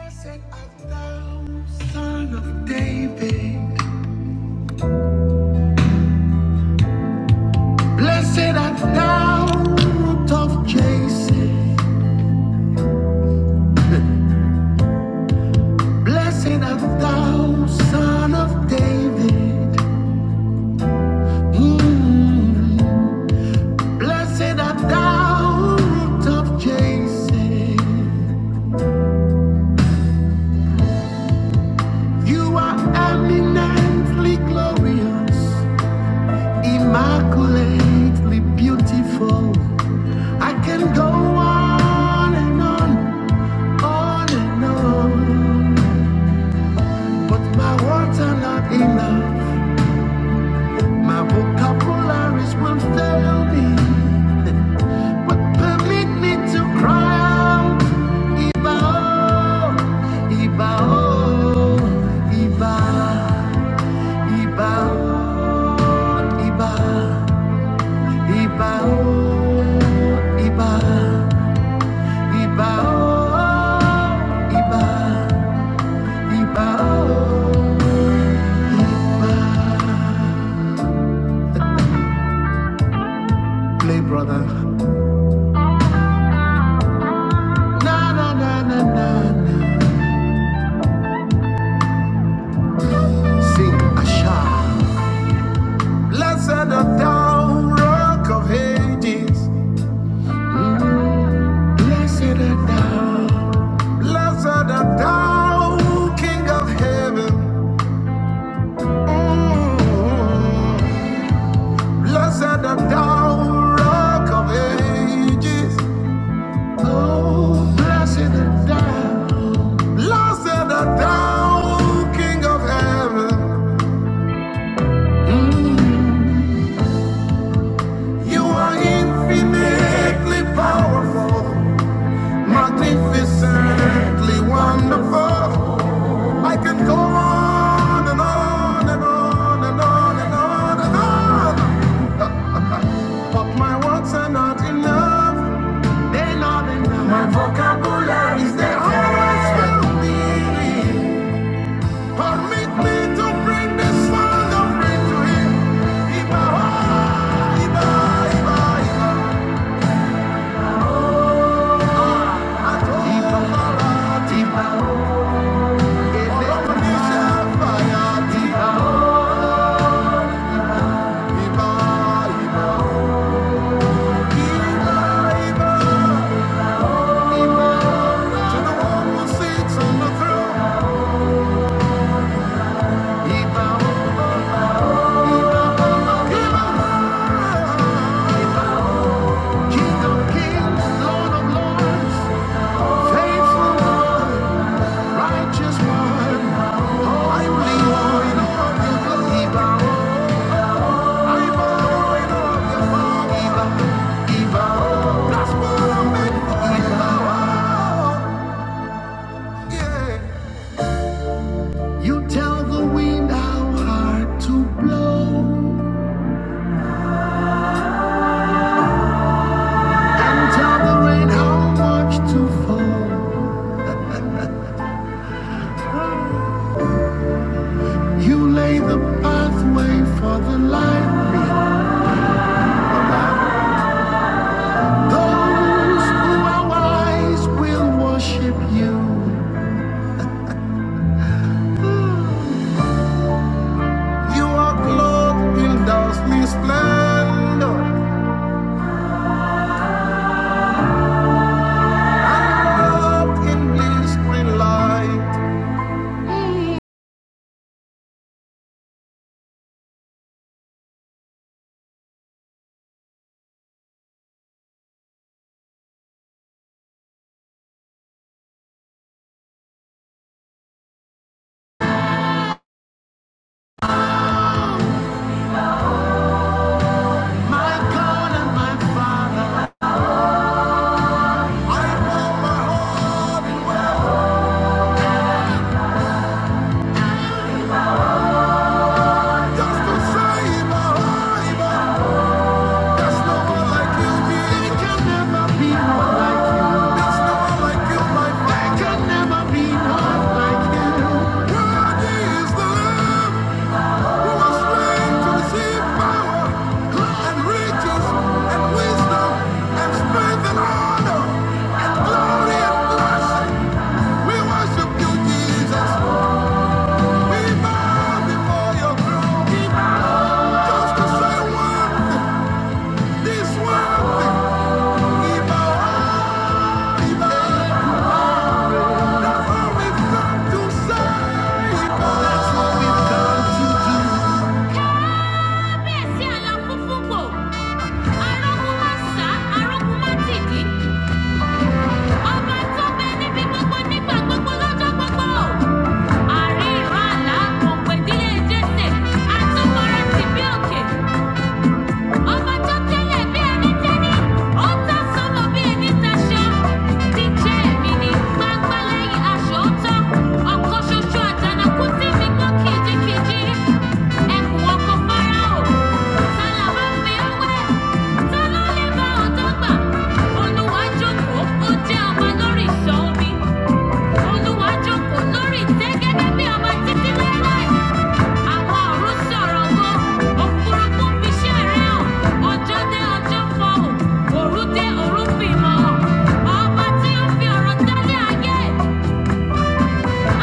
Blessed art thou, son of David. Blessed art thou, root of Jesse. Blessed art thou, son of David. Mm. Blessed art thou, root of Jesse. You are eminently glorious, immaculately beautiful. I can go on and on. on and on. But my words are not enough. My vocabularies will fail me. But permit me to cry out. Ibao, ibao, Iba, oh, Iba, Iba, oh, Iba, Iba, oh, Iba, Iba, oh, Iba, oh, Iba. Play, brother. Na na na na na na. Sing a shout. Blessed art thou, rock of ages. Mm. Blessed art thou. Blessed art thou, King of heaven. Mm. Blessed art thou, rock of ages. Oh, blessed art thou. Blessed art thou, King of heaven. Mm. You are infinitely powerful, magnificently wonderful. I can go on and on and on and on and on and on. But my words are not enough. They're not enough. My vocabulary is the hardest Permit me to bring this wonderful to him. Iba, Iba, Iba. Righteous one, holy one, Iba. You tell the wind how hard to blow, and tell the rain how much to fall. You lay the pathway for the light. Those who are wise will worship you. You are clothed in dazzling splendor, clothed in blistering light. My God and my Father, I pour my heart just to say, Jehovah, there's no one like you, There can never be one like you. There's no one like you, my Father. There can never be one like you. Worthy is the Lamb. Kábíyèsí àlàfo fúnpò, arógún má sá, arógún tìdí. Ọba tó bẹ níbi gbogbo nígbà gbogbo Ọmọ tó tẹ́lẹ̀ bí ẹni tẹ́lẹ̀, ní pápá lẹ́yìn aṣọ ọ̀tọ̀. ọkọ̀ Fáráò, ta là bá fi ó wẹ̀? Ta ló lè bá ọ̀dọ́ gbà? Olúwa jókòó, ó jẹ́ ọba lórí ìṣọ́ omi. Olúwa bí ọba títí láéláé. Àwárù sọ̀rọ̀ bó, òfurufú fi ṣẹ̀rẹ̀ hàn. Ọjọ́ dé ọjọ́ fọhùn, òru dé òru fìmọ̀ hàn. Ọba tí ó fi ọ̀rọ̀ dálé ayé,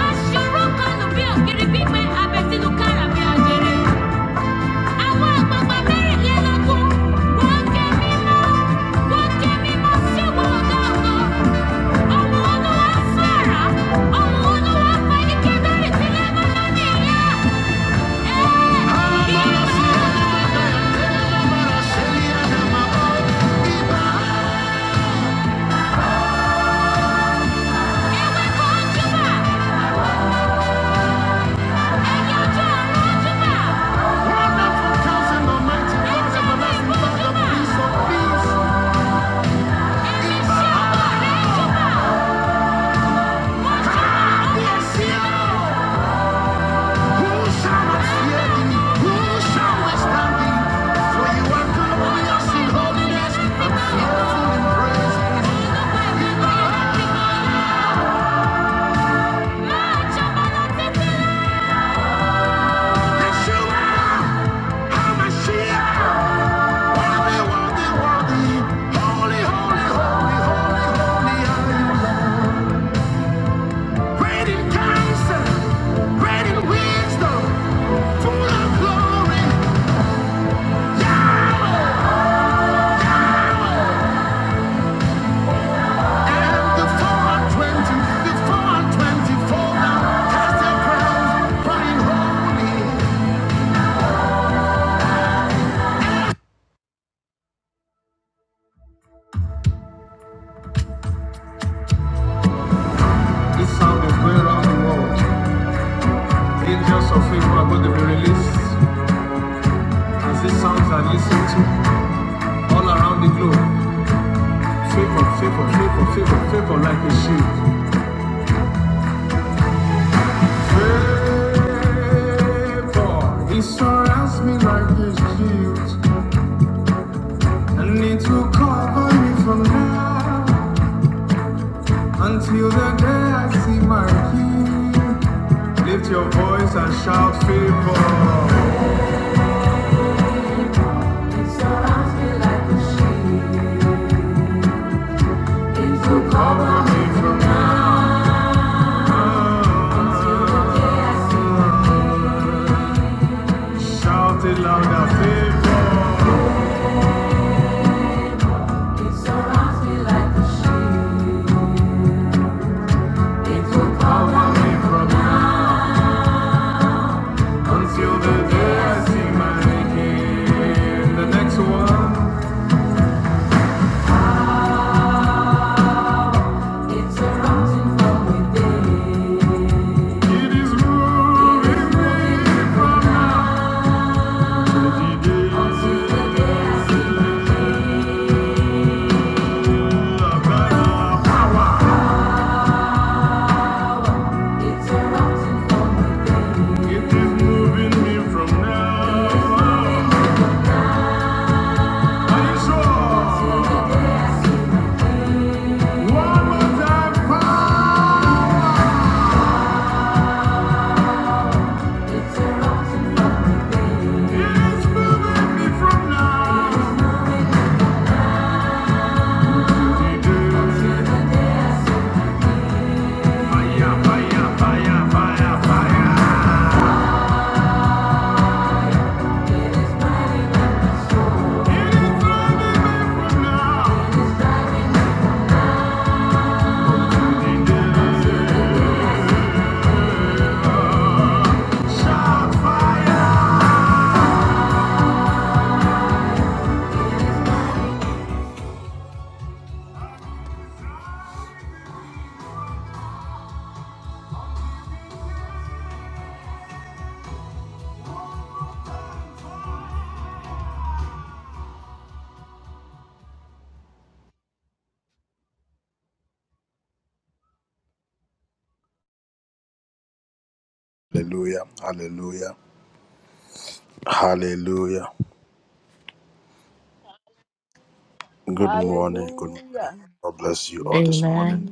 aṣọ́rọ́ kanù bí ògiri gbígbẹ abẹ sínú kára bí ajere. Àwọn àgbààgbà mẹ́rìnlélógún, wọ́n ké mímọ́, wọ́n ké mímọ́ ṣògo ọ̀gá ògo. Ọmọ Olúwa sọ̀rọ̀, ọmọ Olúwa fẹ́ ní kẹ́dárì sílẹ̀ mọ́ lónìí yá. Holiness and fearful in praise. Twenty-four now, cast their crowns, crying holy. Favor, He surrounds me like a shield, and it will cover me from now until the day I see my King. Lift your voice and shout favor. He surrounds me like a shield. It will cover me from now. It surrounds me like a shield. It will cover me now. It surrounds me from within. It is good. Shout fire! Hallelujah. Amen. Mhm.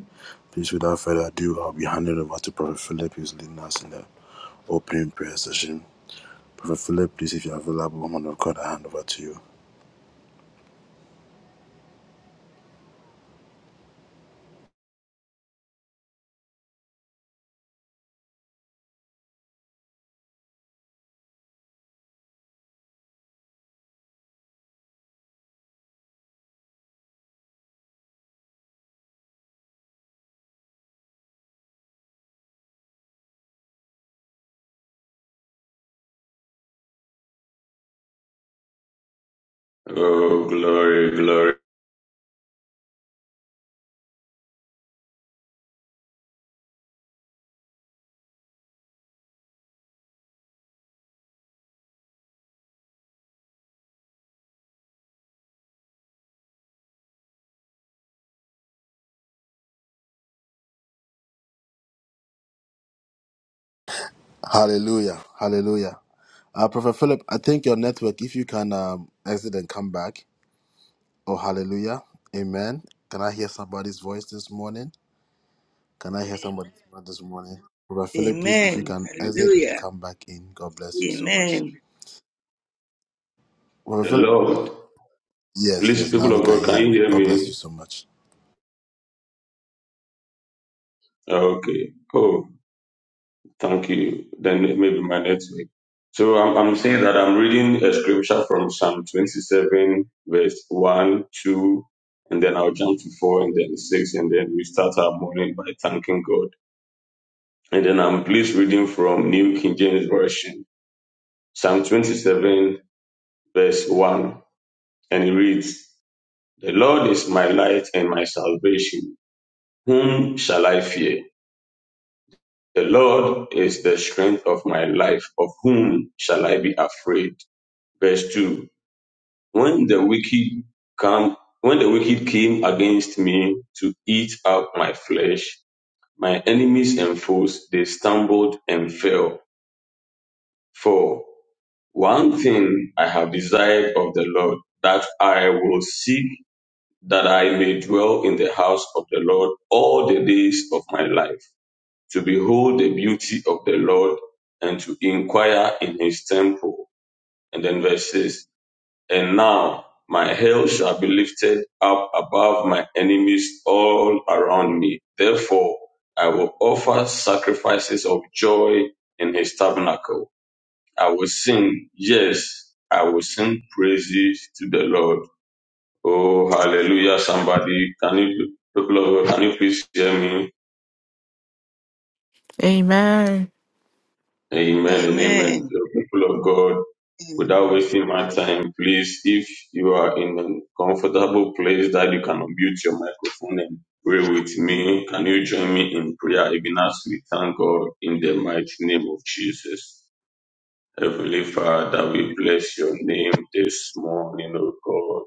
Oh, glory, glory. Amen. Hallelujah. Amen. The Lord. Please, people of God, can you hear me? Oh, Okay. Oh, thank you. Then maybe my network. So I'm, I'm saying that I'm reading a scripture from Psalm 27, verse 1, 2, and then I'll jump to 4 and then 6, and then we start our morning by thanking God. And then I'm please reading from New King James Version, Psalm 27, verse 1, and it reads, The Lord is my light and my salvation. Whom shall I fear? The Lord is the strength of my life. Of whom shall I be afraid? Verse 2. When the wicked come, when the wicked came against me to eat up my flesh, my enemies enforced, they stumbled and fell. For one thing I have desired of the Lord, that I will seek, that I may dwell in the house of the Lord all the days of my life to behold the beauty of the Lord and to inquire in his temple. And then verse 6 And now my head shall be lifted up above my enemies all around me. Therefore, I will offer sacrifices of joy in his tabernacle. I will sing, yes, I will sing praises to the Lord. Oh, hallelujah, somebody. Can you, people of God, can you please hear me? Amen. Amen and amen. Amen. The people of God, Without wasting my time, please, if you are in a comfortable place that you can unmute your microphone and pray with me, can you join me in prayer even as we thank God in the mighty name of Jesus? Heavenly Father, we bless your name this morning, O God.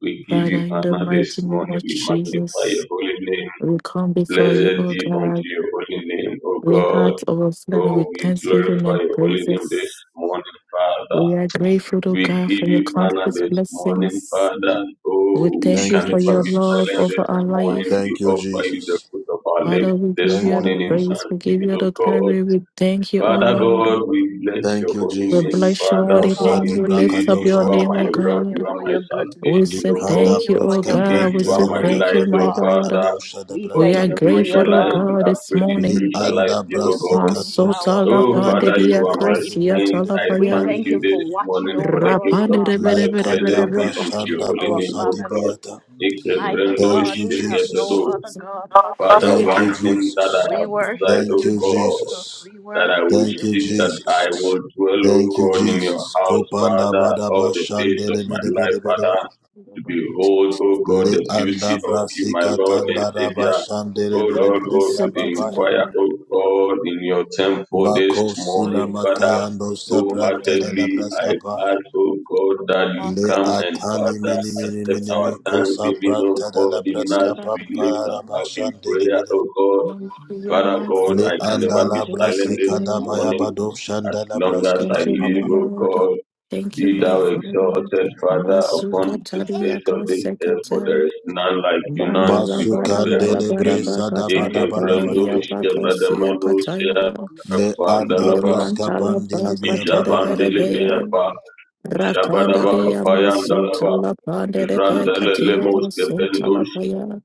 We give Father, you in the honor this mighty name morning. of We magnify your Jesus, holy name. we come before you, Blessed O be unto God. your holy name, O We God. heart overflowing Oh, with we thanksgiving glorify and your holy name this praises. morning, Father. We are grateful, O We God, for give your you honor countless this morning, blessings. Father. We Oh, we thank you can for never your be love silent this over our morning. life. We offer you the fruit of our Father, lips we this give you the morning in praise. We give thanksgiving, you of the God. glory. We thank you, O Father Lord. God, we bless your holy We We name, bless thank your you, Father, holy for name. Father. We lift indeed up your you are name, my O We rock, thank you you God. are for my your goodness. We salvation, say O We God. thank thank you you, for O your Indeed, God. We you mercies, are say my thank you, mighty light, O my God. Lord. Father. We For We in thank are you for whom grateful, your shall oh I love. be God, this afraid? In whom We morning. shall I thank you fear, for O your God? keeping power, Masotala for Oh, your Father, you panderia saving are my grace. kosia strength. I We talapaya. thank thank you you this for watching morning for the over us, gift of Rapande God, life. protecting us, Blessed be unto your protecting holy our name, O family. God. Mighty Ikebrendo, God, we have no shekebrendo. other God but you. Father, one thing that I We have desired, worship O you, God Jesus. We that I worship will you. seek, We that I adore will you. dwell, O God, in your house, Father, all the days of my life, Father, to behold, O God, the beauty of you, my Lord and Savior. O Lord, O to inquire, O God, in your temple this morning, Father. O heartedly I ask, O God, that you come and, Father, accept our thanksgiving, O God, even as we lift up in prayer, O God. Father God, I can never be silent this morning as long as I Thank you, my live, O Lord. God. Thank you, Be my thou Father. exalted, Father, Masuka upon the taria face of this earth, for there kosekata. is none like you, none to Mandala be bara compared bara unto bara you. bakatala Eke brando, baderia shike bakosia badamano, shia, katayala. akwa andalaba, Yemantala bakatere berebeya. Ishabandilibeapa, Ishabadaba Rakandaria Kapayandalaba, masutala panderebe Ifrandelele katia Moske masutala Pendus, paya.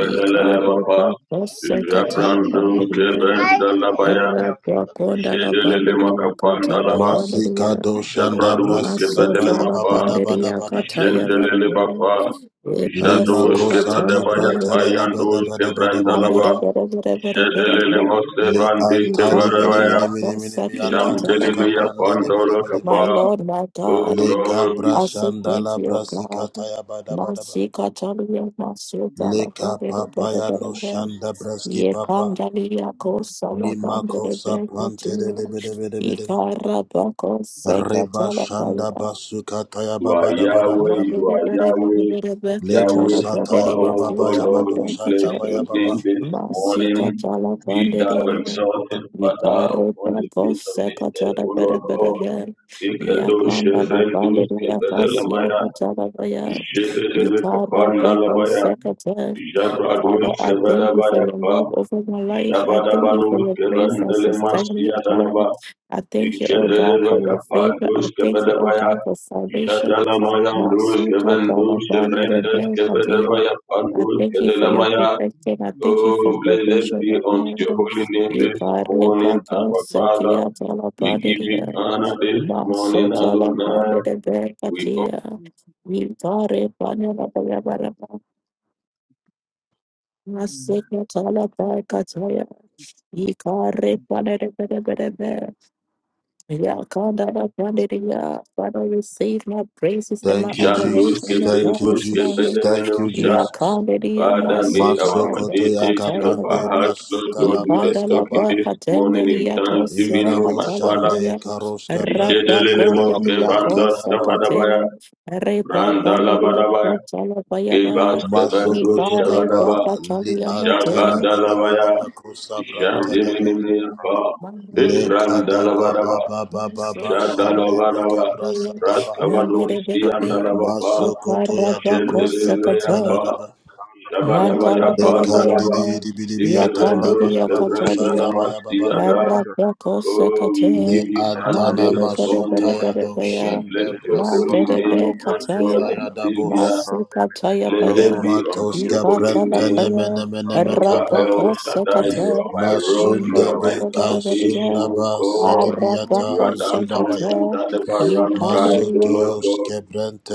Ikare bakosekatala Ishabrandus baderia. Kebendalabaya, Arra Okay. bakondala Ishedelele baderia Okay. katala Makapandalaba, baderia. I Ishabradus Masotala Kebedelemapa, Bandidia Kataya Ishendelele Vadava. Bapa, Epaso Ishadus Katala Kebadabaya Bandidia. Payandus Ambere Kebrandalaba, Vere Vere Vere Vere Ishedelele Vere. Moske Bandi We come in Kebadabaya, Isham Delimia Pandora My Kapa, Lord, my Oh God. Lord, we- I say thank you, God. Masika Talia Masotala Bandidia Vere Vere Vere. Ye kandalia ko sala bandere je katia. Ikara bako seka you are Yahweh, you Yakanda are la Yahweh, bandiri Yahweh Sabaoth. Oh Lord, we bless your name this morning. Be thou exalted, Father, upon the face of this earth, O Lord God. Ikadosh, Rendos, ya kasia Kebedelamaya, katala baya. Jebedebe Ikara bako Kapandalabaya, sekata. Father, Jabrados, I thank you for Kebedabaya, your Pa, love over my life. I thank you for Shabadabanos, your grace that sustains me, oh God. Kebandelemasiadalaba, I thank you, oh God, for your favor. I thank you, oh Ishadadabakapandoshabadabaya. God, for salvation. Ishadalamaya Masuka talabande rebel kabila. doshkevendoshevrendeskevadabaya I thank you for your pandoskedalamaya. protection. I thank you for Oh, blessed provision, be oh unto your God. holy name this Ikare morning, pato our Father. sekia We talabande give you ria. honor this Maso morning, Adonai. talabande rebel We katia. Ikare panela Masekatala Paikataya, Ikare Panere Bere Bere Bere, Yakandara Pandiria. Father, receive my praises and my Amen. adoration, O God, this morning. Jandoskevrendoskevedemenosha. Yakandiria Father, may our Masekatala meditation of our Paikataya, hearts, Lord God, do the Ikandala talking this morning in Paikatendelia thanksgiving, Kosia oh my Katala Father. Paya, Ishedelele moske Rabakondalia vandos kavadabaya, Kosakate, Reba brandala Pandiria badabaya, Kotala kebas Payaba, kevandos Ikare shavadaba, Paikataya Thank Matea. jabandalabaya, jandiminiapa, Mandela ibrandala badaba, jandala badaba, braskavados siandalabapa, Mandela jendeleapa, jabadabaya Antala baya baya pandalaba, baya. Ya ikevendos kandidi ya katabiya. kevrandalama siada. Arabako Oh, sekate. we give you honor Manda de this bere bere morning. bere We baya. bless your Manda holy de be name, my God kataya. and Savior. Masu kataya baya. Blessed be unto your holy Ikatala name. baya. Jehovah El Arabako Shaddai, you sekate. are my rock, you Manda de are my bere bere bere you. salvation, baya. O God. You are Arabako that fountain sekate. that never Ya runs dry, kandidi O ya. Lord God.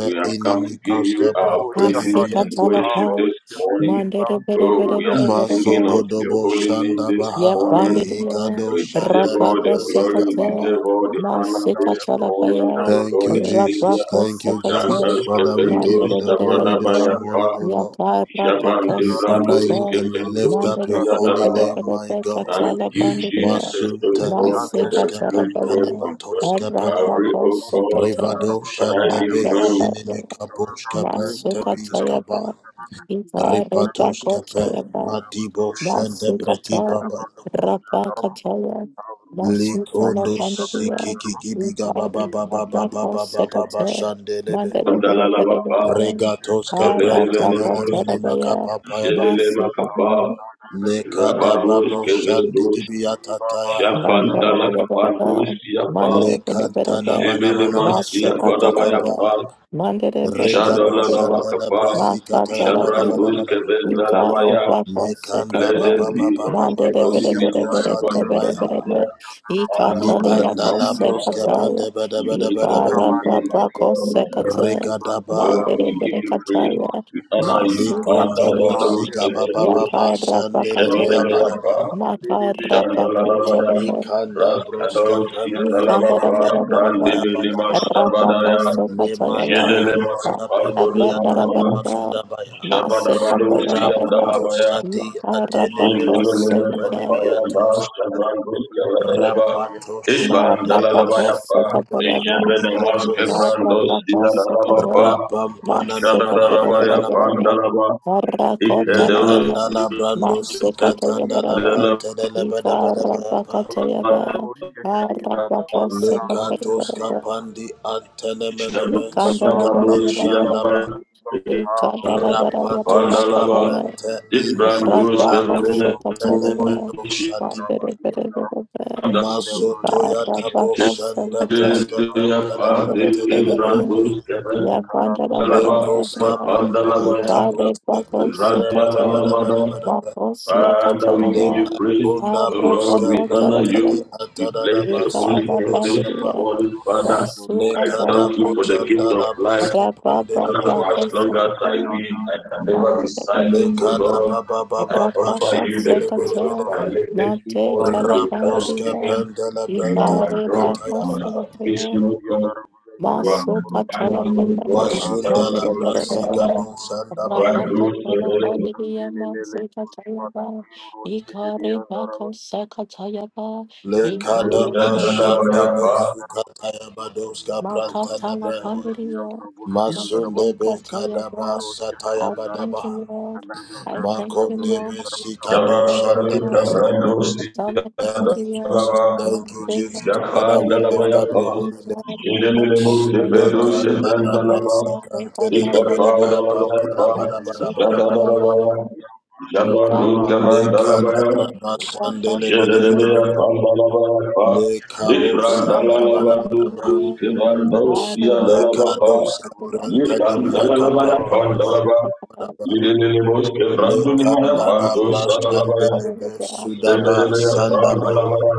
We have come to give you our Andirimu praises and shahadi Masikatala worship karo baya. this morning. shahadi Manda de bere Oh, bakara bere we bere are bere dandirimu singing baya. of shahadi your holy name this morning. barani Yapandiria, For mandele you ba deserve all shahadi the Rabaka bada glory, you Sekate, deserve all the karani honor Masika this gada bro morning, shahadi my Talabaya, ba God and Rabaka Savior. imaruza Dan hani Sekate, has given mandiri those bakiro Mandere, shahadi Sabadabayapa, ana Yaka limba Jaban da Rabako Devrandos, limba Sekate, kara given bo those Mandere, shahada ba Kriyadaraba. limbo Thank sandini Katala you, Jesus, Bandiria, O God, for Masika dandini the finished libro work Talabaya, and cross of kandara Calvary, ba Rabako O labro God. diada Sekate, ba But I labro diada Mantala remember Baya, Masuka Tayaba, Ita Rebako Basukata, Rapakataya, Basukala Gandia, Rabako Sekate, Andalalabapa, Mandarebere, Arabako Kevedevenemos, Terabaya, Jedelemakapa, Masikataya, Rabados, Kevedos, Japantalakapandos, Mandarabaya, Yapa, Mandere Bede Bede Bede, Shemele Masia Masekatarabaya, Badabayapa, Mandere Bede Bede Jadala Bede, Lamakapa, Jabrangus Makatalabaya, Kevendalabaya, Yukarata blessed Konsekata, be unto your Mandere holy Bede name, Bede my Bede God Bede and Bede Bede Savior. Bede, Father, Lord, Ikatalia we give you Thank you. drink my honor. Kosekataya, We praise your holy name, Ikarata my Rabandiri bro God, my Lord. sheheri Kosekata, Oh, bakara lo we Mandere give Bede you sahari praise. bro Kataya, We sheheri honor you. bada Masubataya, Mandalados, andele Medendos, marosh liba Yakaira daraba Shemedebeapa, sondere Masika berere prolo boko Shandalavaya, tayabaraga, Raskados, yandere Yadalavapa, bela prolo Brandevelema yandere bada yakara bro bako Shabadaya, yandere abro Jedelema yandere Kapando abro yandere Levantana, iko bro sheheri de de Shabadavados, bere Yandalavaya, liba daraba bal yandere Jedelema abro sekata, yandere Kapaya, yandere Shabrandos, bela bro Yadalavaya, sheheri yandere bada yandere bela bro yandere Iban Dalalavaya, Marabahosokabayaba, Jedelema Skebrandos, Ikarabahosokata, Yadalavapa, Ishadadadabaya Masekabereberebe, Pandalaba, Ikederu, Marakotalababa, Masekatayaberebe, Ikarabakatayaba, Arabahosokatayaberebe, Ishadadadabaya, Ishadadadabadus, Ikandarabereberebe, Yabaya, Pandalaba, Ikandarabereberebakataya, Masuka Ibrandus, Kevedemu, Ishanda, Thank Ishadadadabaya, you. Ibrandus, Kevedalaba, Pandalabaya, Radalalabada, Father, we give you praise. Oh Lord, we honor you. We bless your holy name this morning, Father. I thank you for the gift of life. Father, for as long as I live, I can Thank you. never be silent, oh Lord. I offer you the fruit of Rapapakosakata, my lips this Mate morning with Talapandria, thanksgiving. For you are my Igare rock, you are my Pakosakatria, salvation, oh God. You are my Masu divine, oh Katalapaya, God, and thanksgiving, Nandirubarabara, Father. You are good, oh Rapapakalapandiria, Masu Katayaba, Igare Yandere Pakosakatayaba, Igare yeah. Lord. Makatalapandiria, Masu Katayaba, Baro Shahari I and Aram, thank you, Lord. and Abra I thank Kahara you, Brody Mom. and Aram I Kablo thank you, Shahadi Shabarabari and Mom. Aram, May Kabrandosi all my family, Baba Ala Mom, Brody be and kept Aram safe. Yakha and May Brody and all Aram Dalabayapa and Aram, my Indelele friends Lil Moske prosper. Pedo Karari and Arabra Lako Abaradosh, May Shahadi Papa and be Aram Ikapa well. Lako Dalabayapa May Shahadi Rapatakata, and Shiva be Aram, Yadadalabaya well. Shadaprakatava, Yam May Yadadu Karan be Barabaraba well. and Dalabaya Aram May Araba Ratan Shadabra Yedelebea be and Rabashatabrakatava, Aram, well. Pandalabayapa May Shahadi and Ikran Mansukh Aram, be Dalalabadu Yan well. Kiran Mele May Bro Avarasapatavrakatabaradia, Arun be Shahara Brody well. Dalabapa Shataprakata, Brody and Yikan Aram, Dalalabaya Labro May Shahadi Shiva Pandalaba be well. Yedelele Ramashatatavarade, Moske and Brandunimaya Aram, Thank Shatabrakata, Pando Father, we bless Rabashantabrakata, your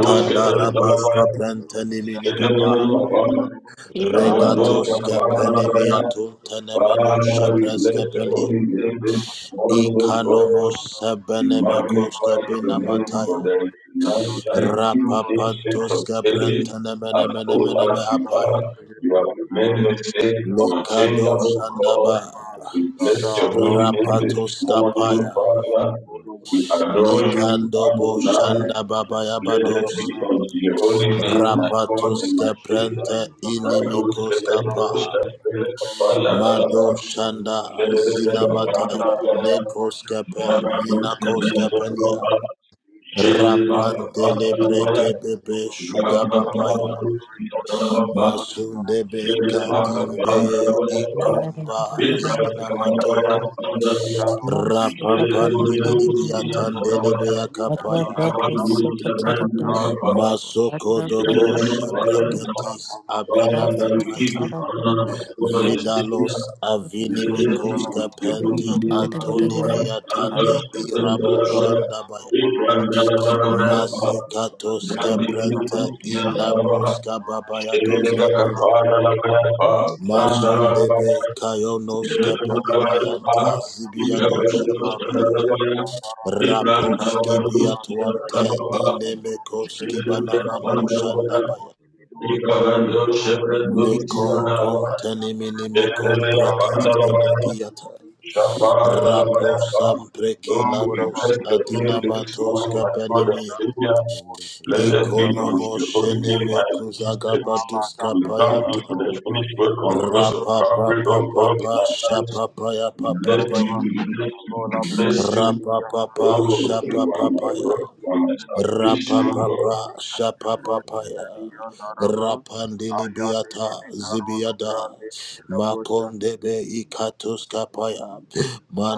Rabashakatavaradadadadada, Rabashakatavaradadadadada, holy name Rabashakatavadaba, this morning, O God. We magnify your name, for there is none like you, ancient of days. Rabashakatavadabadabadaba, As old as you are, you have remained the Rabashakatabadiabadabadaba, same, unchangeable God. We bless your holy name this Rabashakatabrakatabalashalabanda. morning, O Father. We adore Yandara, you, Ma Adonai. tere ma Rabashalabrandabadabashatabrata. ne Let brusta that ha ba be da. unto your Ke holy ba ra di name, ya my da ra ba God ne and my Emperatash. brusta ha Savior. di ya da ra ba. Rado In ba Sebedo mo shi Shasele ya Brandadashashkatabragata. da ma Kapala bru Alaba, Emanino Shasele Kapala Alaba, li shashatabrata. ba da ko ro mo Jabado Shashkatabragata. Sebedo Shatabata. Raba, Diablo, he did Jelba this to me, but you Kapala know that was a Alaba, thing, Karabashantabrakata. bro. Rabba Diablo, Diablo, go Shatabrangata. to the radio, no Kapala cross, I Alaba, heard him, that I'm Thank all there, they go to Manoshashkatayavaradero. watch the heady, and then I go, Shashkatayadabadaba. Kaparo, Tiba, Kano, the heady, and they did it. He go to watch the heady, and then I Ratabatabashakabrakata. go, not only move, but now you're you. killing me, kid. If Rabashakatabadaba they Father, don't need back, I'm not Shantabrakataba the heady, that but you. I'm we give not you Shatabrakataba behind the honor, other. my God and Savior. They bro, the Blessed other, Diablo, be Diablo, unto Diablo, your holy Rabashantabadabade name, Diablo, Diablo, Diablo, Diablo, Diablo, Adonai, Shadabragata and Diablo, God, Satan, Diablo, Diablo, Diablo, Diablo, Diablo, Shantabrakataba Dalabaya, Diablo, Diablo, Abraham, Diablo, Diablo, Diablo, Dalabaya, Aldeemushahadiyandarabakaranakarabiyandarushmidiandarabakizabankarabimudabanimarushahadiyandarabakkaronakarabiniyimburushahadiyandarabakalibrushidwaniniykalonjakatibanushahadiyandarabakamdeedeedekiwomidiqadashukarabulliikoraabanushidiamalikmushahadiyandarabakalibushidyanjalama. Ashkadabandakadambarade Brahminipu, Yandalabaya, Rakshashkatabrandakaba Stelaka, Dalabaya, Ram, Dalabaya, Rabashantabrakataba Stelaka, Shatabrakataba Dalabaya, Nantabrakataba Great Ram, Shantabrakataba Dalabaya, Stelaka, Dalabaya, Bless Rabrakataba your name this morning, my Shantabrakataba God Shantabrakataba and Thank you, Holy Spirit. You are at the Rumba Savior. Blessed be unto your holy name, my Jesus. Allah da da We da thank la you for the brosh, finished work on le cross of brosh, Calvary, O heli God, ba in our da la lives. brosh, We da la bless na you, ba, we bless you, kalo we la brosh, bless you. heli ya da Oh, la you are ba, boro my muzi rock, you ki are my tira de li salvation, O bral de God. ne me kanta rosh, heli ya da la ba, aya de ne me karo la bral de ne me la brosh,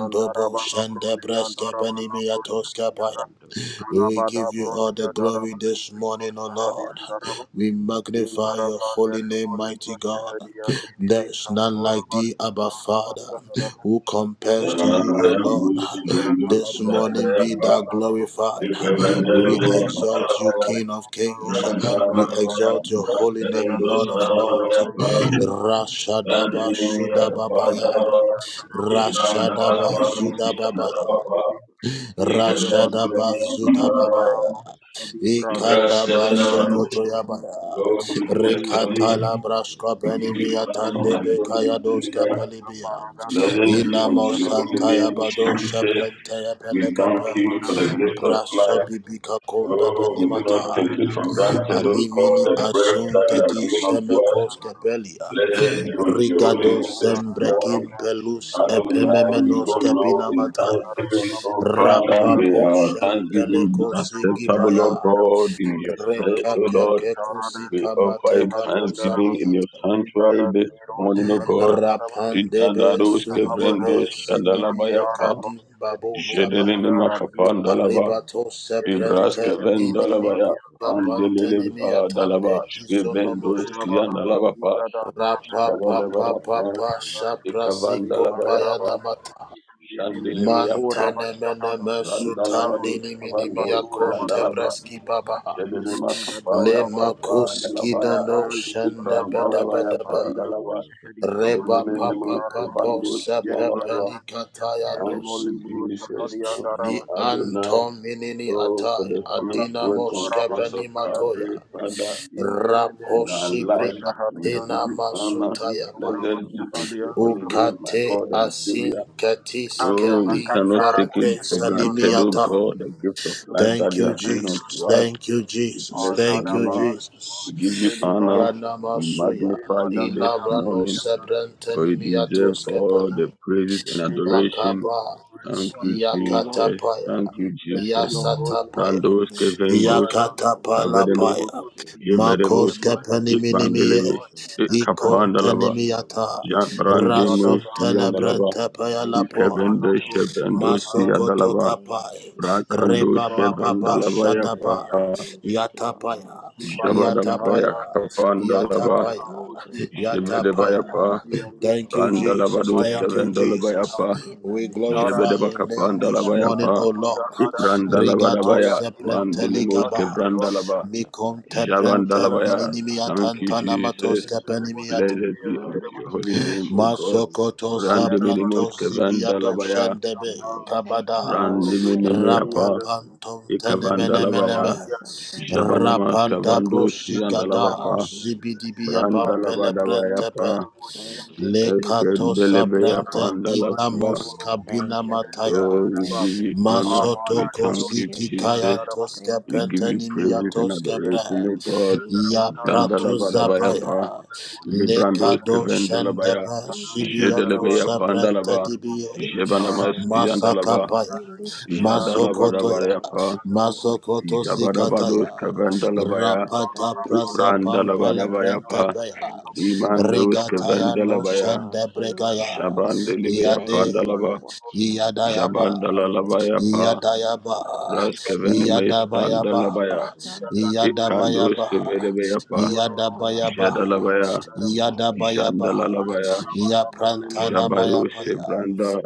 andara ba la brol Thank brosh, you, heli gracious da, Kalaba ba da brol daraba da la ba brosh, heli Lord. ya Thank you, gracious. Limbaramandele molebro shahadiyande ile Thank katora you for baldi rana everything. Lord. basahara Ibrahim, Shakatambaraba. Andara Thank Alagatambarada. Jalatiro Shandarababa. Rabadabadaba. Shatabadabadabadaba. Shatabadabadabadabadaba. you. Rambadabadaba. Bandiri bolo musiki Shandabrabadabadaba. libro le manda Shandabragadabadaba. para Ramba mosha di Shanta we bragno bless Brankataba sekitere Shanta Brankataba Paluli your and Ramba name. Deribu, Shanta We Lukala give Brakataba you Branderu, Shada honor and glory Brakataba and praise. Ramba Ambaragada Blessed be unto Tagata Bromemo Shada your Shahadi holy and Brakata name, Shada Jesus. Brankatababa Anderemele We thank you Kurabada for the gift Shahadi Ramba of and life. Dene, Shankataba Shada Oh, we Dorobu do not Brankataba Shahadi take and it Shada for Araban, granted, Lebo oh Brankataba God, the Imataraban, breath that Rabba you have given Debro Shanta unto Bada Shahadi us. Bada and Araban. Bada Bada Blessed be Shanda unto your holy Brakataba name this morning. Rabba Shanta Bada Adonai, we Bada go Barade low in Barade Barade thanksgiving, oh Barade Father, may Barade our Barade thanksgiving be Barade acceptable, oh God, in your Embracata sight, O Shada Lord. Brankata We offer him Ramba thanksgiving in your Shankatava sanctuary this morning, O Shalabrankatava God. Ramba Idadados Shankatava kevrendos Shalabrankatava shadalabayapa. Move Ramba Jedelele fatara Shankatava beyond makapandalaba. Shalabrankatava Ibras the Ramba brush of kevendalabaya. the Shankatava other. Mandelele Shalabrankatava dalaba. Shvevendos Yandarabaraba, yandalabapa. Digadaba, Rabashankatava Debro, Limbo, Jabalabayapa. Shahri, Shalabanataka Yandaraba, Ijalanda Limararaba, Ikavandalabayapa. Dagataushadash Labro, Andini, Jandelemayapa. Mikitura, Rambashankatava Bashahada, Dima, Taro, Shalabrankatava Randalabados kavandos Batura, Badaga, yandalaba. Dimo, Rabashankatava Shahadiba, Jedelele Shalabragatava makapaya. Begadora, Bash, Rambate Kapandalabaya. Yadali, Shalabragate Badaba, Shalabragata Ibrandalabaya. Madilo, Pandalaba. Thank Madiba, you, Taraba, Yambaraza, Di, and Tenemolibro, Jesus. Shahadi, Thank you, Yandaraba, Adonai. Oh, for the Limbala, finished work on Katura, cross of Calvary, Father, Indelele in our kuruka lives, bashahadi we give yandaru. you honor. Indora Blessed be unto bashahadi your holy yandaru. name, Rambashankataba my God and Savior. Oh, Andara we cannot katara take it for bashahadi granted, oh yandaru. God, the gift of life Indora that you have given bashahadi unto us. yandaru. We bless your Anara ba name. libo We give you shahadi ba. honor. We magnify Lima da you this kata Rabba Ram the bruli morning. yandaru. for you Shankar deserve Branga all Likanada. the praises and May your name adoration. be Thank you, glorified, O Lord. Jesus. Thank We you, bless Jesus. your holy We name. give Randos, you praise. Kevendos, We Father, give we you are praise. Kavedeme, grateful We Lord, give to you you in Yevedemos, the praise. Oh mighty God. name of the Ikbandelebe, Lord Jesus We Christ. thank you, Ikapandalaba, Jesus. Jan We thank you, Adada Brandemus, Lord. Yandalaba, Brahmadi We thank Ushahidi you, Mala Ikevende, Brahma Devi Ushihede Limala Lord. Brulima We Shevendos, Kaita Lara Tarava magnify to your Yadalaba, name, Jesus. Rabba Brakando, Dibaba We Taro Shevandalaba, honor you Shahidi and Yapa, we Antinimi lift you up most high Kimbaro God. Shahadi Jabadabaya, Andere Mola All of Kapandalaba, the Braka Roshi glory, all of Videde the Shevedebaya, honor, Pa, Uruyasi Andini belong to Randalabados, you, Maya Heavenly Dimu Saha Kevendalaba, Father, in the name of Gitara Jesus. Nidutara Jebedebakapanda Katari Labayapa, Muzahara Sakatoroboai. Ibranda Maya Labadabaya, Dila You Bro are Mandilimos Shahadi God and you Kevranda Andreva are Laba, God all by yourself, Javanda Handala Lord. Labaya. Badi We honor Thank you, you, we Jesus. praise you, Andreva Shahidi Blessed be we unto Andreva lift your holy you up, name, O God. Jesus. Handara Bala Randiminimos Bro Kevranda Andreva Libro Labaya, We Nitata say, Thank you, Muru Lord, thank you, Rakoshantavashatali Shahidi Randiminimiapa, Lord, Andreva Varagadesh Ikavanda thank you, Labaya, Morabandia Jesus, thank you, Jabanamas Lord, Kimo Ravashankatavashatavadongavadagadesh Kavandos Siam Yanda thank you, Teraba Labapa, Jesus, thank Branda you, Yembara Di Lord, Ibn Rambashankatavashatavrankatava Labadabayapa, Tero thank Shiam you, Dini Jesus, Yem thank Eskendelebeya you, Parara Lord. Romboshankatavashatavrankatava Panda Bandi Laba. Gorobo Thank you, Shehelia Oh, Father. we Thank Daraba give you, you honor. Romanintevitaratuzavashkatava We Amara thank Dio Thank you, you, Similia Jesus. Daraba Jesus. Thank We you, give you thank you, Lord. praises and Romboshankatavashatavrankatava adoration, Yendene O Shatavadanga God. Melia We Daraba thank you, Kalabro Yendaraba Jesus. Zandalabadabayapa, Labro Lebo We Shehelia Librandos thank Daraba you, Romoshashkatavarakitivaratirosha Kevendalabaya, Jesus. We thank Kanalia you, Ndashashka Father. Daraba Jedelebeya Lebo Adrashka Pandalaba, Tija Daraba We Dagadoja praise Tara your Dashka Jebanamasti name, O God. Andalaba, Ramba We Barana lift Shente you Yatana up Brenda and give Dilibo you Tija all of Dagomba Jadalabadabayapa, the Shehelia Daraba glory, Ramba all Jabadabados of Shanka the Taba honor, my Shanda Kevendalabaya, God, Brenda that is Taba due unto your Ramba name, Shanka Brandalabadabayapa, Father. Taba Thank you. Shada Bomba Dimandos Dagaba Thank you, Kevendalabaya, God, Ramba for Shanka loving Taba us. Jabandelebeya Shelebante Thank Taba you for Pandalaba, watching Ramba over us, Shanka Taba keeping us safe, Jabandalabayapa, mighty Shelebadenda God. Dagata Raskevenemes We Ramba thank you Shanka that you Kandalabaya, Tia have done Baranda for us. Gadeja Thank Ikandos Thank Dagatoja Sevedebaya Pa, Dagomba Nia Sakari Jadalabaya, Ramba Shanka Arabahaya Taba Malakosekataya Jandalalabaya, Shelebadenda Dagatoja Jabayo Dagateja Sebranda,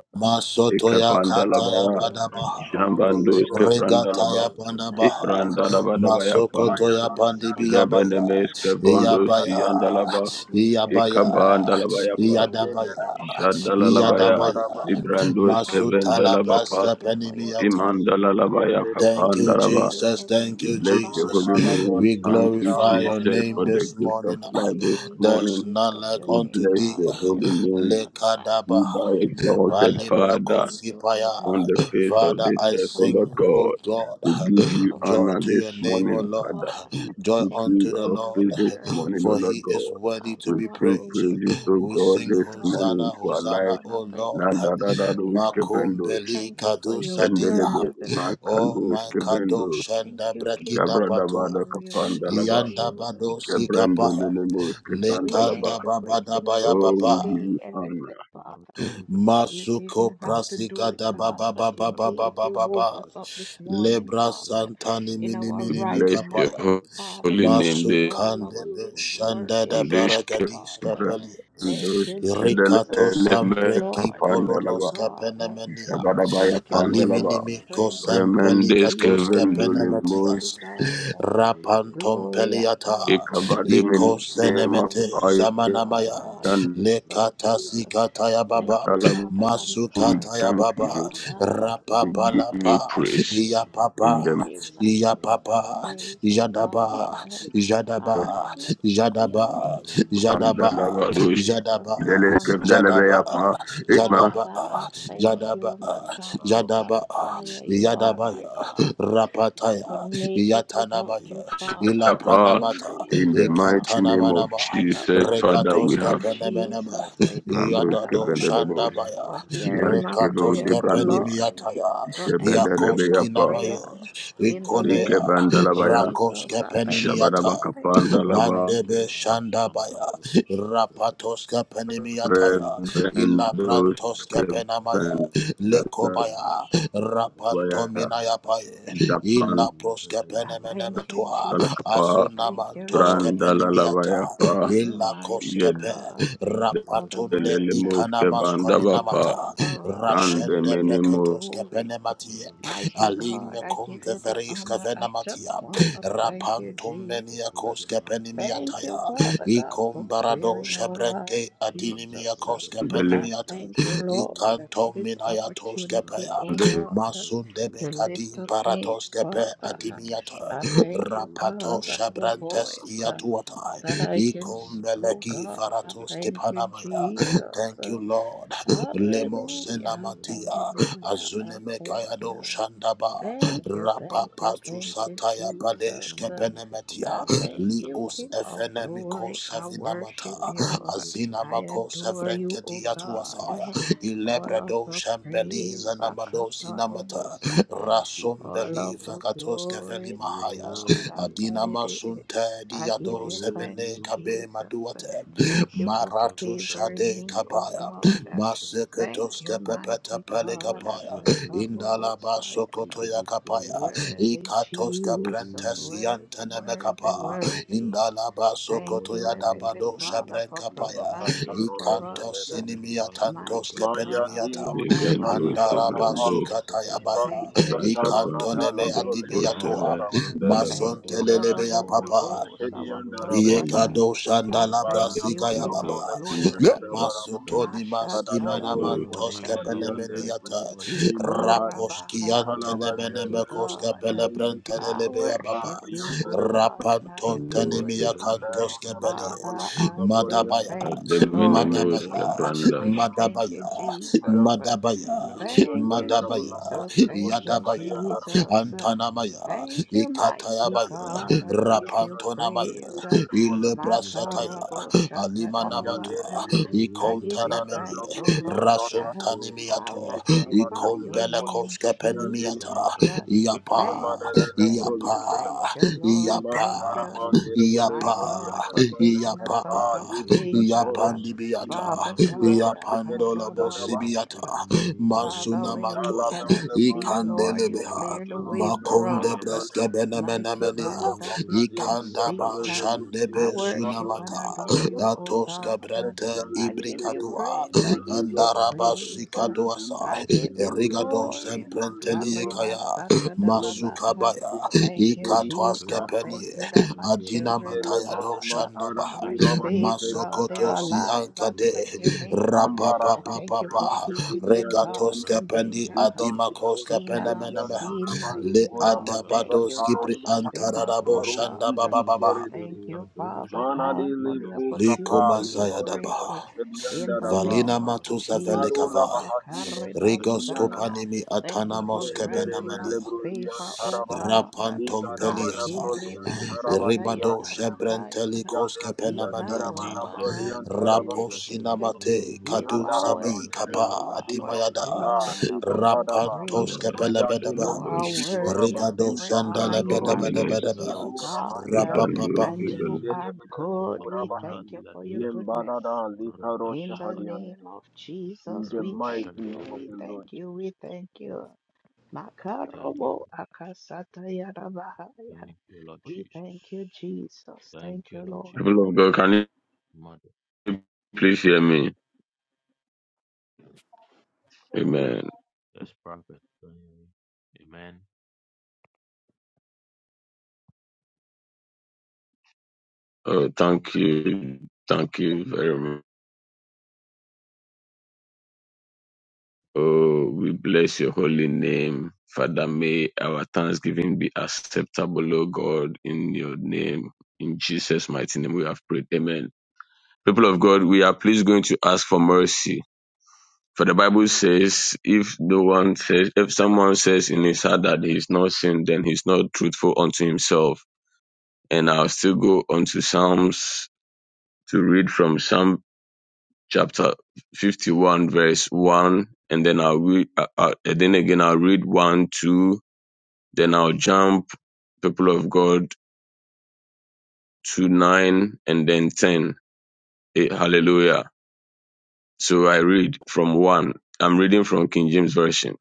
God, Ekapandalabaya, you're ever Jambandos present. You're Kevrandalaba, always with us, Lord, Ibrandalabadabayapa, teaching us, Father, Rebenemes what Kevondos to do, Yandalaba, God. We thank you. We thank you for Ekabandalabayapa, your word, Heavenly Father. Jadalalabaya, We Ibrandos magnify your name. We Kevendalabapa, thank you for your blessings. God. Imandalalavaya We thank Kapandalaba. you, We Heavenly bless your holy Father, name. Thank that you, you're there, Jesus, for God. the We gift can of come to life you. this We can morning. lift up your We name, bless God. your You holy never name. turn us back. Be thou Rambashankata exalted, Father, I Father, thank you and I on the bless your face of name, this Maradona oh earth, O God. Lord Dasha, I thank God. you We Rabosha for give you Kotobranda, covering honor my this morning, children, Father. Rabosha God, We for seek Dabadesha protecting you of them Dabaraba, on their praise this journey. morning, O Lord Mashka God. Taida, We Father, Rushka what sing will Taida, we praises, do O without God, you, this God? Pelamania, morning We to our just lives. want to thank you Landa this da da Rumbosha do morning, Kataba, God. iskevendo, Thank you for your Legasha word, jendelebe, Kataba, Heavenly makando Father. iskevendo, Obayosha Thank you, Tabarada, King of jabra da ba da glory. We kapanda laba, honor Rumbosha you this Kataba, morning, jabrende Lord. menemo We iskevanda laba. thank Rabosha you for placing us Katabrakata, in Oh, this we give day, you honor. Heavenly Father. Marta You Uzatabashka, didn't have to do it, God, but Menosha you Nabata, did. You woke us Shatabrakata, up this morning, God, Rabosha in our We Tabrakata, right bless your mind, Shatabrakata, Father holy God, name with this all our limbs Yakovada working, ndishke Father Shashka God. Ramano Shagata Idala Thank you, brandoshke Jesus. Haradi Thank deleleme you, Lord. Thank you, kapandalaba God. jabadaba ya Thank you for your pandalaba strength, oh God. remendeske We honor you, vendolimo mighty God. Glory and honor unto your ekavademe name, nema Father. We thank you, Father God, for this payandalaba service. Thank you, God, that I'm a we part, thank oh you God. Akatarabasaya. we give you praise in the I give, I give you the praise, oh God. Uh, I most magnify your name and I lift you pandalaba up, dosh Jesus. Idala There's none deleleske like you, Shankata oh Brangata ekma Father. I thank Ramba you, Makaribasaya. You are my God. I couldn't make it without you, Shankataba Father. Shala I couldn't do Brangadash it, in the Lord mighty God. name of I just Jesus want to Ramba Father Shankataba thank we you, have Shala Jesus brandoshke vendolimo for Yes, hearing my Kevode prayer, O Brandos, Lord, for answering my Shebedelebeapa, prayer in the Rike name of Vandalabaya, Jesus. I thank you, I thank you, I Shabadabakapandalaba, thank you. Revendos, Kevendalabaya, Brangadash Japan I Meredeijala thank you, Radovadeshka Jesus. I Dalakapa, Deijala thank you, Lord. Anaskateshka Thank Brandalabayapa, you, Rambasha mighty God. Katabragadosha Thank you for the Debragata word uh, Yedelemos Samban that you Kevandabapa, have Tabaratejala for us. I Radoja give you the Brandemenemo, Debradeshka glory. Mighty Rambashanka God, I give you the Tabragatejala honor. I Bragateshka just want to thank you, Ramanosa Jesus. Shkatejala Thank Ratejala you, Father Ratejala God, for Ratejala sparing our Rateja lives, Jesus. Uh, Rangatoja I Delende, Degrangateja thank you, Lord, Degatoja for Deska this opportunity, oh Raboshanka God, uh, to Tabragatejala lift up Bragateshka name, Father. I thank you, Rambashankatabadoja the God, that Branga our Taijala voice uh, Pratia that I can speak, oh God. Rambashankataja the I thank you, Getaijala Ratijala Jesus. Uh, Ratisha Hallelujah, Rambakadeja the Branga hallelujah. I Taijala thank Prokato you. Thank you, Mimprakato thank you, Ekata thank you, Bragata Jesus. Uh, Nanamanikotum I the thank you, Taijala King of Rosanta Bragata glory. I worship Thank you. you uh, gracious I Father adore you, O Thank you God. gracious Father All of the Thank you praise, gracious Father Sakatarobosa. Thank you All gracious of the Father glory, You my are God. worthy O God Akadede. I You give are you thanks, worthy O God Jesus. We Thank bless you for favoring me, O God. Thank you, mighty God. your holy name. Akatarobosa. We give you praise, O God, Worthy for who Jesus, you are, worthy, for worthy, what you've done, worthy. for what Thank you, you are yet Heavenly to do. Father, for providing for Mashakatonga us, Kaishalara mighty Dujala Maya God Brangata in diro Rikendos, shahalibra Karabasai. Sevendos, kaparos, Reposhankata diba Brakata Thank you, diba Idalata. tanana Jesus. dala Thank brole He you, Rakapandos, mo who Lord. sets shaharama, a table Sevendalaba. Thank you before for us umara the de in the Holy goro Ghost, shahedi presence our of and our Araba, enemies. comforter. and I thank Baraba Ratanda you, King of brole Dadoja lebo glory. shahada Dagadoja baraba. Labragata. Kada He labro who lebo anoints shahadi our head Mashatadabakoshandide. anderim. with oil. Imahat Thank Ikorabahaya, you, kalabal mighty anderim God. shahaya anderim I kapara worship you, O yanderim. God, and I adore you. Handa hamdar wala Father, I kalabro say liyan thank you, Lord. libro I diya Demenemus can't stop kalabro Cavrandash saying kalabro thank you, kalabro shahada. Jesus. Labro Thank diya you, labro labro Jesus. lebo Thank you, shahadi yanderim. Jesus. Uh, Thank you, Nida mighty da da God. da I da da give gracious you labro Father. diya labro praise. Uh, liyan Thank labro you, Holy Ghost. Makarabo shatadababa. You Uh, Ayaleleme opens the I windows give of you Ikarada heaven thanks, O Lavrodian Lord. and Data Uh, pour Torolo I'll onto his Sekete magnify children Vadal your Livos blessings. name, Hidian Denemi Jesus. Uh, Radanda Gateja Thank you, Lara Yemarada thank Deja you, Brolian thank Rava you, Lord. Iman Thank Thank you, you, Taraman mighty Derevole my Brolian God, creation. for Rava taking us Lakata out of Maradeza danger. Libakatoro Uh, Shahima kombarateza Father larate. Ikura God, Bashihedian Enge daraba, nashke Akarabahaya. kamaninge Father, when yakovate. we Allah, cannot family broad see, you Lord, don't you blow Ayembele clear the way keteza la for us, call up bratiaba. blow uh, now. mighty Level God, Amanama look that up we bloody tembele can kondo see. cover uh, the bruise baradenge you I didn't come diabata worship and if bande you adore undergo. you, O ketebaya. God. If uh, blessing your I living give Menegabete. did you with your praise, couple I of give you go you to Menakotombrate. praise. uh, cover them. I give Oshkele The you bruise you koronomo have left glory, shonto from the logo bregate. or Makaribasatadababa, lobby Menkete. uh, to rush Thank if you, they did not Menkete. Jesus. come. Thank you that my Thank you, Lord children, O Jesus. Lebroni God, uh, Matara are Thank Guraba you, Lord safe, Shiveri God. and Jesus. They are Araba alive. I bless your Radom name. Ambara I Baratajana thank you Ratia, katora for keeping masafiri them, and God, enemy from Rapam danger, uh, Baratiaba, Libandero seen and Shehedian unseen, Rupotom Tarabali mighty Pura God. Baratajana Madiba, Thank you Ratia, for Taro loving Shaka us, oh Paro Rokondo God. Ziki Maninte Thank Terede you, Father Radambaratejalarataya, Mana de God, for Rapamparatayapa, the Livu Kapa opportunity to Livo pray Levo Rapotombaratejalarataya, Rokondomanentebeadojalaratidoshashkifadia, Shehedian in the Daraba name of Mandenenteparate, Imaro Jesus. Labahadino Jalobregataba, Shehedian Akaribasaya. Daraba Thank you for granting Yendereve us Lebrolian favor, Naratejalagrambadoshataya, oh Taraba God. Ligaraba Lebrolian Ekemeliankatoja, Taraba Dian Teleme Makiribasatayadabahaya. Kemeliakamenieteta, Yadelia Taraba Onumenente Labrolian kimbo Taraba doja skele Ikarabahadidididi. auro You noske fra are Kandara worthy, ingra ira Blandenemo, o you are Liba worthy, Kata, Lord, of Liba every Hadaba, praise. Rabadosh Mayadino You and those are Peleroshalatin Sikitora worthy of tente Bandi every honor. You Bakanoro finemeninos are Rasbenemenes mighty, kepeladi O Sibidora God, Bandia, uh, Grandos and you people. Yende ayekombeninte de are Bedone good. We pitakokomba thank you for your liatea yen goodness. Yembalada Likaro In the radashakata name Shahadianero, of in Jesus, the we mighty thank you, name of we raboshantarada. the thank Lord you, Jesus. we thank you. Thank you, Makarobo Lord. akasata yarabahaya. Thank you, Lord We Jesus. thank you, Jesus. Thank Thank you, you, Lord Lord. Jesus. People of God, can you Mother, please hear me? Yes, Amen. that's prophet. Amen. Amen. Oh, thank you. Thank you very much. Oh, we bless your holy name. Father, may our thanksgiving be acceptable, O God, in your name. In Jesus' mighty name we have prayed. Amen. People of God, we are please going to ask for mercy. For the Bible says, if no one says, if someone says in his heart that he is not sinned, then he's not truthful unto himself. And I'll still go on to Psalms to read from Psalm chapter 51, verse 1, and then I'll read, uh, uh, and then again I'll read 1, 2, then I'll jump, people of God, to 9, and then 10. Eh, hallelujah. So I read from 1. I'm reading from King James Version.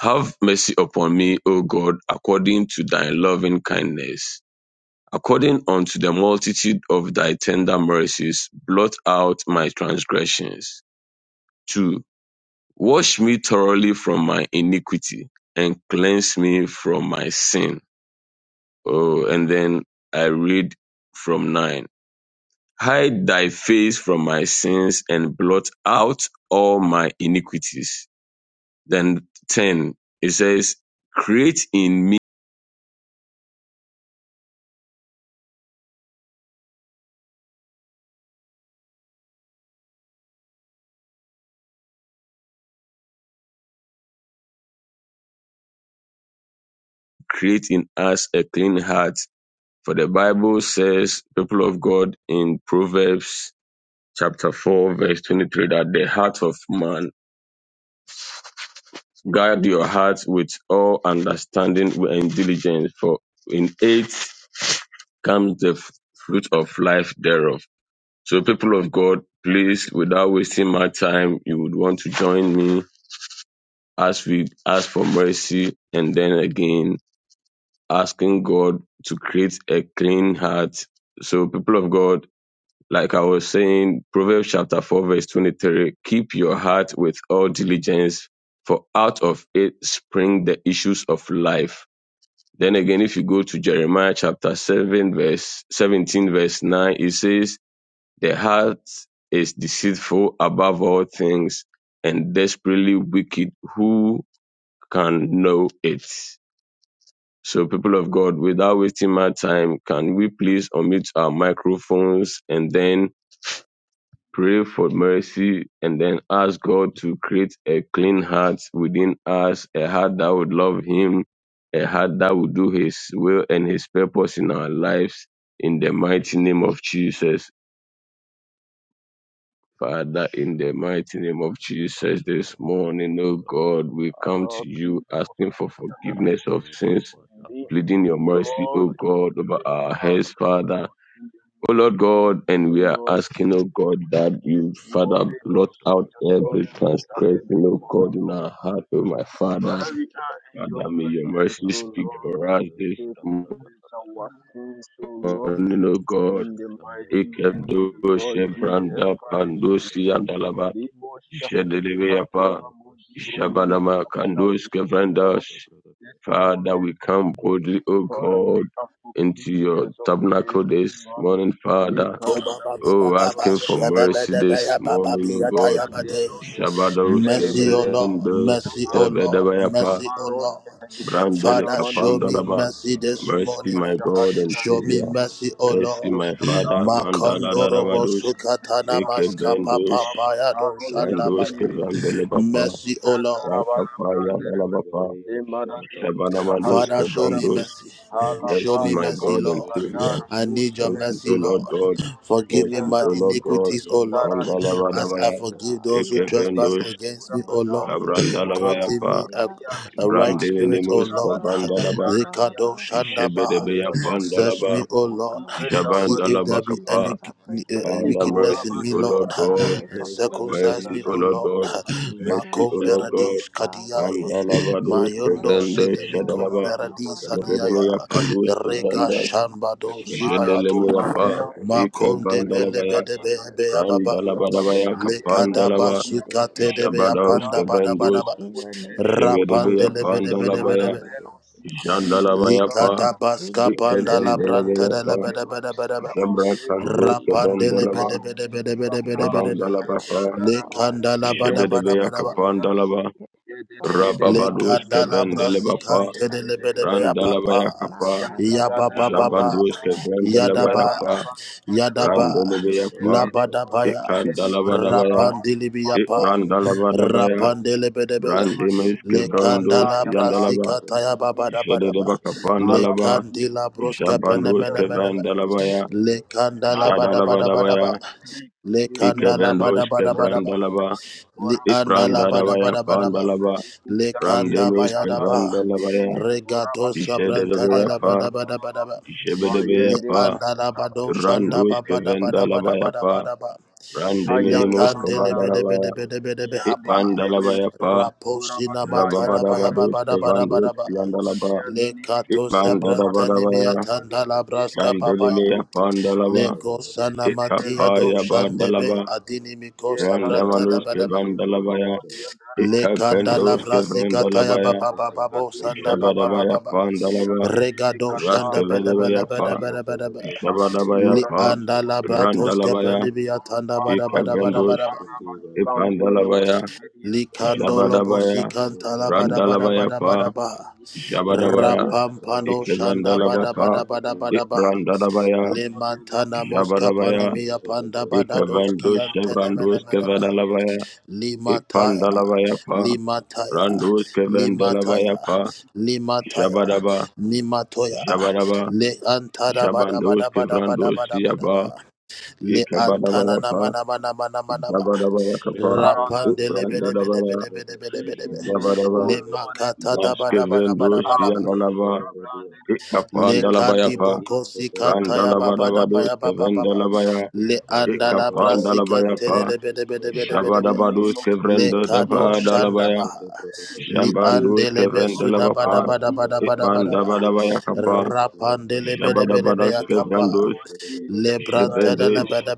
Have mercy upon me, O God, according to thy loving kindness. According unto the multitude of thy tender mercies, blot out my transgressions. 2. Wash me thoroughly from my iniquity and cleanse me from my sin. Oh, and then I read from 9. Hide thy face from my sins and blot out all my iniquities. Then 10. It says, Create in create in us a clean heart. For the Bible says, people of God, in Proverbs chapter 4, verse 23, that the heart of man, guard your heart with all understanding and diligence, for in it comes the f- fruit of life thereof. So, people of God, please, without wasting my time, you would want to join me as we ask for mercy and then again asking God to create a clean heart. So, people of God, like I was saying, Proverbs chapter 4, verse 23 keep your heart with all diligence, for out of it spring the issues of life. Then again, if you go to Jeremiah chapter 7, verse 17, verse 9, it says, The heart is deceitful above all things and desperately wicked. Who can know it? So, people of God, without wasting my time, can we please unmute our microphones and then pray for mercy and then ask God to create a clean heart within us, a heart that would love Him, a heart that would do His will and His purpose in our lives, in the mighty name of Jesus. Father, in the mighty name of Lord Jesus, this Shahadianero. morning, oh God, we come Ah, to you Kilo asking for Shahadianero. forgiveness of Praise sins me, pleading O your mercy, Lord. O God, over Praise our us, heads, Shadabra, O Father. Lord. In the O Lord mighty God, name of and the we are Lord asking, O Jesus God, Christ, that Shut this you, Father, morning blot also out your every children are transgression, gathered O before God, you. in our heart, O my Father. Father, we are in your Father, may your presence, mercy O speak Lord. for us We this say morning, forgive us our sins, O Lord. O God. In the mighty name of Ikedo the Lord Jesus Shevranda Christ, O Lord. Pandosi and Alaba Limo shahadi Jedeleveapa katora mudi broli Shabanama mashahada Kandos di Kevranda This Father, moment, we O come boldly, O Father, we God, ask for into your forgiveness of sins, tabernacle O this Lord. morning, Father. Likarada Oh, brule asking broshe for hadaba. mercy this morning, O God. Imbabda dero shehe de Shabados mede mede mule kevendo mataba. stebedevayapa Yamaro shehe de brandele kakara madiba. kapandalaba. Kuru mi pituro Mercy, my God mashahadi and andene Savior. me. Mercy, my Ingada Father. lo se Mandala itoro lo darabados shehe di bakapuro ni ekevendos mapataro li randos andene kevandele bapa rakapa Tandarabarabrandere, yadalabapa Demaradi Usahadi shabanamandos Andaraba, kevandos Mercy, Halabada my God Badi and Savior. Badara up, Mercy, Bushahedi O Lord God. Mapakiru Mercy, Shahedianda, O Father, Lord we God. ask for Rabora your Barosha Ikaranimu mercy, Mandalabadabaya. Pakiru mighty Tebragada, God. We ask Shahediandini for Ekevendosh. Melekura forgiveness, Bada, Terimane, mighty Kabrandalabaya Imaru God. pa. We ask that Shahadianda you Yaba, wash us in Brandeminimus. your Urabadi blood, oh Kabandalaba. Batara Father. Diandini Jebedebeya Keep Mushahadianda us Yaba, safe, pandalaba. oh God, in Kukibeta the was name of Jabandalaba Kurusun, Jesus. kapa. I pray for Father, forgiveness. mercy, O Lord Ikorabashahadi I and God. pray for Eribuki and cleansing Tebarade Mercy, in O the Adaba. Lord name God. of Shamamaro Have mercy Mercy, O Jesus. Lord upon Shashashka, God. our souls, Father, O Lord. forgive us of Mandalabados. our Kevendosh. Ikoradi, sins, Celebron knowing Shadalaba. potu and Ikorabashahadi and Bragadia, Jebedebeya unknowing. Karabadi. In the pandus. name of Teka Father, Jesus, Bragata, we Lord, ida need your Jendelemiapa, Mahia, mercy, Ike Bragatashka, God. Mikaro We're Vandalabaya, asking Shahadi, for Antene mercy. Shava Mikurabadi, We Grandalabadabaya, ask for Bragadoshka, Antero mercy Kapandalaba, Shahadi, today, Antura Heavenly Jabadaus Mashiada, Father, Kevrandus, in the Bakuri Bedi name of Lo Parado Jevedebea Shoshka, Sahadi, Jesus. ida Tara Pandalabaya, Bragada, Berosi, Andi Sakarabasakadaba. Vikura Jandalabayapa, Dama, We need Ike Yere de mercy, Roshashka, de de, God. I ida Vandalabayapa, need your Lebro Bragata, di mercy, Andaraba, sir. Jabra Lebro I di Kandus need Andaraba your Kevandalaba, Kapano, mercy, my God. Ibakaro Anoshashka, I Shahadi Jabandalabapa, ida pray for Andaraba, mercy. I Yede Bragatashka, de Jebedebea pray de for Andaraba, Kapandalaba, mercy. Yede de de de Father de, Rababadus God, Bakutoro Kevandelabapa, Nashasha Shahadi de de. Bragatashka, Ikarebashandede, Randalabaya Kapa, Ida Jabandus Yagagadalabadaba, Makatarabakasaya. Bragatashka, Kevandalabayapa, Yagadabadabadaba, Father, Randalabayapa, brother, brother, Yegedebrolosheri Matara Ikandalabadabaya, Mandi Patosh, Brandalabadabaya, Imero Ramos, Sikitura Mandi Brandemes Kura Shalom, Kevandos Badaya Taro Yandalaba, Sikindiru, Ishadeba Mibala Kapandalaba, Badi Kura Ishabandos Shehadia Dara Kevandalabaya, Ishadalabadabaya, dinimi Ikevendos le bora Kevrandalaba, başamadi tora masiyan dinimi Ibrandadabaya pada Pandalaba, di kusan dinimi Brandemes kada di Kevandalabaya, dinimi tora badi Ishadebaya usahada Pa, diyan daraba Ishebedebaya Amen. mayen Pa, dinimi kura Amen. batayan Randos dinimi Kevandalabaya Pa, hayan Randeminimos daraba daraba Kevandalabaya, iyan dinimi lebe Ibandalabaya Pa, kura bataya taraba Rababadabados li kuru Kevandos Yandalaba, satoriyan dinimi Mandala fahadi Badaba, moshahadi dinimi Shandelia kalabru diyan daraba Pandalava, yen dinimi Ikapaya Bandalava, le Ye katara do Randamanuske di no la Vandalavaya, bro di andara ma. Ikapendoske Vrandalabaya, Hada ka di no la ma. Shabadabaya Iya Pandalava, dene mi kata le mo Raskavedabaya Pa, shahadiya. Kara di Shabadabaya no ra ma Pa, shahadiya andara ma. Randalabaya, Mam pa ba di ba Ikavendos, para ba di san tere wo Ipandalabaya, shahadiya andara ma. Shabadabaya, Imuru te ke tere Randalabaya bi do Pa, di ni ni mi Shabadabaya, shahadiya andara Rabade Aya Ikevandalava Ramba da Pa, ni Degadeja kura ma. Ibrandalabaya, di andara ma. Rombo Shabadabaya, Dozo de Braga di andara Ikavandos ma. di Chevrandos andara Kevadalavaya Ipandalavaya Pa Randos Kevendalavaya Pa Jabadaba Jabadaba Jabandos Kevrandos Yaba Ikabadavaya Pa Robo Jabadavaya Kapa Kara Shekate da di Jala Brade andara Shata Iprandadavaya Brada Shashkate Creativeness, Shada oh Jabadava Lord, Bragade a clean heart. Jaskevendos Shela Ah, Brado Yanalava Shela Nikora Bradia Brandiru, and renew Ikapandalavaya your Pa Aye spirit, Poparadeja oh Randalavadavados renew your Kevendalavaya spirit, oh Lord, Arababade Ikapandalavaya within Pa us Barabade in the Shodo mighty Bragadaba Jabadabados name of the Lord Kevrendadapa Jesus. Rataba Dalavaya Shete The Bragataba Jambandus meditations of our Rabo Kevendelabapa, heart be Shekate Bragataba acceptable unto you. Bandabadabayakapa, Shela In the Bragata mighty Bragata Jabadabadash name of Bragata the Kevandus, Bragata Lord Bragata Jesus Bragata Bragataba Christ, Jebendish, oh Lord.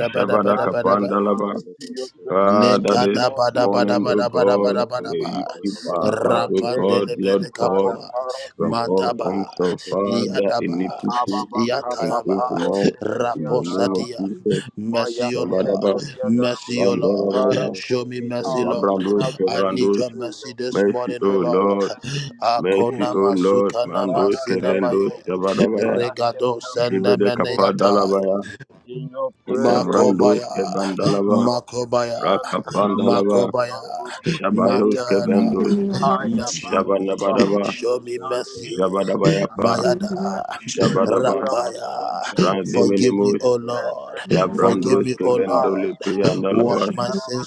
That even as we Marabade Jala come Jabadakapandalaba. into Bragata your Shada presence Father, Bragata this this morning, oh morning, O Lord. God, may Yapati you keep Lerosi our heart, Junabradoshka Ivan O God, Terosi Lord Dobradoshka Ibada God, Karos from all Elionda forms Rabasoshka of Father, Taylor Abranoshaska iniquity Ababa Taylor and Kapa Abrada Paros sinfulness, in the name of Hediandaraba Jesus, Maya Jabadaba, Terebro Diandaraba Nashikim Father, Bandalabaya, for Baradosha we are Dobradoshka Jabrandus weaker Kevrandus, vessels, O Lord. mercy, O Strengthen Lord. us in you, O Mercy, O Lord. Lord, Mandos, Father, let Kevendos, our ways be Shabadabaya, acceptable Zibede before you, O Lord. Kapadalabaya, in your presence, O Ekavrandos, Lord. Kevandalaba, Ikaloro Shehedian Tarabada Rakapandalaba, Dian Manosotosha Toromo Shabayos, Shehedian Merciful God, I so forgive Kevendos, me for my Aya sin. parufa Manoshka Shabanabadaba, hadi Taylor uzani nimi Abradoshka Shabadabayapa, kalali usahadi Shabadaba, brakura Minosanta masahadiyan tereme Bragata Randiminimus, Isala Branosata petesu Braga lot Kabrandos, alimu Kevendolipi, and siyan Alabas, taraba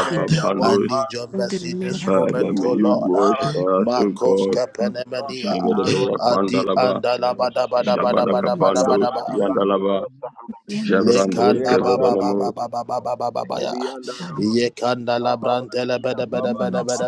peja wahatu Father, may limo you wash fatara di us, O usi God, impero lo ataro Zibede saha Pandalaba, Minosata Bragatosha yan Shabadakapandos, baraba Bragada Yandalaba, limo sahadaba Jabrando le Minabara Bradoshka maradaba Kevedanamu limo sehebiyan daraba Kavalati Ababana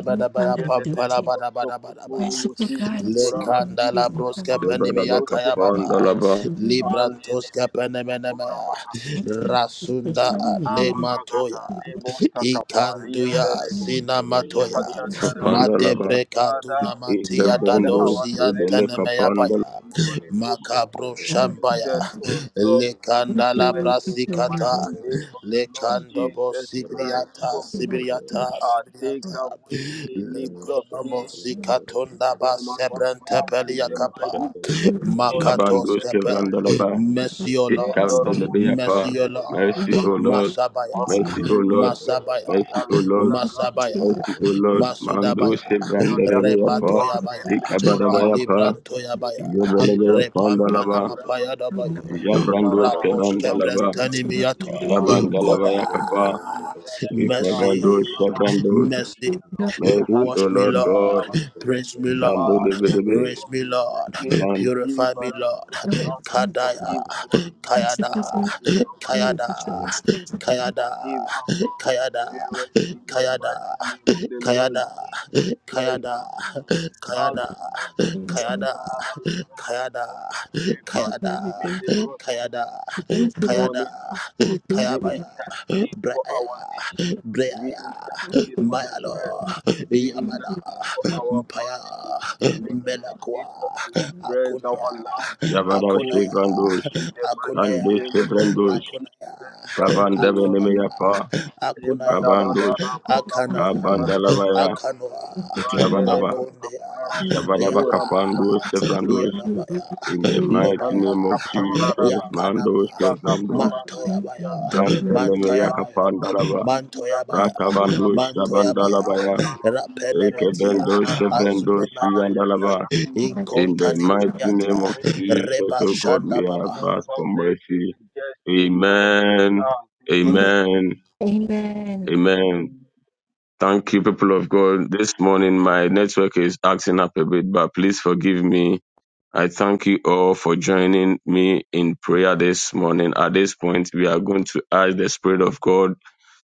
Yedede Brosokotoro Wosi Vitura Manikuta Pali Jebadaba Lucia Herianda Kapandalaba Alene Melokotora Baha Thank you for showing me the way. Amalagata Nebo Takapari I and have the Rebo been Libro Menina Shahadi and Santa Rama Bradoshka Kapandalaba Father, Bradoshka we surrender Ikevendo our in life Kebele to you Kapandal this morning, O Lord. Minosata Bragada Use us, O Lord, for Thank your work you, in the mighty name Impellers of the Lord Jesus Christ, O Lord. Lord, Roboshekotova Uh, take for away any Minishita blockade your O Lord, Brakatova from our path in the mighty Manosheka name of the Brakata Lord Jabando Jesus Christ. O Kevrandalaba Lord. Minishita May the Lord Ibaratova Ikandelebeapa shehede Shashketa Iba Mercy O Lord Mercy O Amparing your Lord shehni Mercy O batali Lord Megadabadabadabadabadabada kula brandeli Mercy O Lord Mando Janda Kevrandelebeapa Robopapapatabatabatabatabatabatabataba Mandere Shaka Kurabaha, Brakata Ikabadabayapa King Rumbo Jebelebeapa Shahadiapa, Shekata Dalaba Nikuraba Brakata Deno, Jabrando Yantaraba, Zebrakata Niba Kevandalaba Keros, Shadabragata Siria, Jabandalaba Palodianda, Yakapa Eliminataba Amarada Gada, Shalabrangata Lebaba, Shaka Ikevendo Brakata Lelo Mercy, Shahadi, O Lord Rebo God, Kuraba Shala Shahadi, Mupala, Shandele Brakata Bedebe, Diandereva, Receive, Shand forgive us, O Lord, forgive our nation, forgive our disaster. Forgive our parents in the mighty name of the Lord Jesus Christ. of Nazareth. Karabala Brandinimo, Lebandini Mendebrosha. This morning, oh God, Thank we you. intercede for our nation. We Amen. Holy Spirit, let your will be done. intercede for the brethren. We intercede for our families. We intercede for our friends, our loved ones, Yabada oh Lord. Shevrandos, In the mighty Kande name of the Lord Shevrandos, Jesus Christ, O Lord. Kavandabenemeapa, Emba da da da Kavandos, da bro la bro shahadi ya da Kabandalavaya, da ba. Let your Mande will be Shabadaba, nemo kapara di Shabadaba idora ma Kapandos, shahadi ya Sevrandos, da in the mighty Panda name of kapara Jesus, daba. Mandos, Iba Kevandos, kapara do siyan done. telele. Brantanemeya Divande do Kapandalava, shiki kura badino Rakavandos, raba diba kura Shabandalabaya, batana. Dino shehriyan Ekebendos, daraba. Shevrandos, Aya ya Yandalava, ya kuru do In the mighty giyendelebe. name of Nese Jesus, oh God, uzan. we have asked Tempa for nesi mercy. with justice. Amen. Ah, tempa Amen. justice. Amen. Thank you, people of God. This morning, my network is acting up a bit, but please forgive me. I thank you all for joining me in prayer this morning. At this point, we are going to ask the Spirit of God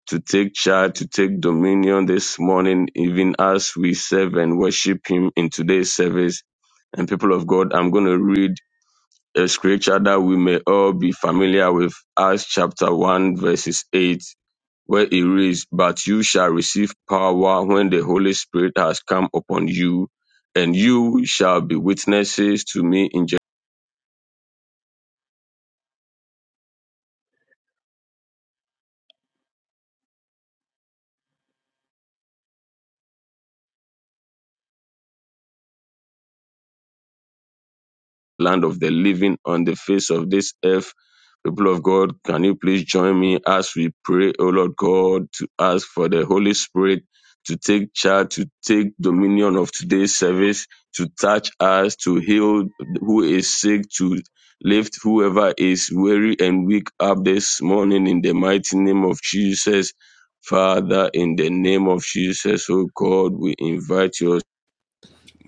to take charge, to take dominion this morning, even as we serve and worship Him in today's service. And people of God, I'm going to read a scripture that we may all be familiar with, Acts chapter 1, verses 8, where it reads, But you shall receive power when the Holy Spirit has come upon you, and you shall be witnesses to me in land of the living on the face of this earth. People of God, can you please join me as we pray, O Lord God, to ask for the Holy Spirit to take charge, to take dominion of today's service, to touch us, to heal who is sick, to lift whoever is weary and weak up this morning in the mighty name of Jesus. Father, in the name of Jesus, O God, we invite your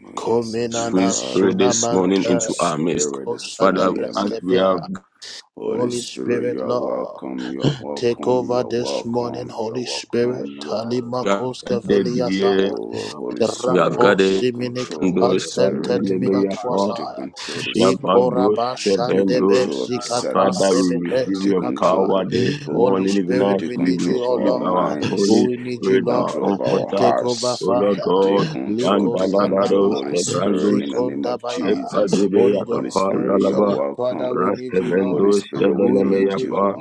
Oh, yes, Heavenly free Father, spirit we this morning invite your into our midst. spirit this Father, morning, as Heavenly we have Father. Holy Spirit, you are welcome, you are welcome, you are welcome, you are welcome, you Thank are Shaka welcome. Brakatala, gathered Take here, over, Holy we have Spirit, gathered take Ula control, Holy those Spirit, Brakataba, take Candelabria control, for. take control this morning. Shabandos, Take Kevendos. control of the Kaba Father, service. Shaka we receive Take your Brankata control of power your Brakataba, this people. morning, even as Take we control of our receive our Merata Holy minds. Jala Take Spirit, Bratia our control of Bada, our Comforter. hearts. O Lord Take God, control, take Narado control, Bandalabados, Jala Holy Brataba Spirit, Kevandos, in the Shashka, name of Shakata Jesus. Kepadibea Brakatash, Holy Spirit, you are Kapandalaba, welcome. Holy Raskevendos, Spirit, we need you. Kedelemeyapa,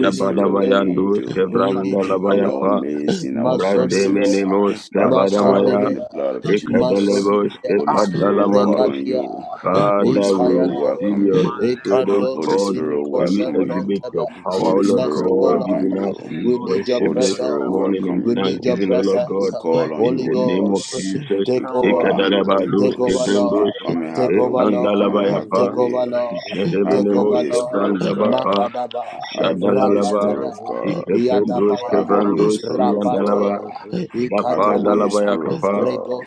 you. Spirit, we need Jabadabayandus you Bakura in our Kevrandalabayapa, midst, Sekituru in our Musahadi presence, Apara Brademinimos by the Dipakara power Kevadamaya, in the blood of Mushahadi Jesus. Andaba Ekadelebos Holy Spirit, we Ambero call Kepadalamanus. on you. Zekitura Mati Holy Father, we Spirit, E. Mahada we receive welcome your you. Mani spirit, Malevro O Tamani Holy God. Nani Sahidi Spirit, May Atom we welcome Batora Bradash, exhibit you. your Musi power, O Holy Andi Lord Spirit, Makaka God, welcome Giving us you. we Zeno Rupa worship Holy Sehedi this Shinta Spirit, Andarama Brakata, morning in welcome Holy Shuddha you. thanksgiving, O Spirit Lord we Brakataba, We God, call invite on you in you, the Holy this name of Ghost. morning Jesus. We come call to on us you, in Holy Mani our Ekadalabados presence Ghost. Nani in Kevrandus, the Come and mighty have Tabaraki your name of the way. Jara, Come Lord and Rati have Jesus your Epandalabayapa, Jara, Jesus way. Om Christ, Have your Jedevenemos Tabrakatash, way, Linda da Spirit of da da God. Kevrandabapa, da da da E. da da Have your way, Shahalian Shadalalaba, da Spirit of da Vinani God. Shaka Brada, Libura Ikependos Have your way, Kevrandos Spirit of God. Siandalaba, Thank Have Japa your way, Dalabaya Spirit of Kapa, God.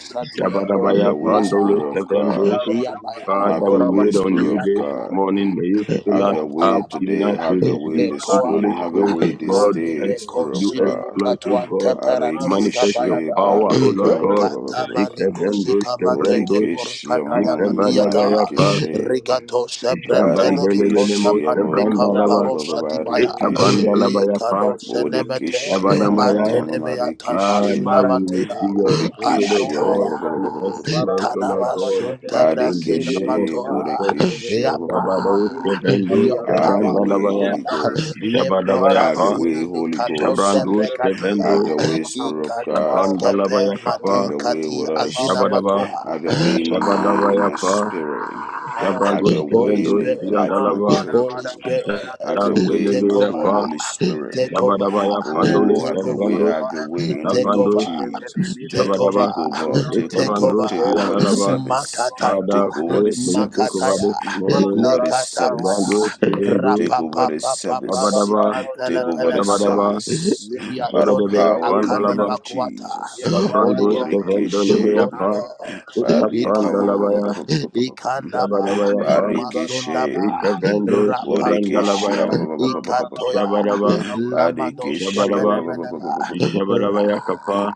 Have Rosso Jabadabaya your way, Horaba, Pandolos Spirit of God. Kevrandos. Icarona Have Father, your we Bavintora way, wait on you Spirit Bashaka, of this God. Tore morning. May Lucy, you fill Have us your Ipitum way up, even Capambe, today. as we Have your way receive Imara this sweet Holy morning. Have your Spirit Inosia, way to this God, Kale, day, as Spirit of you Zendera God. exploit, Copata, O God, to Imaro manifest Zian, your Barikishe, power, O barika, Lord ba- God. ba- ba- ba- ba- ba- Curabatash, ba. Elum, Ikependos Vinuro, Kevrandos, Seke, Bodekeshe, ma- ma- ma- Curabanero, ma- Sian, Ikebadabaya pa, Kale, marikishe. Ubata, Imoro, Shambandelebelemo Barikishe, ba- ba- Seveduma, ba- ba- ba- Sebrandalaba, ba- ba- Taliba, ba- Matiro, barikishe. Ekabandalavayapa, Skion, Bodekeshe, ma- ma- ma- ma- ma- Shabanamaya. ma- ma- marikishe. Father, we Embarabone receive mo- your spirit, O Bodekeshe, ba- ba- God, ba- to ba- imorabada. ba- do ba- ba- ba- ba- ba- exploits, Karani O ba. Lord olaba God, you. sheheli in the andini name of Barikishi, mudiyadada. Jesus. Borikishi, Ma Abelemenino Shabados, minono maliu manusha Kevendos, de sehadiyanda. have your branta way, Shabrandalavaya, bradio Holy to Yembarada. Ghost. felemenino Have shanta your Shabadabayapa, way, brede Karabadiyanda Holy daba. Ghost. Uvam Shabrandos, terebo. Have Kevendos, Seku your rapa way, pa pa rabaha. pa Spirit of pa pa pa God. pa pa pa Amade pa pa pa pa pa Have Shabandalabayakapa, your murabasi way pa with us. kutatare. Shabadaba, Have your Yeduni way in my mikura mind, irrigation in my of matiro Shabadabayapa, branded spirit. shata sehediyanda Have Shabrandos, your way rata Kevendos, in the ta life of ta ta my ta ta Yandalava, children. shata brede Have your way in my home, Shandelebeapa, Holy Spirit. Jabadaba ya rapa ta Pandolis Oh, ta have your way, Kevrandos have your way in the ta name of Kapandos shata ta ta Jesus. Jabadaba Take over, rapa take shata over, Ekavandos ta take over the Yadalaba service. Father Take over the pray may you take over service. this Take morning over the Evandos service. Mandara Tuvendos Take over the service. Jabadaba Take over the Jabadaba service. By the Jabadaba ya power in the name Pandalaba of Jesus. Kavrandos Kevendolebe Borikeshe. ya Pa Bariaka. Ekapandalaba ya Jabadaba ya Elemen, Pa Libadam, Barikeshe. Limaduro, Ekavandos Shehediam, Kevrandalaba ya Borikeshe. Amarabadido, Jabadaba Dabaturu, Badekeshia ba- Jabadaba ba- ba- Shehedian, Jabadaba ya Kapa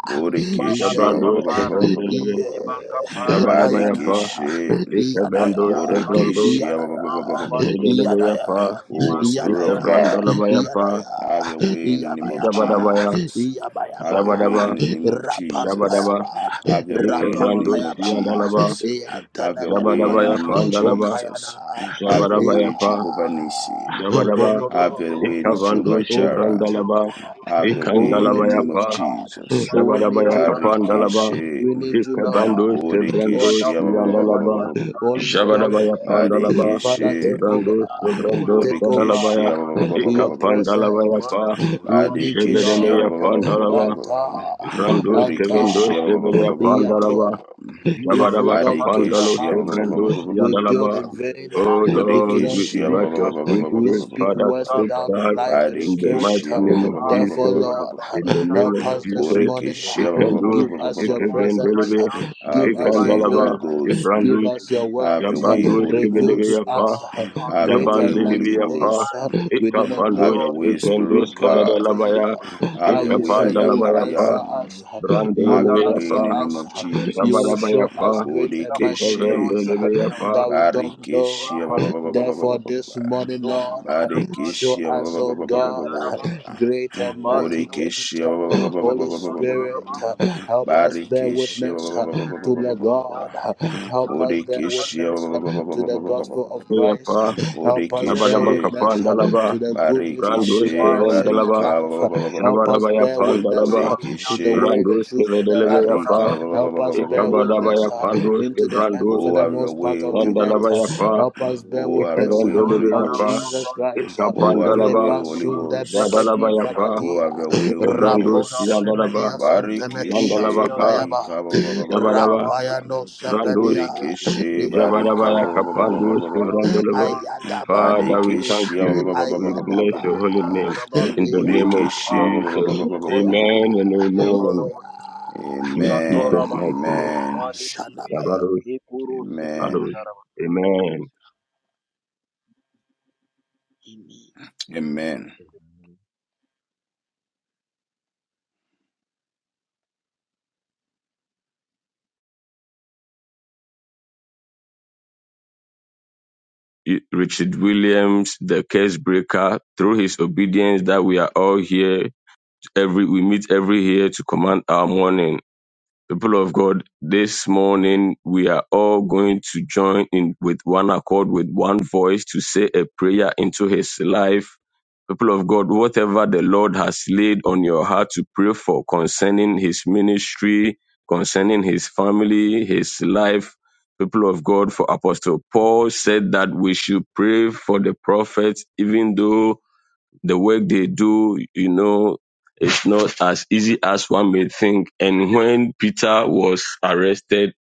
Mababa Jabrandos Kapara, Kevendelebe Iba Kapara, the Jabarabayapa, Badekeshe. Indenemet, Ikebendos, Shehadian, Taraba, Chevrandos, Bodekeshia Mama Badio Saha, Jedelebayapa, Oh, Spirit of Imarolian, God, Dinemi, Ikebrandalabayapa, Kadagian, have your Daraba, way in the name of Limpara, Jabarabaya, Gadimu, Jesus. Have Shehadian, your Daraba, way Jabadaba, in the name of Jesus. Jabadaba, Have your way in the Yandaraba, name Ikebrandos, of Libro, Yandalaba, Shehadian, Jesus. Have your way in the name Jabadabayapa, Kandaraba, of Libro, Andalaba, Jesus. Shehadian, Have your way, Jabarabayapa, Jehovah Holy Nissi. Jabadaba, Spirit of the Have your way living in God, Ikavandos, Jehovah we Jireh. call Chevrandalaba, upon you Have your this way in the morning. name of Ikandalabayapa, Ah, Jesus. Jabarabayakapa, Likadadiyandaraba, Dalaba, Barikishe. Ibrodiyandaraba, Ikabando Sevrando Bodikishe. Siyandalaba Likadabroshakadiya, Jabadabaya Tanemolabros, Pandalaba Barikishe. Ikabando Sevrando Kandaraboramasaka, Bodikishe. Sadalabaya Iyantara, Ikapandalabaya Pa rapa de rapa Jebedemeya shata Manakurabastefediyande, brede Pandalaba brede brede Barikishe. Rando Makataradi, rapa Skevendo Bodikishia ba- ba- shanta ba- ba- Seveya brede Bataroshivediyande, Pandalaba Jabadaba rapa Imbaros shata hadi brede Kapandalo antele Sevrando melodi Siyandalaba rapa andarabaha. Oh Maya Lord, shata Dios we invite brede your andarabaha. sweet spirit, We Father, Rabba look to up take to charge you this in the morning. mighty name of Ahi Jesus. kuraba In the name of istahari andarabaha. Jesus, We pray Ikandus, for your divine Ikevendeleve, guidance, Have your way, divine Holy Ikandalava, Ghost. direction that Ibrandus, you lead us Have your this way, Yabandus, day Holy in Kivedeve Ghost. Yapa, all our Have your way, endeavors Holy in Yabandeleve the Yapa, Ghost. mighty name of the Have Ikafandus, your Lord way, Spirit Ivendus, Jesus. of God. Kevedelabaya, Liparusha Have your hadi way, I andarabaha. am Ikapandalava that I Yapa, am. Have Brandeleve your way in the Yapa, name of Kandarabura Jesus. Jabalaba Yapa, Kimatila Fatiro Bodekeshe. Ikevendeleve Shaherianaba, Ma Barikeshe. Balburu Usi, Nilona Padaba, Barikeshe. Nilo Shaheriandaraba, Mamali Usi Bodekeshe. Kitura Madiba Taraba, Yemenede, Barikeshe. Kimberede, Lodan Dinime Karu Bodekeshe. The Shaheriandaraba, Taizala Denda Gada Yapa, Bodekeshe. Jabadaba Raboshanta Yembarabanaba, Brada Kapandalaba, Taizala Bragada Randus Barikeshe. Imbaro Barika. Kevendalaba, Shaheriandaraba, Jabadabaya Inosalaba Pandalaba, Bodekeshe. Rabide Kandarabaliandinim, Randus Le Barika. Bragadaba Kevedelebeapa, ba- ba- ba- ba- Korabalibro ba- ba- ba- ba- Sweet ba- ba- ba- Ikabadabaya Spirit ba- Shaheriandaraba, of ba- ba. God Pandus Varosolo Kevrandus, Oh, have your Bragada way, Holy Ghost. Sandalabayapa, Minosala Oh, have Bragada your way, Holy Ikavendulebeapa, Ghost. Yandarabarabrandir, Rapapa Oh, have your Rapapa way, Ikapandalaba, Holy Kimbaru Rambide Ghost. Bragata Jadalabayapa, Isada Shaheriandaraba, Oh, have your Bragadeska way, Holy Kevrandus Lepura Ghost. Vadima Yandalaba, Vadilo Yepempara Diro Barikishe, Yandi Sandalabapa, Shakata barika, ba- Bakata ba- ba- ba- ba- ba- ba- Mara ba- Jabadaba, ba- ba- ba. Abiru Rababada Sehebi Randus and Bada Bida Delevi Bida Borikishe, Bida Bida Bida barika, Bida ba- Jabadabaya Mara ba- ba- Bida ba- Diu ba- ba- kapandu Shara ba- ba- Tata ba- ba- ba- Bragada ba- ba. sevrandolebe. Ipano Rusi and Father, we thank Delevi ba- ba- you. ba- ba- ba- ba- We ba- ba- Imbaro bless ba- ba- ba- your ba- Sehebi ba. holy Rabosakata and name. Daraba In the The Limora name of Borikishe, Kapa ba- ba- ba- Jesus. ba- ba- ba- ba- ba- Yevede ba- Amen ba- ba- ba- and ba. Levrola amen. Vosha In Iva name Jesus' of Amen. mighty Torabaha Jesus. name. Amen. Madiri Vidi Yabaros, Nikuru Sehebi Amen. and Baros. Daraba In Amen. Jesus' Amen. I- Richard Williams, the case breaker, through his obedience that we are all here, every we meet every year to command our morning. People of God, this morning we are all going to join in with one accord, with one voice to say a prayer into his life. People of God, whatever the Lord has laid on your heart to pray for concerning his ministry, concerning his family, his life, people of God, for Apostle Paul said that we should pray for the prophets, even though the work they do, you know, it's not as easy as one may think. And when Peter was arrested,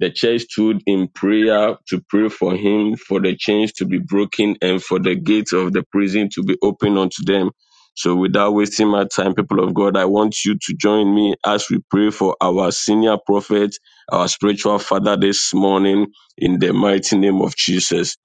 the church stood in prayer to pray for him, for the chains to be broken, and for the gates of the prison to be opened unto them. So, without wasting my time, people of God, I want you to join me as we pray for our senior prophet, our spiritual father this morning, in the mighty name of Jesus.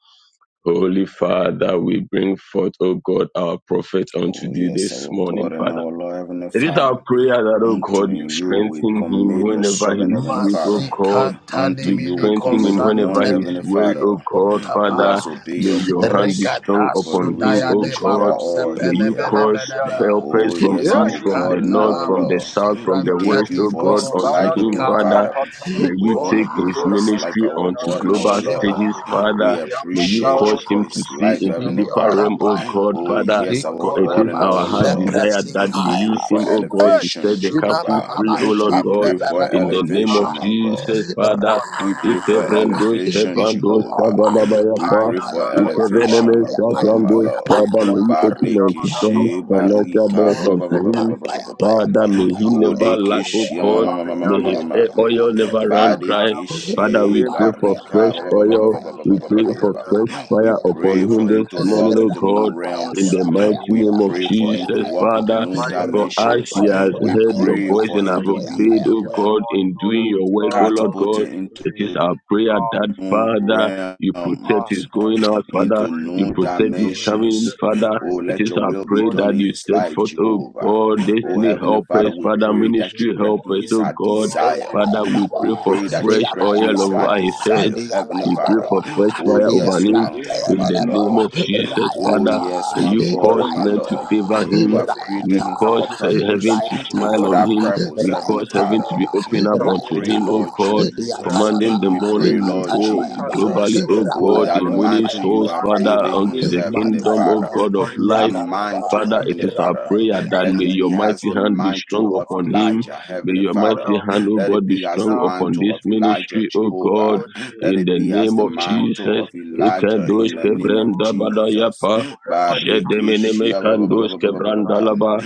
Holy Father, we bring forth, O God, our prophet Oh, unto thee yes, this our morning, God and Father. our Lord, Heavenly It is Father. our prayer that, oh Unto God, you you we strengthen him commit your whenever he servant, is Heavenly weak, oh Father. God. Unto You you we strengthen commit him the whenever one, he is Heavenly weak, Father. oh God. who Father, has obeyed may your your hand be voice strong for the upon him, reason oh which we God. are all May Yandebu you here. cause Sahadiada, helpers Oh, from yes, east, our from Imadeu God the and north, our from the Lord. Siatarami south, from We the Pureanda, thank west, you oh for God, his unto Kibara life, him, Heavenly Lucia Father. Father. Fatara May We you Mosi honor take you his for Pitora his life, ministry our onto Badiantara God and our global Mosi Lord. stages, Atara, We Father. May you appreciate Yabakaro you cause for him to his see life, into Heavenly Sahadiantarama, deeper Father. realm, oh Mana God, Oh, Kilo Father. yes, For our it God Sahadiande is and our our heart Mapura Lord. desire that you We pray use him, for O Yamparada, God, to set elevation, the Guru captives Jehovah. free, O Lord We Sahadiantarama, God, pray for in the name of elevation, Devatara my Mori God. Jesus, Mosi Father. We Pataro pray for Ikevrendos Sahadiantarama, elevation, kepandos Jehovah. kabalabaya We pray Amen. for Ayandarabara. elevation, Ikevenemes my God and my kaprandos Lord. Leba Father, may da you da di open ra ba unto da ha doors, ba. Barikishe, Marathi financial barika, doors ba Moro ba ba unto se ba Jalapradesh, ba he him. ba di ba ba di ba ba mro le Father, may ba. he never lack, O Bodekishi, God. ma ma Yarashakata ma ma ma ma ma May his ma ma. oil Ibarashakata ma. never run Bharati dry. Father, we pray for barika, fresh ba ba ba ba oil. ba ba Remene ba ba We ba ba shata ba pray ba for ba. fresh bragadia We fire shata In upon pray ka him for da paradia. him this to ma morning, walk O into God. new In realms. the mighty We Leba name of pray shata for him to Jesus, bade. In walk into the Father, new mighty for us Madibede. name dimensions. he of the has Lord We heard your pray Jesus voice for and him have to Christ, be obeyed, Ayimene O this God, morning, in manakom O doing your Lord work, O paradia Father, Lord we God. shata catapulted It into is bradea. our lift prayer are that, own before Father, you. you protect Our realms his going Father, out, in the Father, into mighty you new name of the protect his Lord Mekimene no coming in, Jesus dimensions. shata Father. Oh, Christ, we It let is your brade bring our will be prayer before barada you done that in you this his shata set life, forth, morning, bragada. O Jehovah. God, Oh, Prophet destiny Heavenly help Father, us, Richard we Father, pray William, that Shilemene you ministry this grant help him us, morning. his manakom O heart God. bene no Father, desire. we Father, pray shanda we for We pray for bragada pray divine that fresh you shata grant protection, oil his bragada. heart over his head. desire, divine Heavenly We covering, pray Father. for your fresh Oh, fire divine over yes, grace, my him O Lord, Lord, in my the Mekimene name Lord. of protect akapo him, Jesus, zara O Oh, Father. brado yes, Lord. zara my You God Libro cause and bragada. my men to Lord. favor Shahadiadarama, You him. have may you You created him order cause for a his steps, heaven purpose. to O And Rebatu smile for on Lord, that him. may purpose, You his zara Heavenly cause way heaven brade be to Father, be open up we acceptable unto pray, him, unto oh you. Lord God. We come Jesus. Commanding the Rabba We against Vaimini pray, morning any will Lord go challenge, globally, Jesus. O oh Lord, Oh, God, that the in that may winning mantle you souls, have arise Father, given unto him, against the Heavenly kingdom, in oh Father, the God of mighty that light. name of the Lord mantle, Father, it Heavenly is Jesus. our Father. You prayer can that Let may it commission your be his as mighty the family hand be into mantle strong your of upon arms, O him. Elijah, Lord. May Heavenly your Father. mighty Father, hand, be O Let it God, be his be as the strong love upon in mantle this of the Elijah, mighty ministry, O name of the God, Jehovah. Lord Jesus. Let in it the be as name We the of pray mantle Jesus. committing of his Elijah ministry Ikedosh in into the your name of kevrenda hands, O Lord. Jesus. badayapa. Wherever he has Jedemene Barikishia performed kandos in his time, O kevrandalaba,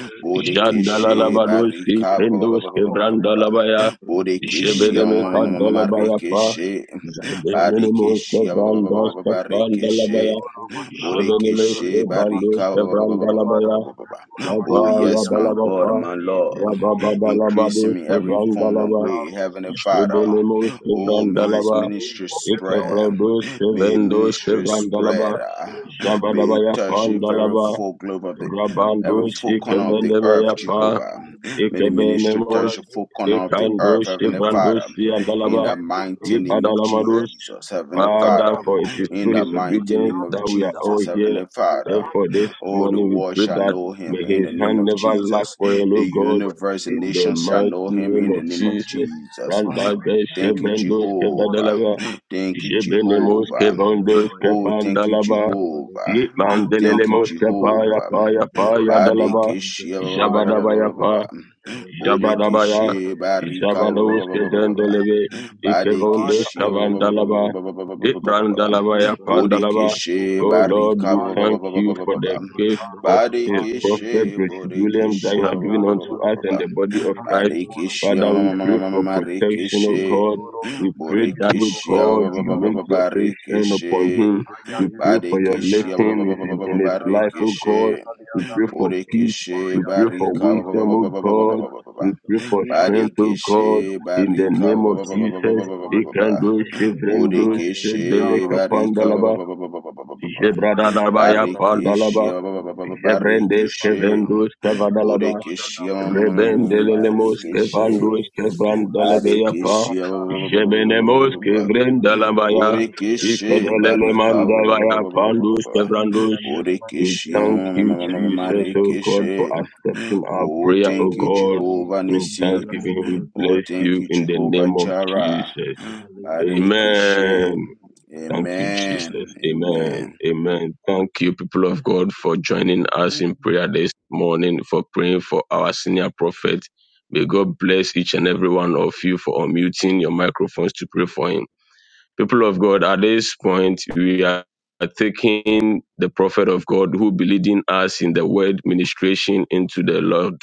may he Bodekishi jandalalabados accomplish, may Barika he kefendos accomplish kevrandalabaya, in the Bodekishia jebedeme mighty name of kandalabaya the pa, Lord Marikishi Jesus Christ, jandemene O mos Lord. Barikishia kevrandos Mandere woshiki kevrandalabaya, Barikishi ndoro makala jebeneme bleole Bodekishi mofaka. kebandos Limana kevrandalabaya, na Barika natura yapa Oh, mashahadi yes, my andara. yadalaba pa, God, my In the Lord. mandore Increase in rabababalabados Tabaradish. me woshihati every form of kevrandalaba, way, pakataro shi Heavenly Father. andaraba. jebedeme Meno mos In the Oh, shkoto may his iba mighty kevrandalaba, name ministry rumba of the roba Lord spread. baraba ekevredos diba Jesus May his Christ, kevendos ministry spread. kevrandalaba, roba help ah. him, O shkoto May Lord, it jabadabaya bramba help to touch the him, braba O very pandalaba, diba Lord, full globe of the help him, O every Rabandush full jele corner Lord, of the brenda earth, diba Ikevenemeapa strengthen Jehovah. him, jele O May brenda Lord. the diba ministry Ikevenemus touch Father, the give full him corner of the favor, earth, Ikandush Heavenly favor mera Father. Ivandush shkoto on In dalaba the that, O brenda mighty Lord. braba name of diba Let Ibadalamadush. him, Jesus, O Heavenly Lord, Father, Father. for it is vela In accomplish through the his whatever mighty he obedience name has of that we are all Jesus, here. desired. Heavenly His Father. heart Therefore, this Oh, desires the morning in the we world pray shall that mighty know name may him of in the his the ye Lord name hand of never kaba Jesus lack Jesus. Christ. for you, The Lord We God, universe worship and in you. the nations shall We praise mighty know him name in the of name of your name. Jesus. Jesus. Father, we Randagesh thank Thank you you, ashata for Evendos your braba calling Jehovah. bata Kevedelava Thank you, in the Jebenemus mighty Jehovah. name of the Kevandos Lord makata Oh, Jesus. thank you, bata Kevandalaba baraba diba Jehovah. Maluda Mandelele Thank you, moska pa Batona ya Jehovah. pa ya pa roba ya shkoto dalaba. Kuribakata bramba Badekishi, braba diba Jabadaba ya pa. Ayatoro roba Daraba. shkoto Jabadabaya, braba Bodekishi, May diba you Barika, Jabanos surround him, O ime Kevendeleve, Lord, yenti with the berati Ikevondes fire Badekishi, of yashala your braba Kavandalaba, Ibrandalabaya favor. Reboshala Thank Pandalaba. you, Bronkata O Bodekishi, Oh Lord. Lord, Bragatashka Barika, we Dashka thank Aligo you for Shefali the gift Rombo Kataru of the Shakata Kapaleo prophet Badekishi, Barabarabara Richard Lesianda. William that you have given unto Mandarabana us Bodekishi, Rombo and the body of Shakata Kandi Christ. Branda Mono Barikishia Bragada Father, we Shefali pray for Yandere. O protection, O Marikishi God. Ligoro Jelebetaja to La We pray Branda that, O Gada Sekitoro Borikishia bosi God, you make andaraba. your face shine Barikishi upon him. We Jelebetaja pray La for your Ayandeleleyanda. Branda Barikishia lifting in his Kataja in La his life, Vikalada O Bragadashka Barikishi God. We pray brushakaliyandaraba. for peace. Borikishi We pray for Barika Mayandelemona wisdom, O God. brushakalebo. We pray for strength, O Libadadi Barikishi God, andirabo in the Barika name of shakaliyandaraba. Jesus. Rakataja Ikando Bandinu Zabradashka Shevrendo sekiparo Kataja La Sedele Borikishi ikutalo Bragadashka Barika Dashka Kapandalaba, shakaliyandaraba. The mighty Shata Jebradadabaya name of the Lord Pandalaba, Barikishia Jesus. Bradoshka Jebrendes Barikishi Yebadadaba. Kevendos Kavadalaba, Borekeshe, Kabadadaba. Roshashkatayjala Rebendelelemos Shehedebe. Brandatayjala Marekeshe, kevandos Branoshashkata Ikuraba. kevandelebeapa. Barekeshe, Ufatara liyandaraba. Jebenemos Rabasanta kevrendalabaya. Inderebo Borekeshe, Bradiadabadojala Barika, limatala. Branoshka Ikedelelemandelaya pandus In kevrandos. Jesus' We mighty Borekeshe, Velamaninoshkata thank you, name. Jesus, Yekura O Brakatabadu God, Batriya Marekeshe. for Taraba. accepting our Oh, O prayer, Jesus' Oh name. thank you, God. Jehovah And Bayikum in Nissi. thanksgiving, we Velamania Oh, bless Kataba thank you you, in the Jehovah name of Jireh. Jesus. Malido Barekeshe. Amen. Shakatabada Thank you, Amen. Jesus. Amen. Amen. Amen. Thank you, people of God, for joining us in prayer this morning, for praying for our senior prophet. May God bless each and every one of you for unmuting your microphones to pray for him. People of God, at this point, we are taking the prophet of God who will be leading us in the word ministration into the Lord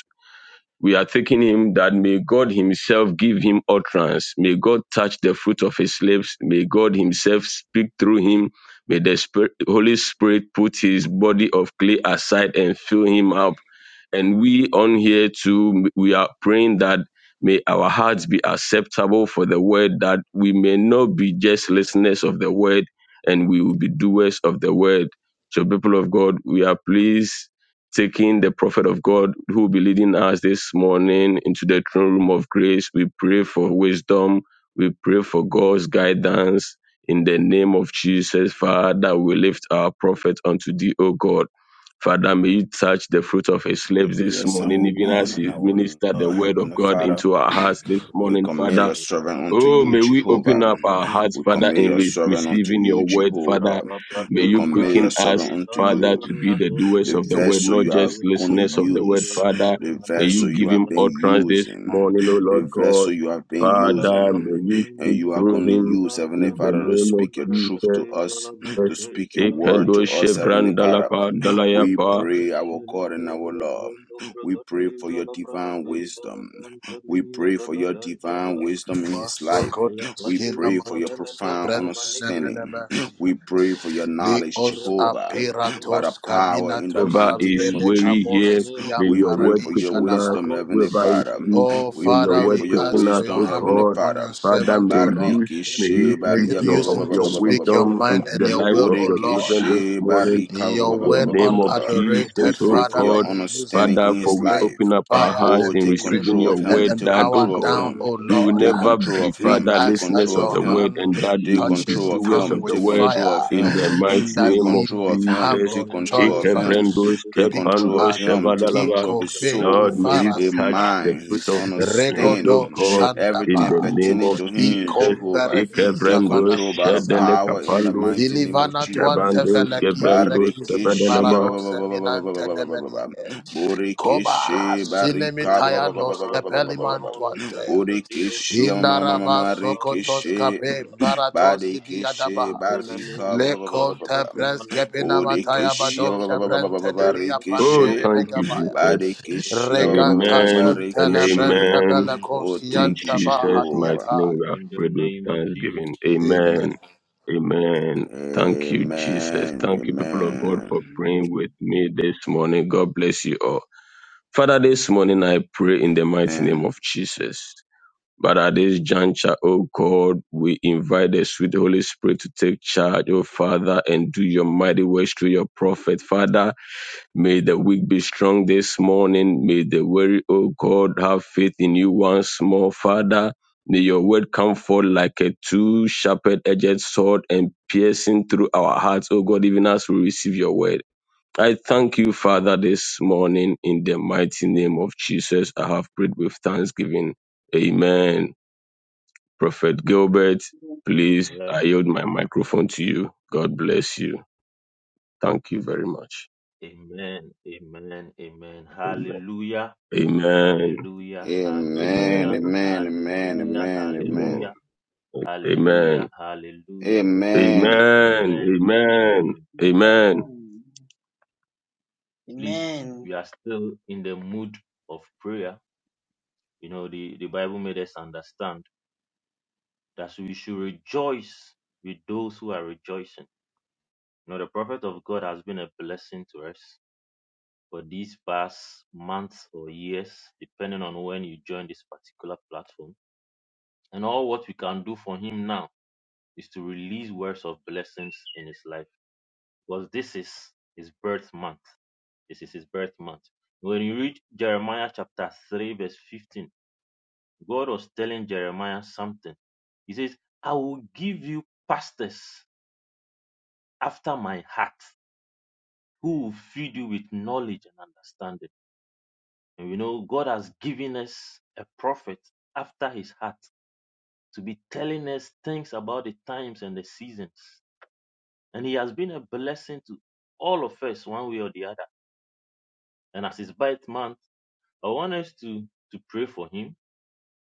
we are taking him that may God Himself give him utterance. May God touch the fruit of his lips. May God Himself speak through him. May the Spirit, Holy Spirit put his body of clay aside and fill him up and we on here too, we are praying that may our hearts be acceptable for the word, that we may not be just listeners of the word and we will be doers of the word. So, people of God, we are pleased taking the prophet of God who will be leading us this morning into the throne room of grace. We pray for wisdom. We pray for God's guidance. In the name of Jesus, Father, we lift our prophet unto thee, O God. Father, may you touch the fruit of his lips this Yes, I morning, will go even as on and you our minister the Lord, word of Heavenly God Father. into our hearts this We morning, commit Father. your servant unto Oh, you, may we open Jehovah. up our hearts, We Father, commit in your re- servant unto receiving your you, word, Father. Jehovah. May Rapapadimarate We you commit quicken your us, servant unto Father, you. to be the Salabraniatum doers The of the word, vessel not you are just going to listeners of the word, use, Father. the May you vessel give you him have Bediabafaradioshapradiabafaramaniabafa been utterance this using, morning, oh Lord the God. vessel you have been La Father, using. may you And speak you are through going to him use in Heavenly the Father to name of speak your truth to Jesus. us, to speak your word Ekendo to us, Heavenly Father. Shevrandalapa We Dalayapa. pray, our God and our Lord. We pray for your divine wisdom. We pray for your divine wisdom in his life. We pray for your profound understanding. We pray for your knowledge, Jehovah, by the power in the Whoever mighty is name of weary here, Jesus. may We your pray word for your quicken us. wisdom, Pronto Heavenly Whoever is Father. propia sick, We arnos may your que pray word for te your dará quicken us, wisdom, O shala te, Heavenly God. Father. Father, may you Bariki may He she speak barika venemenitum your, ba, ba, of ba, ba, your ba, ba, ba, menenino ba, wisdom ba, ba, ba, sesca into the lives of te your children this Bodekeshe morning. barika ba- In ba- ba- the ba- ba- ba- ba- name ba- of ba. Rabashakata We Jesus, O pray brakata for your God. bateba. understanding Father, in for his we life. open up our hearts Oh, in take Lepemele receiving control your of him. word petumba Take that, O control of God, him. we kimpeliete. will Take never control be, of him. Father, Take listeners control of of the O word him. and jala that Take we will shala be control of brate doers him. of the Take prono word control of shakatebe. in him. the mighty Take name of control of him. Jesus. Mano Take control meninte of him. tente Ikebrendus Take tete control of kepandus ibarate him. ijala Take shevadalaba. oro control of his shante Lord, soul, may you brakate. his touch the mind, fruit his of this lips, O understanding, Emeskete God, ijala in everything the brano name pertaining of to shante him, Jesus. brakate. Jehovah. Take Ikebrendus control by the shadele O power in the boro kapandus mighty name shonga of dom Jesus. brakate. shabandus Iro kebrendus Barikishi, ba- shevadalaba. shante ba- ba- ba- ba- ba- ba- ba- ba- ba- ba- ba- ba- ba. Borikishi, barika, ba- ba- ba- ba- Jatabradejala ba- ba- ba- ba- Ranti ba- ba- ba- ba. Bronoro Shambradiro Borikishi, ma- ma- ma- ma- ma- ma- Shobradejala Rosha rikishi. Pataba Barikishi, barika, ba- Levemenino ba- ba- ba- ba- ba- Shoshka ba. Timaneko Borikishi, Tumradiro ba- ba- ba- ba- ba- Skira Skira ba- ba- ba- ba- roskira Oh, Funam rikishi. thank you, Paradiro Jesus. Barikishi, ba- Shatabradira ba- ba- ba- ba- ba- ba- Amen and amen. Oh, In thank Yekambaradushka. you, Jesus' mighty Jehovah. name we have In the prayed with name of thanksgiving. Jesus. Amen. Amen. Thank you, Jesus. Amen. Thank you, people of God, for Amen. praying with me this morning. God bless you all. Father, this morning I pray in the mighty name Amen. of Jesus. But at this juncture, oh God, we invite the sweet Holy Spirit to take charge, oh Father, and do your mighty works through your prophet. Father, May the weak be strong this morning. May the weary, O God, have faith in you once more, Father. May your word come forth like a two sharpened edged sword and piercing through our hearts, O God, even as we receive your word. I thank you, Father, this morning. In the mighty name of Jesus, I have prayed with thanksgiving. Amen. Prophet Gilbert, please, I Amen. yield my microphone to you. God bless you. Thank you very much. Amen. Amen. Amen. Amen. Hallelujah. Amen. Hallelujah. Amen. Amen. Hallelujah. Amen. Amen. Hallelujah. Amen. Amen. Amen. Hallelujah. Amen. Hallelujah, hallelujah, Amen. Amen. Amen. Amen. Amen. Amen. Please, we are still in the mood of prayer. You know, the, the Bible made us understand that we should rejoice with those who are rejoicing. You know, the prophet of God has been a blessing to us for these past months or years, depending on when you join this particular platform. And all what we can do for him now is to release words of blessings in his life because this is his birth month. This is his birth month. When you read Jeremiah chapter 3, verse 15, God was telling Jeremiah something. He says, I will give you pastors after my heart who will feed you with knowledge and understanding. And we know God has given us a prophet after his heart to be telling us things about the times and the seasons. And he has been a blessing to all of us, one way or the other. And as his birth month, I want us to, to pray for him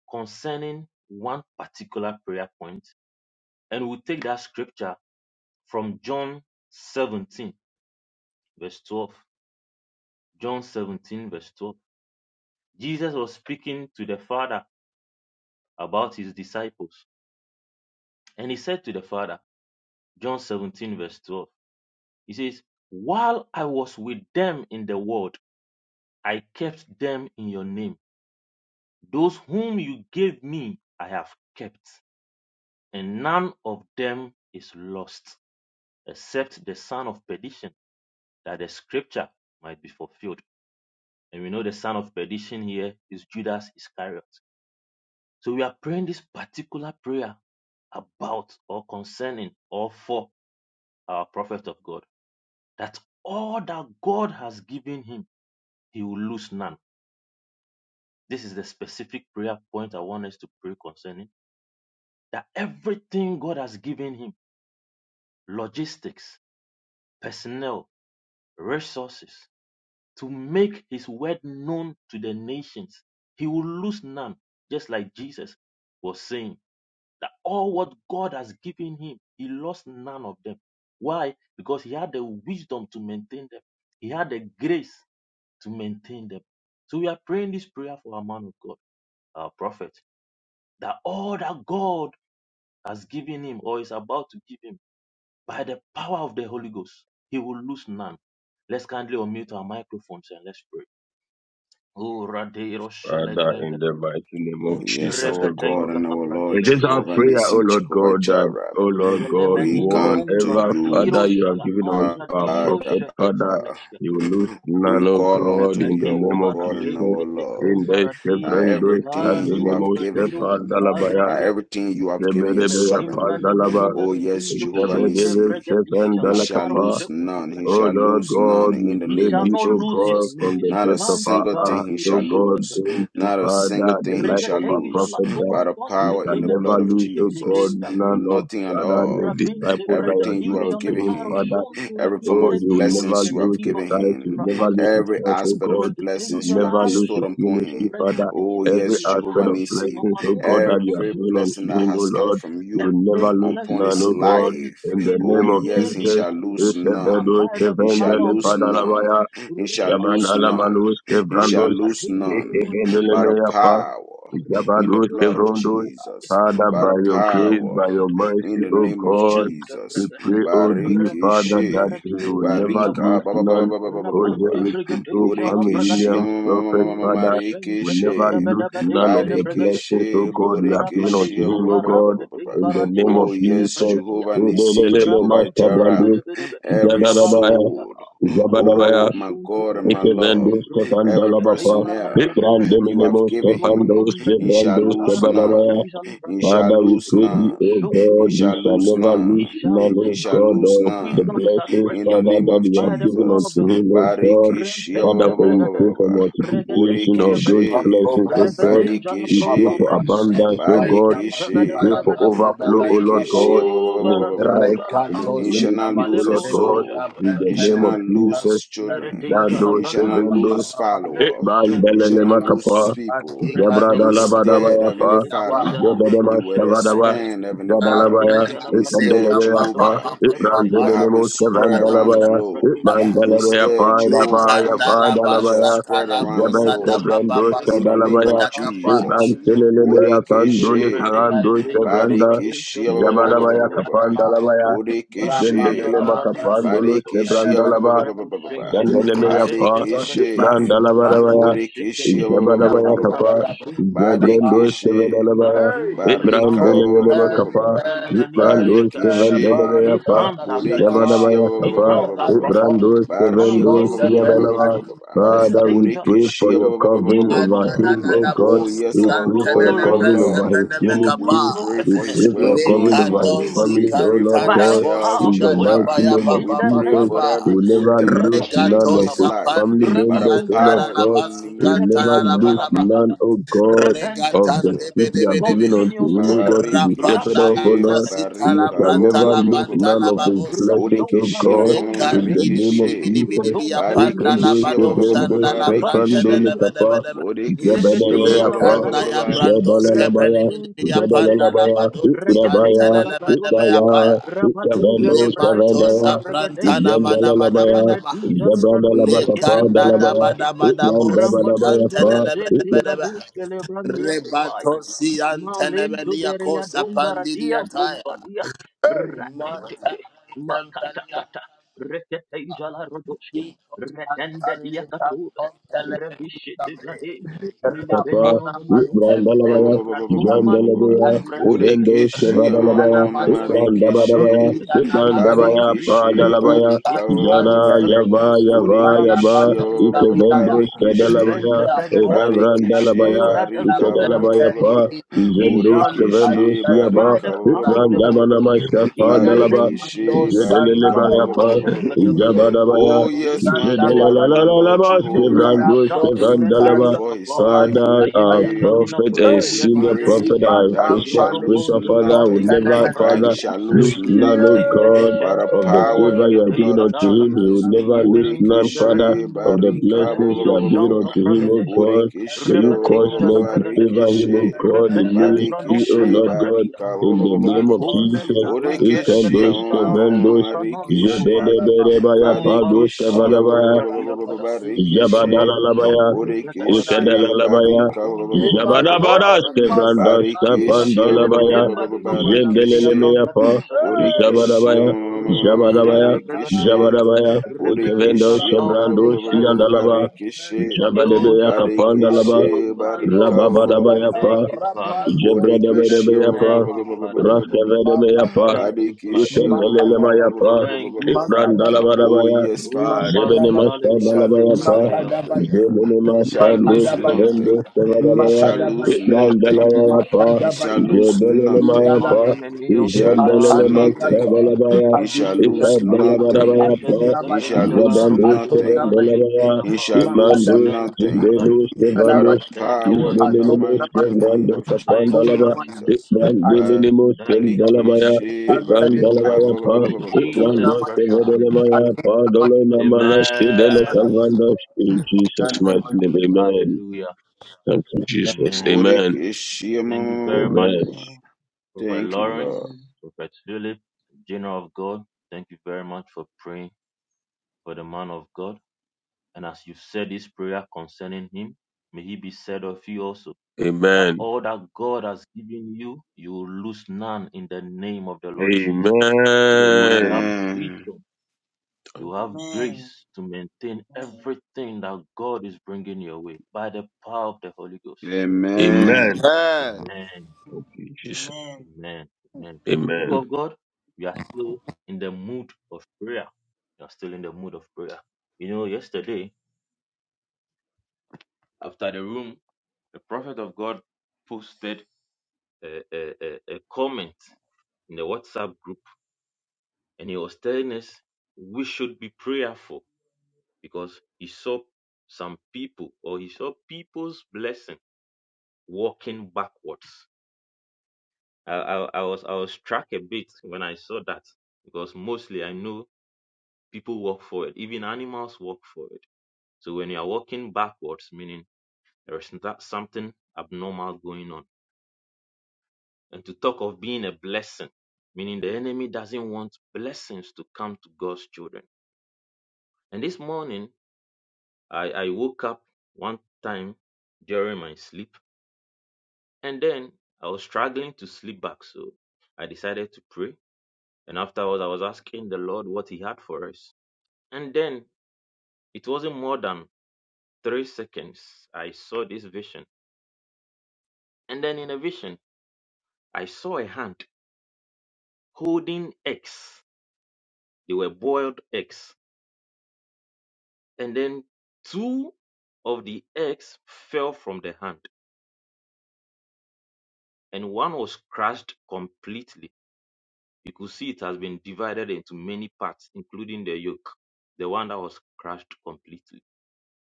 concerning one particular prayer point, and we'll take that scripture from John 17, verse 12. John 17, verse 12. Jesus was speaking to the Father about his disciples, and he said to the Father, John 17, verse 12, he says, While I was with them in the world, I kept them in your name. Those whom you gave me, I have kept, and none of them is lost, except the son of perdition that the scripture might be fulfilled. And we know the son of perdition here is Judas Iscariot. So we are praying this particular prayer about or concerning or for our prophet of God that all that God has given him, he will lose none. This is the specific prayer point I want us to pray concerning that everything God has given him logistics, personnel, resources, to make his word known to the nations. He will lose none, just like Jesus was saying that all what God has given him, he lost none of them. Why? Because he had the wisdom to maintain them, he had the grace to maintain them. So we are praying this prayer for our man of God, our prophet, that all that God has given him or is about to give him by the power of the Holy Ghost, he will lose none. Let's kindly unmute our microphones and let's pray. O radiro shale Father, grenke in the mighty name of Oh, yes, Jesus, our oh rebete God God. and la our Lord bradio It is our Jehovah prayer, shashkete O Nisi, Lord Jehovah God, that, Jireh. O Lord God, We velemenino come non to whatever, you, Father, baradiro you have shala given unto our agradiro Father. prophet, shete Father, you franeshkete will lose We none, O call God, unto in you, the rebedin name our of para God and Jesus. our kenke te Lord. In the Now, kumbaradiro Chevron, those shilara everything you nino have Kadinimo, given bradiro Shepherd, him, Dalabaya, now, shilagradia everything you have given your Sheberebea, servant. mekimma nino Pandalaba, Oh, yes, numeradiro Jehovah shende Sheberebea, Nissi. Shepherd, pregatija He la shall aro Dalakapa, lose shekutu none. He Oh shall pregatisha Lord lose none God, we in the He pray name shall of thee, not O lose his God, Jesus. from the Not ministry. a depths of Mante our single heart, thing he paradiro O shall God, shekete lose. bring to bregatesh. Not a single Father, the thing he life shall of our Regateja prophet, lose. la that By the uruponte we power shall in the blood never of kemeninus lose, O God, Jesus. getigenda none koba. of Nothing at Father, the all. Rabinte disciples that you are Everything you given have bregateja le given unto him, him. Father. arosontura Every form Oh, of you will ingrediros never blessings you kele lose have his iva given sight. You him. untura will never lose ante. his Every health, oh aspect God. of You will blessings Regateja you la have never lose bestowed his upon arosonto ministry, him. Father. Oh, brengadiros Every yes, kele Jehovah aspect aros of kele Nissi. blessings, oh manum God, that you have Every predisho given to unto blessing that him, predish. oh has come Lord. from You you will Every never lose upon blessing none, his that oh God. God is life. In the bringing his name Oh, of yes, way, he he Jesus, shall shall lose lose now Ekebedo, none. by the He shall power Ekebendele, of the lose Holy Ghost. none. Padalabaya, He shall Rabba lose none. shakata. Jabanalamanus, He shall Kebrandos, Rabba lose teiba none. romanoshka. By the Ekebendelemeyafa, power in the Jabanus, Radindo blood of Kebrondos. Shkitayade, Jesus. Father, By by the your Robosh grace, by power your Katabada, in mercy, the oh name of God. Ratushanta We Jesus. Bragada, pray, O dear Father, Rapatum that Barikishe. he will Veratiro never lose Barika. ba- Shkitabaya, ba- none. O.J. Rapante Richard O. Brigadeja la Kwame Bragadia, Williams, Prophet Father, will Roboshanka never lose none Tabadabadabadesha of la the Bragadesh, blessings, O Barekeshe, God, you have given Borekeshe, unto Rabade ba- ba- him, ba- O ba- ba- ba- God, ba- ba- Ubarangate ba. in the name Baradiro Oh, of Shkile yes, Jesus. Bragadia, Jehovah Nissi, Elelelele, Jehovah Master Rabante bede Jireh, Brandos, bede bede beskine every gabante Zadarabaya, soul. biyaba. Oh, Zabadabaya, my Rabosun tu God and my brekete. Ikevendos, Lord, Stefan every Raboskete Dalabapa, ibarante personnel brekete. you have Ibrandeminemos, given Stefan him, Dos, Robodom he brekete shall Ibrandos, izala lose roskete Tebalabaya, none. izala He pratia. shall Father, we lose pray thee, none. O Robosun God, He kutu you shall bedebe. shall lose never He lose none. shall none, lose He O shall none. God, lose of the Wisdom none. is at blessings, work In in the him. Father, name that of you have By the given power of unto Jesus. the Holy him, O Ghost. God. Barikishia. Father, Repente for we brekete. pray for Regete multiplication izala of those pratia. blessings, O God. Rebede izala We pray bronto Barikishi, for pratia. abundance, O God. Rekente We bede pray bede for Barikishi, bede bede overflow, O Lord O God, in his bara life, duja Bodikishi, la in his he angro shall not ministry, duske O le lose her Lord brondo God, soul, shashka in the he tashka. shall name of not lose his Jesus. Mere children, deja la he shall braga not lose doshe. Vando, his Repo follower, he sempre Kayandi. shall Bandelele not deshke lose his deshke. makapa, people. Rega zebra da la deja la ba da ba Instead, ya bradoshe pa, Heavenly shke Father, deja la zebra da he mas bradoshe will le kava da ba, brande. expand, Heavenly zaba la Rega Father. ba ya, deja la ikandele bradoshe Instead, be le ya pa, Jehovah, bradoshe te ibrande you will be ne have him mos jala kavan spread brado around ba the ya, shele globe. brado ikmandele shente bradeshke. Rega deja le bradoshe te shele brado shente be brega ya pa Instead, deja da ba la ya Jehovah, pa rodoshe le da he brega ba shall ya, deshke. spread around the zeba Rega globe skavran shente brega in the ba name deja ya, la of ashishke iban Jesus. deja. telele me ya pan Zele doni Bodekeshe, kavan praneshe dos deja la bradoshe Badekeshe, le ba- ba- ba- ba- ba- ba ba- bradeshke ya ba- ba- deshke. kapan da ba ya, Maradusha zendelele la Bodekeshe, bradisha makapan la dolo Labradosha Badekeshe, sevran la ba, Rabushente zendele me ya pa, Pradeshente Pragadeshka Badekeshe, Brandalabaya, Bodekishi ba- Remeshekete ba- ba- ba- ba- Zabalabaya ba- ba- ba- Kapa, ba. Rabushuntu Zabrando Pradeshke Badekishi Sevenalabaya, Maraduja Ibran Barika lebrante ba- ba- ba- Deleva ba- pradia ba- ba- ba- Kapa, contra ba. lemanino Ibrando shakataba. Seven His Barikishi Deleva, hands are blessed. Bodekishi ba- Zabalabaya ba- ba- His ba- ba- Kapa, ba- hands ba- ba- are ba. prosperous. Ibrando Seven Barika Do Malido ba- ba- ba- ba- ba- ba- ba- Siadalava. shakatabra. ba- ba- Father, we Regadeja pray for Bodekishi labradia. your ba- ba- He ba- covering ba- will ba- ba- over lose no him, ba. O blessing. God. Oh He yes, We will our pray lose for God no your and our covering resource. Lord. over his He will We lose ministry. no pray We for personnel. his pray for your He covering will well-being. lose over his no family, We logistics. O pray Lord for By his the God. power health, of In the the Holy Ghost. mighty Jehovah. name of We In the pray name Jesus, of for you every Jesus. will good never thing lose pertaining Reboshen none to of his kataba. his life family by the members, Rakatum O Lord power regadesh. in God. the name You of will never Rebiduja Jesus. lose none, labrakada. oh God, of the Rebenta seed you have given unto continuous him, O oil. God, to be Bariki shepherd of, O Rabonto Lord. brekatia. you barika shall ba- ba- ba- never ba- ba- Rumboshke ba- lose ba- ba- piva. ba- none ba- of ba. his blessings, Bodiki Rabidom O she God, pariatom in the mariki bregadeshke. name of she Jesus. Rodom He can do peranirushkete. ba- ba- ba- ba- seven, ba- ba- do bariki Rabante seven, do beria. lekapa, ba- ba- Remedeza la ba- ba- ba- Zabadabaya, ba- ba- ba- ba- bragadoshke. Zabalalabaya, Rebosun tu bregadeske. Zabalalabaya, Reketeza Ikrabaya, la bradoshke. Ikaya, Rabadoza la Ikavendo, bradeshente Savandaya, bregadeshe. Yandalabaya, Remediza la bradoshe Yabrandalabakapa, ketei Dalabaya, baradoshke. Itman Dabadabaya, Rambadoza le senti bradoshke le brandia copai. Malentu beria dombara dia compadia ratete makatakata rekete jala rodoske retende dia katuba rebishete brade Kapa, milibenino numa numa Ibrandalabaya, radumani no Jandelabaya, num prendingete Vendos Borekeshi, Kavadalabaya, rodom bregete jala Ibrandabadabaya, Marekeshi, bradoske his Ibrandabaya, ministry is Barekeshi, blessed Padalabaya, Barika, his Jada, family is blessed Yava, Yava, Yava, Borekeshi, rabushun to brekete Ikevendos Barekeshi, lepente Kadalabaya, bregete Barekeshi, Ravrandalabaya, Oh, that the Barika, Lord has Ikedalabaya, given Pa, him. He Jendus shall lose not Kavendus Borekeshi, Yaba, by Barika, the power of the Holy Ghost. Ibrandabanama Shafa In the Dalaba, name of Barekeshi, Jesus. Barika. Jedelelebaya, Ramono Pa, Shankatebra, Jabadabaya, Oh, yes, Lido my God, my Shelebragade, Lord Jedalalalabas, Rapo Jehovah. Kevrandus We Shantebrenda pray Kevandalaba, for his Diakapa, life. We Father, our Ayemeni pray, we prophet and pray, we Kutumba senior pray prophet, Diagadeja, our that he spiritual shall lose spiritual Robonto father, would nothing, Bregadeja never, La that he Father, Bracate, shall lose lose none, O nothing God, by the Legatembelecento of the power favor in the you have given blood praninosketeiga of unto daga. him. He would Jesus. never lose none, Yemeninto Father, Bodekeshe beradindo of the roduja barika ba- la blessings ba- you iro ba- ba- have ba- given ba- shanka unto him, ba. O pragadeshka. God. May Bodekeshe you ba- cause ba- ba- ba- Repetija la men ba- to ba- favor pragadeshka. him, rekeshe. O God, in Repeshem ministry, O Bodekeshe pranoscente Lord God, pradia. barika ba- in ba- the ba- ba- ba- Ye name ba- of ba- ba. Jesus. commelia dom He can Bodekeshe do it, vedegateja ma- ma- ma- la Stephen, ma- ma- do rosso it. prananto turade. rekeshe. Zebedebedebaya, O Pados, barosha la Barikishia Kavadabaya, compratia bada. Barikishe Zabadala Robo labaya shanko to bragataba. Borekeshe Zabadalabaya, labaya barika Lebronto bragatai Zabadabadas barabadia. Kevrandas barekeshe Rashkele Kapandalabaya, bedemba di nonoske teya barekeshe branga Zendelelemeyafa, dosa borekeshe Zabadabaya, Robo Zabadabaya, Shanta marekeshe Bragadesh, Zabadabaya, Ikevendo Rebedeja la borekeshe Chevrando Avani Shanta Siandalaba, Bragadesh, barekeshe Yo Zabadebeya Shatapata, Kapandalaba, Badekishi Kambade Barika Shanta. Thank Rababadabayafa, you, Father. Jebra Bodekishi Jebredebedebeapa, Thank you, Father. Raskavedebeapa, Thank you, Father. Badekishi Ikendelemayapa, Thank you, Father. Oh Ibrandalabarabaya, yes, O Father, Barushale Jebenemasta you shall Brante lose Dalabayapa, Bragadeoshka. nothing. You Jebenemasta shall Thank you, lose gracious Duskavendos nothing. Father. You Kavarabaya, shall Lego lose Shele nothing. Pranero Ibrandalayapa, You Shakata shall Bragada. lose Jebelemayapa, Mane nothing. You shall lose Menioshkilara Izrandelemayapa Tikrunoshka nothing. Dalabaya, Teba. You shall lose Imenino nothing. Shanta Ikadalabarabaya, You shall Bragadeja lose la Jabrandus Roshkita Bante nothing. Kavendelabaya, You Yadaba. shall lose Itmandus, Thank you, Father. nothing. By the Jindelus Thank you, power Lord in the Jesus. Isbelelemos mighty kem name rando of kapan Thank you, dalaba. Lord Jesus. Jesus. Ikran Barikishi diminimos Thank kem you, Lord dalabaya. Jesus. Ikran barika. dalabaya ba- ba- pa. In Ikran Jesus' dos precious name. kevedelemaya pa. Dolo namanash kidele Amen. kalvandash. In Jesus' mighty name, amen. Hallelujah. Thank you, Jesus. Amen. Amen. Borikishi, Thank you very much, Amen. Prophet Thank you, Lawrence, Lord. Prophet Philip, General of God. Thank you very much for praying for the man of God. And as you said this prayer concerning him, may he be said of you also that Amen. all that God has given you, you will lose none in the name of the Lord Jesus. Because you Amen. have Amen. wisdom You have Amen. grace to maintain Amen. everything that God is bringing your way by the power of the Holy Ghost. Amen. Amen. Amen. Amen. Amen. Amen. Amen. Amen. Amen. Thank you, Jesus. Amen. Amen. People Amen. of God, we are still in the mood of prayer. We are still in the mood of prayer. You know, yesterday after the room, the prophet of God posted a, a, a, a comment in the WhatsApp group, and he was telling us we should be prayerful because he saw some people or he saw people's blessing walking backwards. I, I, I was I was struck a bit when I saw that because mostly I know people walk forward, even animals walk forward. So when you are walking backwards, meaning there is that something abnormal going on. And to talk of being a blessing, meaning the enemy doesn't want blessings to come to God's children. And this morning I, I woke up one time during my sleep and then I was struggling to sleep back. So I decided to pray And afterwards, I was asking the Lord what He had for us. And then it wasn't more than three seconds. I saw this vision. And then in a vision, I saw a hand holding eggs. They were boiled eggs. And then two of the eggs fell from the hand, and one was crushed completely. You could see it has been divided into many parts, including the yolk, the one that was crushed completely.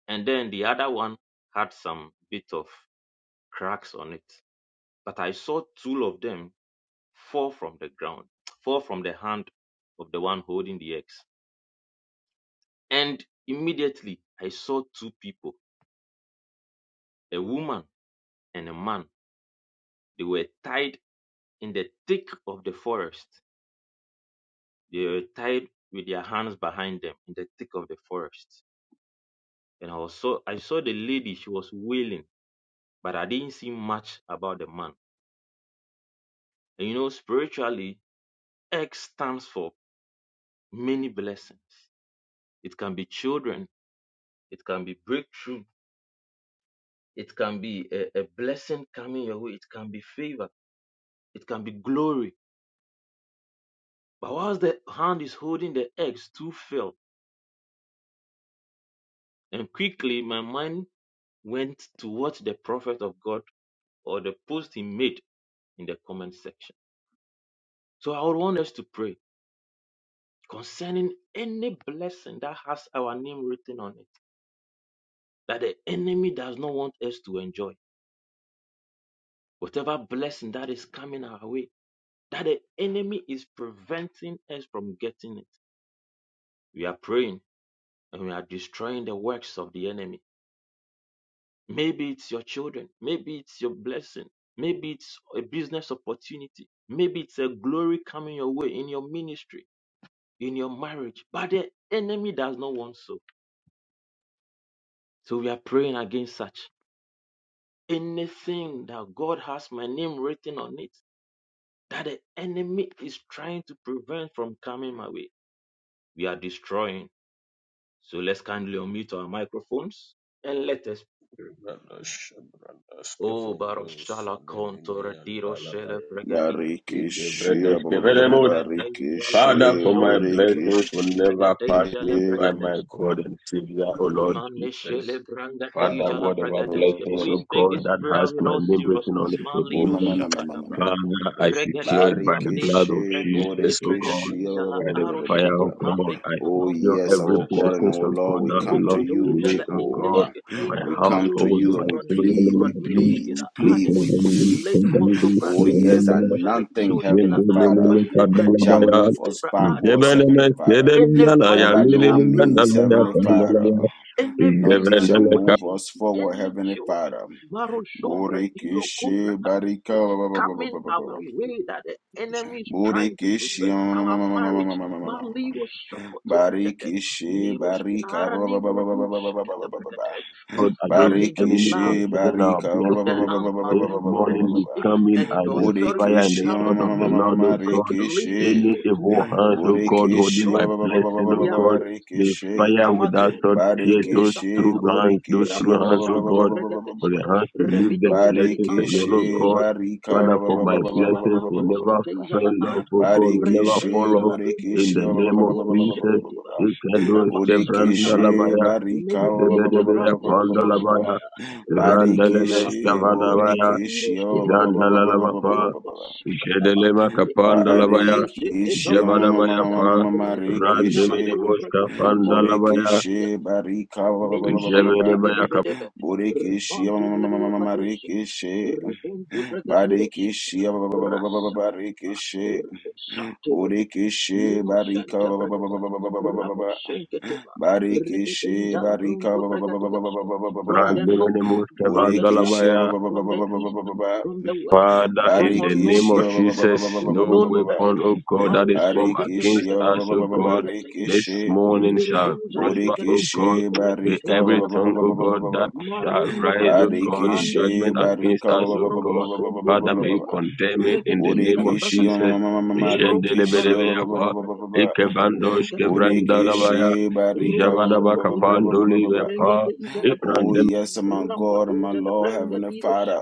And then the other one had some bit of cracks on it. But I saw two of them fall from the ground, fall from the hand of the one holding the axe, And immediately I saw two people, a woman and a man. They were tied in the thick of the forest. They were tied with their hands behind them in the thick of the forest. And I saw I saw the lady, she was wailing, but I didn't see much about the man. And you know, spiritually, X stands for many blessings. It can be children, it can be breakthrough, It can be a, a blessing coming your way. It can be favor. It can be glory. But whilst the hand is holding the eggs, two fell. And quickly my mind went to what the prophet of God or the post he made in the comment section. So I would want us to pray concerning any blessing that has our name written on it, that the enemy does not want us to enjoy. Whatever blessing that is coming our way, that the enemy is preventing us from getting it. We are praying and we are destroying the works of the enemy. Maybe it's your children, maybe it's your blessing, maybe it's a business opportunity, maybe it's a glory coming your way in your ministry, in your marriage. But the enemy does not want so. So we are praying against such anything that God has my name written on it, that the enemy is trying to prevent from coming my way. We are destroying. So let's kindly unmute our microphones and let us Brandos, O Kevin, Dos, baroshala and then Nini contor and diro shele Dalabaya. bregadia. He gave Barikishe, barikishe, borikishe, Rendos, Rebedeja la Father, barikishe, for my roshontu blessings borikishe. will brante never pass bregadeja le me by my bregadesh. God and Savior, O Lord Jesus. Manishele Father, brangadeja la whatever bregadesh. blessings, O Please take God, this that prayer has with my all name written on seriousness. it, O Malido God. shakatabra. Father, I secure it by Regadeja the le blood tu of bremente Jesus, O God, bregadeja la by the fire aroshkete of God. brande I kira Oh, angro secure yes, every our dulshashka. God and blessing, our of Lord, God, we that come to belongs to you, Robodoja me, la O God, Jehovah. indeshke my teipa We la come to uru household, you my and we sufra children, plead, nitu oh we God. plead, radiroshke we la We plead, ade we surrender, we plead. le surrender, konto we Oh, praningro yes, surrender. and duja le nothing, iroshke Heavenly la aro Father, pente shall Zindilimikadalabaya, praninoshke move te us bra ade backwards, Heavenly Father. any zebenemesedenelalaya, that by no financial means, breakthrough, niliminandalaya, Heavenly Father, Maliroshke, any nothing business shall pandalaya. move opportunity, us forward, any Heavenly children, Father. Maroshombre, Hiro Kobra Borekeshe barika Kateshke, ba- ba- ba- ba- coming ba- ba- ba- ba- our ba. way that the enemy is trying to Borekeshe. prevent our marriage, Maliro Shokoto Brekete, Barikishi Niroshke, Barika Nara ba- ba- ba- Ningro ba- ba- ba- ba- ba- ba- ba- Dushakete ba- ba- ba- ba. Brekete. God We against stand the in the enemy blood Barikishi concerning our Barika ba- of ba- the ba- blessings. ba- Lamb, ba- ba- ba- This ba- ba- Maron ba- ba- to ba- ba- ba- morning ba- we ba. Redishke, come in and in the as the fire authority and we the Burikishi ma- have ma- in sword the ma- of the ma- ma- name ma- of Lord, ma- O Jesus, God. Rikishi Lero Any Shoto evil Bradida, hands, O we God, holding Burikishi destroy, my ba- ba- ba- ba- ba- blessing, ba- O ba- we ba- God. ba- uproot, The Rikishi we fire come with that against sword you, pierce Lero those Barikishi true Shakatabra, hands, those Burikishi true ba- ba- hands, O ba- ba- ba- ba- Rabasante God. ba- ba- ba- For ba- ba- Bregadeske, the ba. hands to leave their Rebidozali blessings Andra alone, Barikishi O God. Iroske, Barika ba- Father, ba- for ba- my ba- ba- ba- ba- Reketeizala ba- ba- blessings ba- will ba- ba- Anjoske, never ba- ba. Teizala fail Ara, off, O God, will never Barikishe, fall off. Regeteizala In Borikishe, the ba- ba- Umbrodizali name ba- ba- of ba- ba- ba- ba- ba- ba- Jesus, ba- ba- Urusheteva, it can Rabasakatabade, do Barika, ba- ba- ba- ba- Menupinte ba- ba- Zebedebea ba- ba- Brante ba- ba- ba- ba- ba. Kiroskila, Pandalabaya, Randeleme Regetezala umbra doza le Scavadabaya, iros que ba- ba- ba- regetes. ba- ba- ba- ba- ba- Zandalalabapa, ba- ba- Rupas ba. cataba. Jedelema Mecotobra Capandalabaya, nesete Barikishi, brante ma- ma- ma- Jebadabaya ma- pratida. ma- Pa, ma- ma- Regetezala Marikishi, cumbra Randemenemoska que tezala Pandalabaya, crupratia. Borikishi, Barika, ba- ba- ba- ba- ba- ba- ba- ba. Menosente bede Jebedebaya Cap, bedebe. Borikishi, ma- Rapante ma- ma- ma- ma- bedia ma- badosete. Marikishi, Reponto bregadirosete. Barikishi, ba- ba- ba- ba- ba- ba- ba- Rasa ba- cataba. Barikishi, Raposante bregate. Borikishi, Barika, Minosante ba- ba- ba- ba- bregate. ba- ba- ba- ba- ba- ba- ba- ba. Raposenketeba. Barikishi, Regetezala Barika, pronto ba- ba- ba- ba- ba- ba- ba- pregatiasque. ba- ba- ba- ba- ba. From the north Randemenemoska from the south, Borikishi, ba- Vandalabaya, ba- ba- ba- from the ba- ba- ba- east, ba- ba- ba. from the west Father, in from the unknown name of Barikishia persons, Jesus, from no known weapon, persons. oh God, that Maru is formed Shengete against Barikishia Bregatis, us, oh God, Regateja, this Barikishia morning shall Mirudoja prosper, oh Lebregates, Borekeshe God. Be barika ba- Regateja every ba- ba- ba- tongue, ba- oh ba- Labregatos, ba- ba- God, ba- ba. that shall Marundo rise, oh Badida God, in Lando Barekeshe judgment Skitenda, against barika ba- us, ba- oh ba- ba- ba- God. ba- ba- ba- Robosundo ba- ba- Father, ba- may ba- you ba. Bregatia, condemn it in the Regateja name of Borekeshe Labregatos, Jesus. ma- ma- ma- ma- ma- ma- Rompo rekeshe ba- ba- Paradisa ba- ba- Ishendelebelebeyapa, ba- ba- ba- Lebregates, ba. Ikebandosh Rengateja Borekeshe Lebregates, kevrandalabaya, barika ba- ba- ba- ba- Robosoto ba- ba- Brade, ba- ba- ba- ba- ba. Jabadabakapandolibepa, Rengateja Oh, Lebregates, yes, my God and my Rampatuja Lord, Heavenly Lebregatiro Father.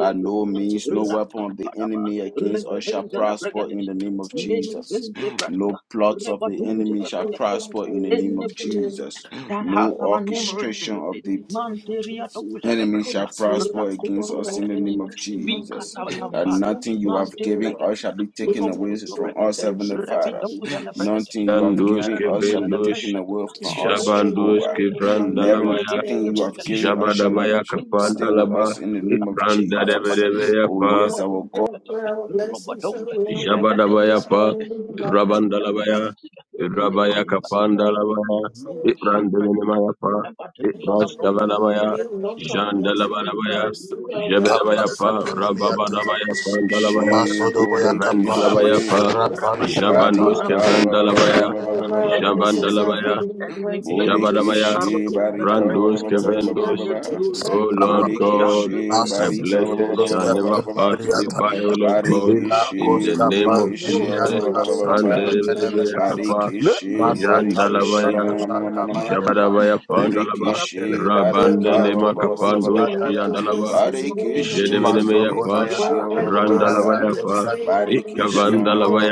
By We no thank you, means, we no thank weapon of the Rakkampadaba, enemy against us shall Repeteza you, la prosper in we Bregadesh, the name thank of you, Menu Jesus. Jesus. Fente Bratida, No plots of the Rebaduza enemy shall la prosper in the name any of blessing Jesus. that has No our name written orchestration on of it. the Manteria doja da enemy shall bratia, prosper against raconto us in the name bregateste, of Jesus. vicata That lambano, nothing you have mante given us shall bregatia, be taken away rompo to from us, bregate, Heavenly Father. rabidoja da Nothing bregateste, you have Yandush given us shall meradoja be da taken Kevendush away We bregatia, from us, destroy rocoto Jabandush every Jehovah. bregate, evil plan And in the mighty Kevrandalabaya everything name mirosente of you have Jesus. given bregatiste, us shall not Jabadabaya shall repimpa stay with Kapandalaba us raparapa, in the name of rapate Let Jesus. parapatia, sense. Brandadevedevaya Oh Pa yes, our ropotum God. bregate, Where our blessings and robodom, we unlock them regadinga Jabadabaya this Pa morning in doste, the retenta light. Rabandalabaya retiaske, Thank Rabaya yecumba Kapandalabaya Meru sopratia, Brandalemaya Pa rabatenza la you. brongo to Rastavanamaya We love pregatisce, our blessing. lepetenza We Jandalabanabaya receive radiro our la blessing of Jebedabaya andra this Pa tutte, morning. rambo Rababadabaya sopratia, Pandalabaya rabada, Kevandalabaya Continue rabada, to Pa bless us rabada, with Jabandush things. Barika rabada, ba- ba- ba- ba- ba- Kevrandalabaya rabada, ba- ba- ba- Wherever ba- ba- ba- our ba- earthly ba- ba- blessings are blessing, Jabandalabaya ba. hidden in the earthly mighty name of favor, Jesus, we Ishabadabaya, Borekeshe take it back. Maroduja barika ba- ba- ba- Brandos, Lebregas, We ba- ba- ba- take ba- it ba- ba- back. Kevendos. ba- in ba- the ba. We take it glory, O back. We take Lord it back. God, Maroshante Borekeshe Made, my barika Jesus. ba- ba- ba- blessings Rumuno ba- ba- shall ba- ba- ba- never Thank ba- Shakata, ba- ba. pass you, Jesus. me Robo by, O Lord Shakata, Thank God, you. Rabata, in Barikeshe the We name of borekeshe know Repeta ba- Jesus. ba- ba- to Rakata, ba- ba- ba- do ba- it in ba- ba. the mighty name Meradisha of de Jesus. Randelebelebeyakapa, Rakate, Barikeshe We thank you, Meninoskete borekeshe dear Bara Yandalavaya, ma- ma- ma- ma- ma- ma- ma. Iradusha Jabadavaya Lebregates, Lord. we Pandalava, Borekeshe uproot We barika disaster, unlock ba- Rabandelema ba- the ba- ba- ba- ba- Manto blessings, ba- we ba- Kapandush, ba. unlock those Bregates, Yandalava, blessings in the name of Barikeshe Ninonoskete, Jesus. Jedemenemayapa, borekeshe ba- Rabinto ba- ba- Wherever ba- ba- they ba- ba. sit and Randalavayapa, stay, our Barikishi enemies,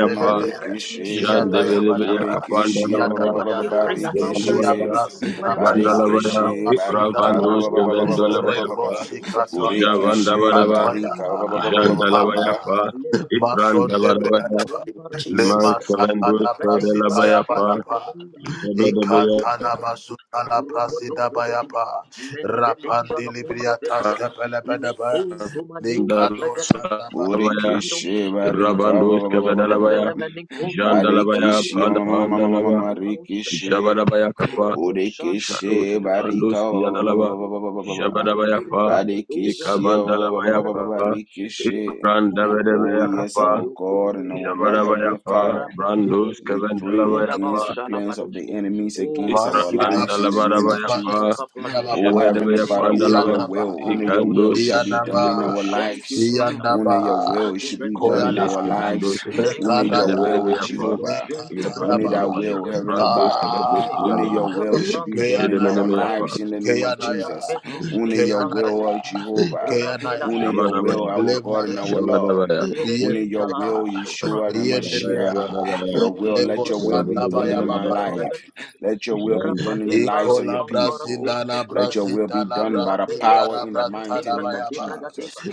in the name of Jesus, Father Lord, Burikishi Jandevelebeyakapandalava, shall we bring ask for about your willing, Jandalabaya, blessings in the name of whatever shall Jesus. bring Barikishi Jandalabaya, about Barikishi weeping, Barika We Ravandos ask for Maru your blessings Perinda in Kevendolabaya the name Pa, of Dubrekadida, Jesus. We we thank you, in come Burikishi against Javandabadaba, in the Barika name of Jesus. Jandalabaya Pa, Let it Ibrandabadabaya, Rombo the name of Rombaradios, Jesus. Iman Kevendos Rebedeva Kedelabaya Pa, Roshente Jabedabaya, Brekatida, Rombodo Bregadia, Menegadeja la Kundo Bedia, Le Conto Manento Bregadis, Jandalabaya, Liro Burikishi Shakata Barika Ravandos Bradia, Kevedalabaya, Velemene Conto Jandalabaya, Barikishi Brengadiros Panda Getiba, Pandalaba, Maro Marikishi Shakataba, Jabadabayakapa, Rabo Shanto Burikishi Shadows, Kefrandos, Barika Yanalaba, Ruparadiro Jabadabayapa, Shedebranga Doja Barikishi Rabadaba Ikabandalabayapa, Barikishi Sheketeba, Oh, yes, Ibrandabadabayakapa, our Maromparateyo God and our Lord Kumpeliakoba, Heavenly Father. Jabadabayapa, Rabante Brandos, Rebia, We pray Indabao against Kevandalabayapa, the plans of the Shalabadoshke. enemies Oh, against thank our you, Father. lives in the name of Ibrandalabadabayapa, Jesus. Rashakapadiaba. Oh, Heavenly Thank Father, you, only your Jebedabeyapandalaba, Father. will, only your will Ikandos, shall Roboshotu be done Brede. in Debos, our Thank you, lives. Father. Only your will Minkutu should be Bredido done in Brandes, our Shakataba. lives. Kevandos, Thank Only you, your Father. will, Jadabadabayapa, Lido Jehovah. Shente Only thy Bradido Ikabandalabaya, will, Heavenly Shelebradia. Brandos, Father. Kevandos, Only your Yanalaba, Megadeja la will should be Branga done in Deja la our Jedemenemeya Pa, lives Bragates. in the name of Jesus. Rambenishke Only your will, oh lebrangadeshke. Jehovah. Rabela Only your sheke will, Jabadabaya, prungo our do God and our pregadishke. Lord. Jabadabaya, Mere Only your deja la will, russo Yeshua and Mashiach. Jabadabaya, Your Meno will, let your shoto will be brancate done in my Jandabadabaya, brangada Pa, life. bragadishke. Let your will be done in the Rabade lives baro of your pampara people. pento Let your bragata. will be done by the Rabele power o in the bragate mighty name of bragate bragadeva. Jesus.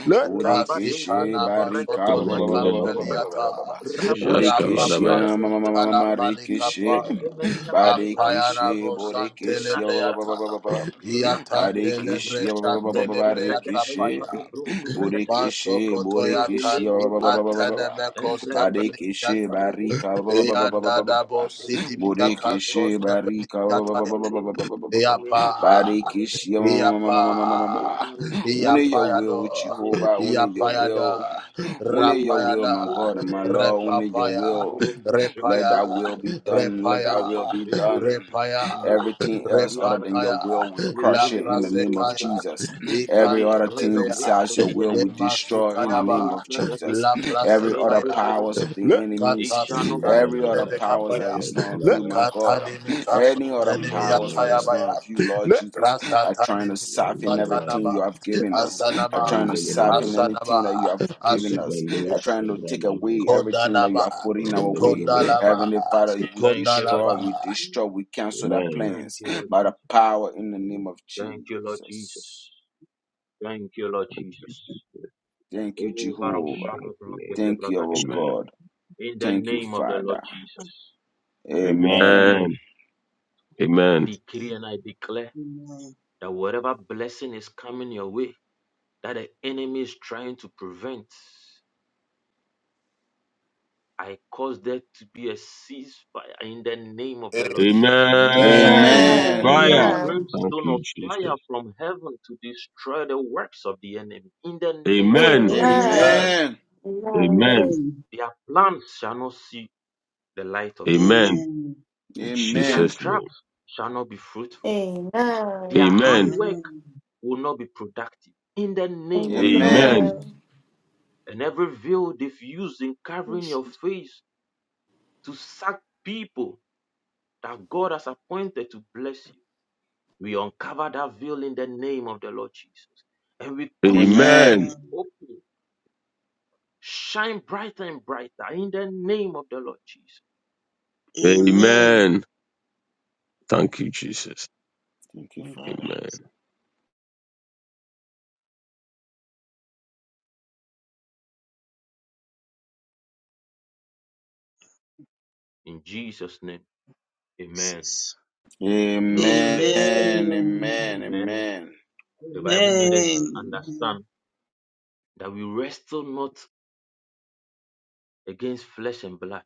Rabade Bodekeshe brongo to barika bragate ba- ba- ba- ba- ba- ba- Jandabadabaya, patijo ba- lo ba- Pa, ba- ba- bratia. ba- ba- ba. Rapo shonto Bodekeshe Jaskavadabaya, ma- ma- ma- bragadeshka ma- ma- ma- ma- tende. rekeshe. Levente menia koto brante Badekeshe bratia. bodekeshe ba- ba- ba- ba- ba- ba- Rashakatava. ba- ba. Rakato Badekeshe bragateva. ba- ba- ba- ba- ba- ba- ba- Mente rekeshe. bragateja do bronto bragat. Bodekeshe bodekeshe ba- Nevelento ba- ba- ba- ba- ba- Bladia, ba- ba. Embrecatebe, Barikishe barika ba- ba- Robosondo ba- ba- ba- ba- ba- Bregadia, ba- ba- ba. Robosondo Borikishe Bregadia, barika ba- ba- ba- ba- ba- ba- Rapide, ba- ba- ba- ba- ba- ba. Omenosa, Barikishe ma- ma- ma- ma- ma- ma- ma- ma- ma- Yekete ma. Only your Barosopradia, will, Jehovah. Only Merosondo your Bregadia, will. Only your Oba will, my God and my Icombelea Lord. Deske, Only your will. Let thy will Rombosecatabadia, be done. Let thy will be Rapacete, done. Everything Amenotombre else other Diabada, than your will, we crush Lepele it in the name Pronto of Jesus. Bregadeska. We Every other destroy thing the works besides of your the will, enemy. we destroy in the name Manum of Jesus. Bregadisca. Every men other Badabaya, Bregadeshka. powers Mento of the It enemies, shall not. every other Pandabadabaya, powers that is not of you, my Ekabadabaya, God, any other powers that Pandabadabaya, is not of you, Lord Jesus, are trying to soften Pandabadabaya, everything you have given us, are trying to soften Pandabadabaya, anything that you have given us, are Ekabandabaya, trying to take Sabrandabaya, away everything that you have put in our way. Pandabadabaya, Pa. Heavenly Father, we Thank you, Lord destroy, we Jesus. destroy, we cancel their Amen. Thank plans you, Lord by the Jesus. power in the name of Thank you, Lord Jesus. Jesus. Thank you, Lord In Jesus. Thank you, Oh, Jesus' Jehovah. Varoshala mighty name. Brakete Thank you, our Bragadia. Amen. God. In the Thank you, name of the Lord Father. Jesus. Amen. Amen. Amen. I Amen. decree and I declare that whatever blessing is coming your way that the enemy is trying to prevent, I cause there to be a ceasefire in the name of the Lord Jesus. I Amen. Amen. release Fire. Amen. Thank brimstone you, of fire Jesus. from heaven to destroy the works of the enemy in the name of the Lord Amen. Jesus. Amen. Amen. Amen. Amen. Their plans shall not see the light of day. Amen. Amen. In Their Amen. Jesus' name. traps shall not be fruitful. Amen. Their Amen. handwork will not be productive in the name of the Lord Amen. Amen. Jesus. And every veil they've used in covering your Amen. face to sack people that God has appointed to bless you, we uncover that veil in the name of the Lord Jesus. And we cause you to Amen. Amen. be open shine brighter and brighter in the name of the Lord Jesus. Amen. Amen. Amen. Amen. Thank you, Jesus. Thank you, Thank you, Father. Amen. In Jesus' name, amen. Jesus. You know, Amen. the, the Amen. Amen. amen, Amen. the Bible made us Amen. Amen. understand that we wrestle not against flesh and blood,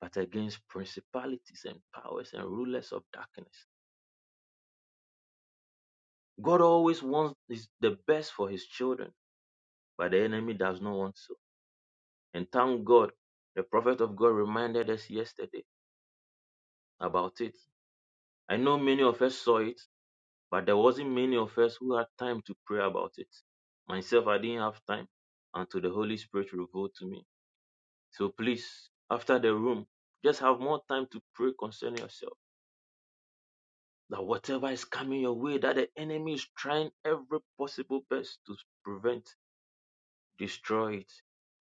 but against principalities and powers and rulers of darkness. God always wants his, the best for his children, but the enemy does not want so. And thank God, the prophet of God reminded us yesterday about it. I know many of us saw it, But there wasn't many of us who had time to pray about it. Myself, I didn't have time until the Holy Spirit revealed to me. So please, after the room, just have more time to pray concerning yourself. That whatever is coming your way, that the enemy is trying every possible best to prevent, destroy it.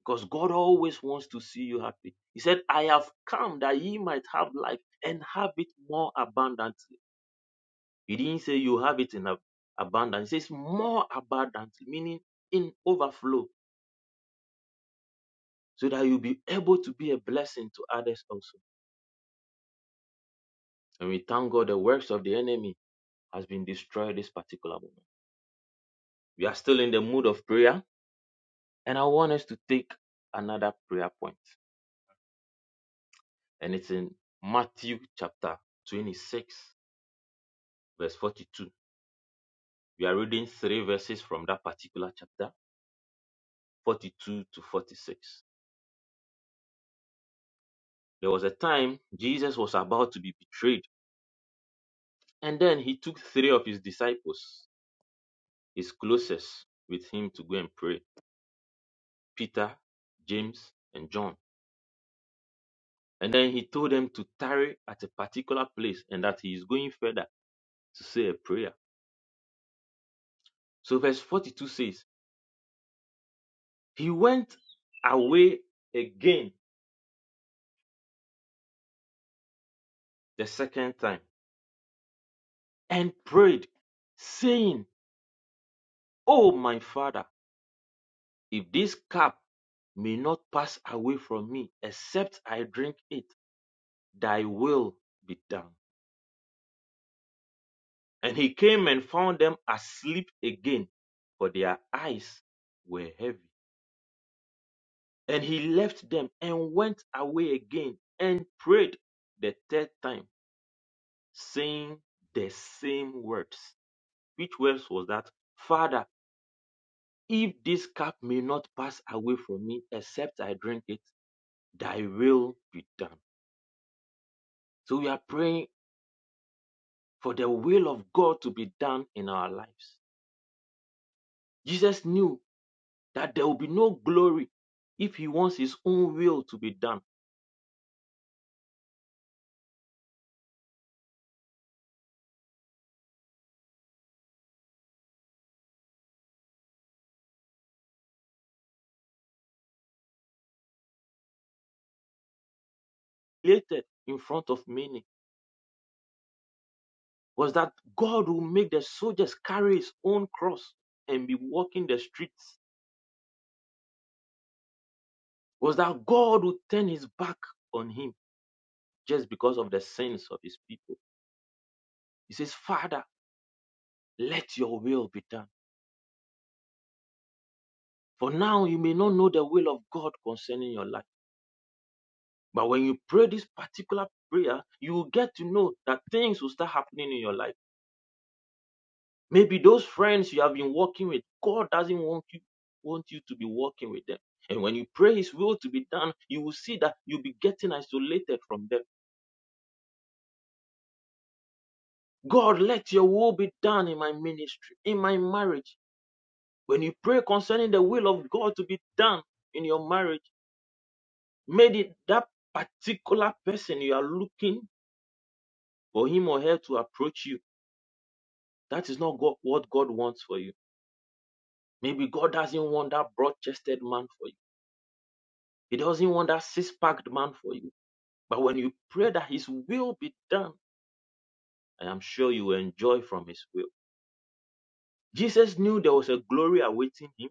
Because God always wants to see you happy. He said, I have come that ye might have life and have it more abundantly. He didn't say you have it in abundance. He says more abundant, meaning in overflow, so that you'll be able to be a blessing to others also. And we thank God the works of the enemy has been destroyed this particular moment. We are still in the mood of prayer, and I want us to take another prayer point, and it's in Matthew chapter 26, verse 42. We are reading three verses from that particular chapter, 42 to 46. There was a time Jesus was about to be betrayed And then he took three of his disciples, his closest, with him to go and pray Peter, James, and John. And then he told them to tarry at a particular place and that he is going further to say a prayer. So, verse 42 says, He went away again the second time and prayed, saying, Oh, my father, if this cup may not pass away from me except I drink it, thy will be done. And he came and found them asleep again, for their eyes were heavy. And he left them and went away again and prayed the third time, saying the same words. Which words was that? Father, if this cup may not pass away from me except I drink it, thy will be done. So we are praying for the will of God to be done in our lives. Jesus knew that there will be no glory if he wants his own will to be done later in front of many was that god will make the soldiers carry his own cross and be walking the streets was that god will turn his back on him just because of the sins of his people he says father let your will be done for now you may not know the will of god concerning your life but when you pray this particular prayer you will get to know that things will start happening in your life Maybe those friends you have been working with, God doesn't want you want you to be working with them. And when you pray His will to be done, you will see that you'll be getting isolated from them. God, let Your will be done in my ministry, in my marriage. When you pray concerning the will of God to be done in your marriage, maybe that particular person you are looking for him or her to approach you. That is not God, what God wants for you. Maybe God doesn't want that broad-chested man for you. He doesn't want that six-packed man for you. But when you pray that His will be done, I am sure you will enjoy from His will. Jesus knew there was a glory awaiting Him,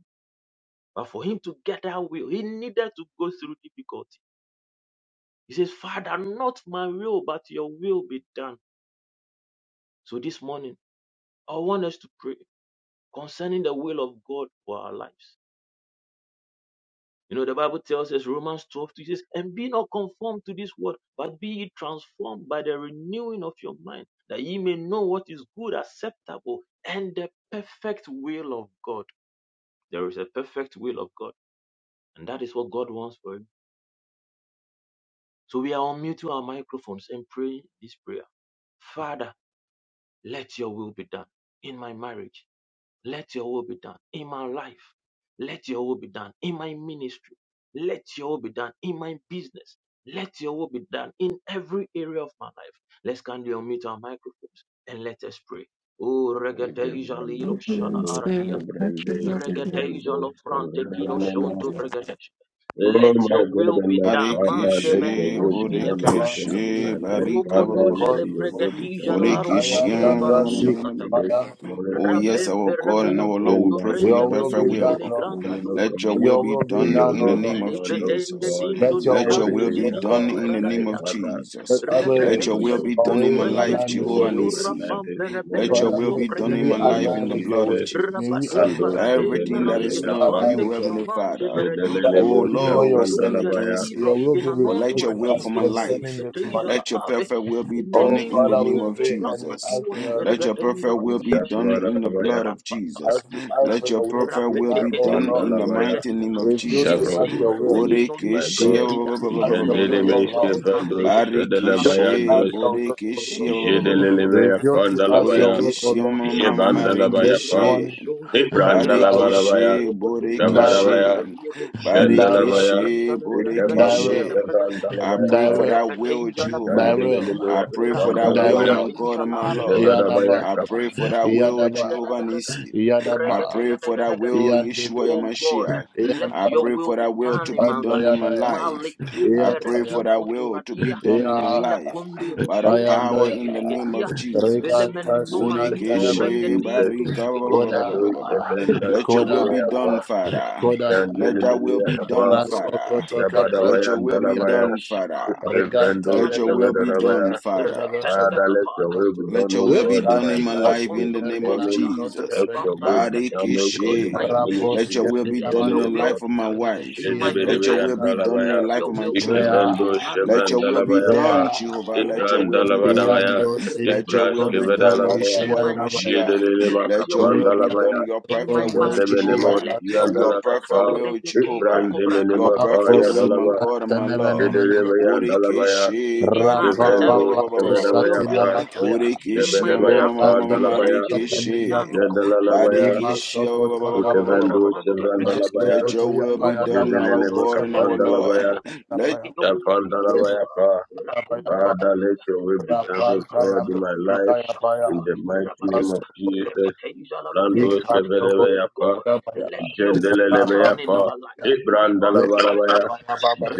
but for Him to get that will, He needed to go through difficulty. He says, Father, not my will, but your will be done. So this morning, I want us to pray concerning the will of God for our lives. You know, the Bible tells us, Romans 12:2 it says, and be not conformed to this world, but be ye transformed by the renewing of your mind, that ye may know what is good, acceptable, and the perfect will of God. There is a perfect will of God, and that is what God wants for you. So we are unmuting our microphones and praying this prayer. Father, let your will be done in my marriage Let your will be done in my life. Let your will be done in my ministry. Let your will be done in my business. Let your will be done in every area of my life. Let's kindly unmute our microphones and let us pray. Oh, Give regadeja them liro those, give shana those, aradia. give them those, give them Regadeja lo those, give frante kino them animals. shonto regadesh. Oh Let my your God will and be my done. Father, Mante let your Barikishi, menino will be skele done, O bragadia. God, in Burikishi, my life, Father. Rumono Barika. jele May your will be done, bregadija la O aroske Borekish, God, te in my varashakata. ministry this um, morning, Oh, Father. yes, Rabem our God I and permino have our Lord, we been fondo pray for your prende myself to perfect you virus che will. this le granga morning, O turus Let God. your che will be May done your in the will be name of Le done, O vedende Jesus. God, dindo in du Let your every will brande de be area of done dindo my in the braga life, name of biaga. Father. Jesus. May I Let know your Repeteja will your le be done crudo in my purpose, O life, prengadiru Jehovah God, in my shura life Nissi. this pampe Let your reberia morning. will cum be done In in the my pregadiru name life of in the skete. blood of Jesus, Jesus. Rando Rabadunga rademba Everything that is rosketa not of Kebendelebeapa, bande you, Heavenly kinomante Father. veredira. Oh Ishedelelemos Lord, we stand Robodunja la Kapandalabaya, against it. ibroskena But let nonto your will for my retinko life. turusketeiza la Let your ave. perfect will be done in the Neninto name of tunto branca Jesus. Let your turoskeregadengo perfect will be dusaske. done in the Ishavarabaya blood of Jesus. Rapapakatabada. Let your perfect will be done Rapeteketeiza in the de Kapandalabaya, mighty pregadia. name of Jesus. Javod in my Yemeninto ministry, my meninonto Borekeshe God. pregadia. Jandelemes Legateja no Kevandos, brande geteja la Barikeshe Shadelabayandos, compladia. Roboson to Borekeshe Jedelelemea bregateja la Pandalabaya, brande. Borekeshe Rabadaba. Jebandalabaya Marekeshe Raboson go to bregate. Librandalabaya, Barikishe, Robotoja le Gavarabaya, branda Borikishe, diade. Jandalabaya, Barikishe, Rebeteja le Ikavambu Borikishe. brangateja I Savrandalabaya, pray for that will, Let Rebedeja la your Jehovah. Bragadeshka, I Jandiminimia, pray for that will, Kapandalabaya, my God Racomparadeja and la my Lord. Jebarabaya, Aroshefradia, I Kap, pray for that will, Jehovah Yakumbedegadegadaga, Nisi. I pray for that will, Regadegadegadegadaga. Yeshua Oh God, Yamashiach. let I your pray for will be that will to done in be my done in life. my life. I Malitumber pray for that will to be kinkoturadia, done in my Villa life Conduro by the power in the name Sunturuskelegedia, of Jesus. Villemen the nomaninto name of Bodekeshe Jesus, barika ba ba brengedigoskete, ba ba Ikado ba ba ba ba. Shavenda Let your will Maracacacaba, be Sidileapa, done, Father. Recatecateca, Let thy will Jandiminia be Merecatumacato, done, Kapa, Father. Rocoto Let Jabarabaya, your will be Dalabaya, Rapido done, Father. Shakamba, Iskavrando, Let your Skimalea will be Copetaim, Iskavadalabaya, done, Father. Rependa Father, let your Capada, will be Let done, your O will be God, Ropocopete, in my done in my life life this in the Robondo name of morning. Regedega, Jesus. Let your Rabamba will be done, Ragatega. O God, In in Barikishi. my my Let ministry ministry, your this will be let done morning, in your the O will life God. of be my done. wife. In my Let Jedebedebe your will finances, be done in yandalabaya, the let life your of my will be done. children. ikebendo Let Marudo your will be Shoko shebandalabaya pa, done, Pregatia, Jehovah. Let your will Repetem be Bregatia, ibrandalabadabaya, done. Let your Rekenta will be Bregatia. done, ibraskevedalabaya, In Yeshua my business, jedebedebe Yamashiach. let Let your your will will be be done. makapandalabaya, done, your In perfect my will, marriage, Jehovah. jedebenemo let your will Your be siyandalakapa, perfect done. will, Jehovah. Rebeke ibrandemenemo Your perfect will, my payadalaba, God and Ruburubaraba, my Lord. jedebedebe Rekatebrokotobrakatem. yandalabaya, Burikishi, In my Barika, devrendo academics, let your skevedabaya will pa, be done. In Borekeshi my Jebedebaya traveling, let Pandalabaya, your will be done, O Marekeshe. God. Jadalalabaya, Rebido Badekeshi Shekutuba, Ikevendu Rabante Brekate. Chevrandalabaya, Let your will be done, Robodoza, our Jedelele God and our Makapandalabaya, Lord. Velemeninoshke, Let Rekidoza Japandalabaya Inteteva, Pa. Father, let Rakumbrakateva, your will be done, O Reboshakatava, God, in my life, in Raboshakatava, the mighty name of Rabateva, Jesus. Repeteza Brando Labragateshke. Oh Skevedebaya Pa, God, let your will be Jendelelebaya done in Pa, our lives. Levanto Ibrandalabarabaya, Bredioshke,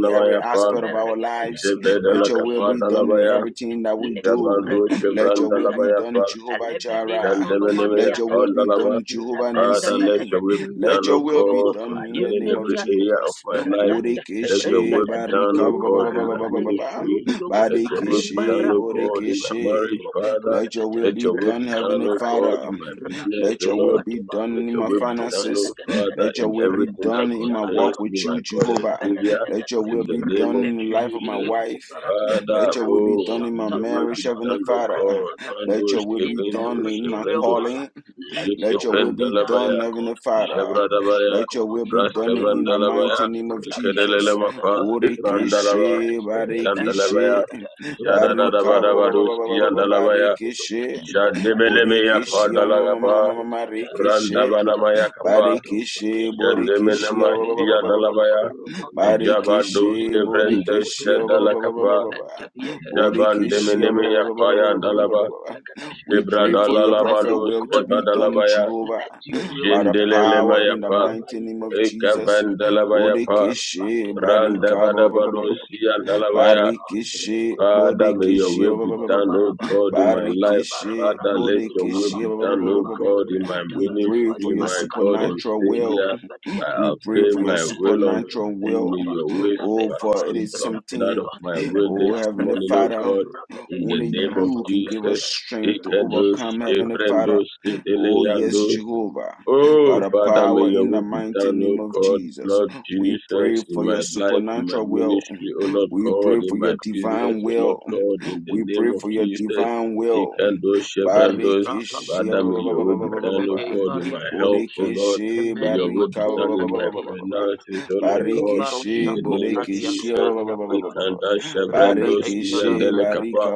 in every Pa, aspect of our Meregateva, lives. Let your will be done Raboshoto in Jebedalakapadalabaya, Bregati, everything that we do. Jabandu Let Lekumbregatindo your will be Chevrandalabaya Pa, done, Jehovah Jireh. Lebenina no no Shandemene, Let mania your will be katuba. Kondalaba, done, Jehovah Repende Father, let Nisi. your bedete will be tindu done, Let do your O do will be God, gotoko. done in the concerning name of every Ayimenia area tuba. of Jesus. my life. Retende Let your renga Bodekeshe will be dada. done, barika O ba ba ba Rumba God, ba in ba my ba ranga ba ba dege. ministry. Rugudogo. Let your will be Arimba done, Badekeshe O rampe God, in my regete. bodekeshe. marriage, Rokoto Father. Let your brekete. will Let be your will be done, done, Heavenly O Father. God, Rakamaratiba. in my Um, business, Let O your will Lord. Rasketeba be done tebade. Let in your my will be Letumbe done, O finances. dege dege Father, Let dege. your in will be everything Rebete that done in my jala concerns walk me, with ardia. my you, God and Zembe Jehovah. dege Savior, dege Let your dege. will in the be name done of in the Repembe. life of my Jesus. wife. Yemkuparatia. Father, Let your will Rapu be oh, done in may my shanta your will be marriage, prakata. Heavenly done, O Father. Merekete God. brekete Man Let your those, will in be given done every in my area of my those, calling. life. Let Let your your will will be be done, O Jekependalabaya, done, God. Heavenly Father. Malino Jabradabaya, Let Shako, your will be done in the Makembakaba, Braskavandalabaya, mighty name of Jesus. Ikedelelema, Rakembedakata, Ifandalaba, Rebekata, Borekeshe, Jandalabaya, Barekeshe, Rependagadagata, Barika Rupondo ba- ba- ba- Bragatia, ba- ba- Jadadabadabaduski ba- ba- ba- Andalabaya, Ruposhokoto, barikishe, Leviate, Jademelemeya bodekishe, ma- Ominate, ma- Padalagapa, Oskata, marikishe, Lekata, Randabanamaya Kapa, Ratom Barikishi Patiata, Borikishi Jandemenema Rabate Badamba, Siadalabaya, Rupondo Bragata, Jabandos Barikishi Kevrendes Ruposhokoto Borikishi Braga, Kedalakapa, Leventa Bielada, Borikishi Lernu Jabandemenemeya Blakata, Payandalaba, We Zebra pray in for this your Dalala work perfect you've Madus will to called be me to done, do, Kevadalabaya, let Jehovah, your will by be the done. Jendelele power in the mayapa, mighty Malekobaye, name of ekavan Jesus. lebeyekebe, dalabayapa, Borikishi rabadebrakata, branda Jendelemayapa, Barika Ekavandalabayapa, rabede, Brandabadabadoshiyandalabaya. reboshkeba, Barikishi Father, rekombrakate, may your Borikishi will be done, O God, in my life. Barikishi Father, let your will be done, O Borikishi God, in my we pray ministry, for your my God and supernatural will. Savior. I We pray obey for your my will unto supernatural thee. will. May your will Oh, for it supersede is of that something, of my will oh, this Rakata, Heavenly morning, rakata, O Father, God, rakate, in the only name of you rakom, can give Jesus. us rakata, strength to Ikedosh, overcome, raposantara, Heavenly Father. Ebrendos, Oh, yes, Titeleandos, Jehovah. By Oh, the Father, may power your in the will be mighty done, oh name of God, Jesus, Lord we pray Jesus, in for my your life, in my supernatural will. ministry, oh Lord We God, pray in for your my business, divine oh Lord will. God, in the We name pray of for your Jesus, divine will. Ikandos, Chevrandos, Barikishi ba- Father, shibrakabade, may ba- your ba- ba- will ba- be done, oh rebede, God, in baria my health, potosha, oh Lord, Bodekishi may your will emenino be barika tum done in my rakadia cobra, finances, oh Lord o God, in Barikishi the barosako name of pradiaco bodekishi Jesus, paleabada, Ikandas, Chevrandos, rebede, jala Barikishi brangade, barika Iandelekapa,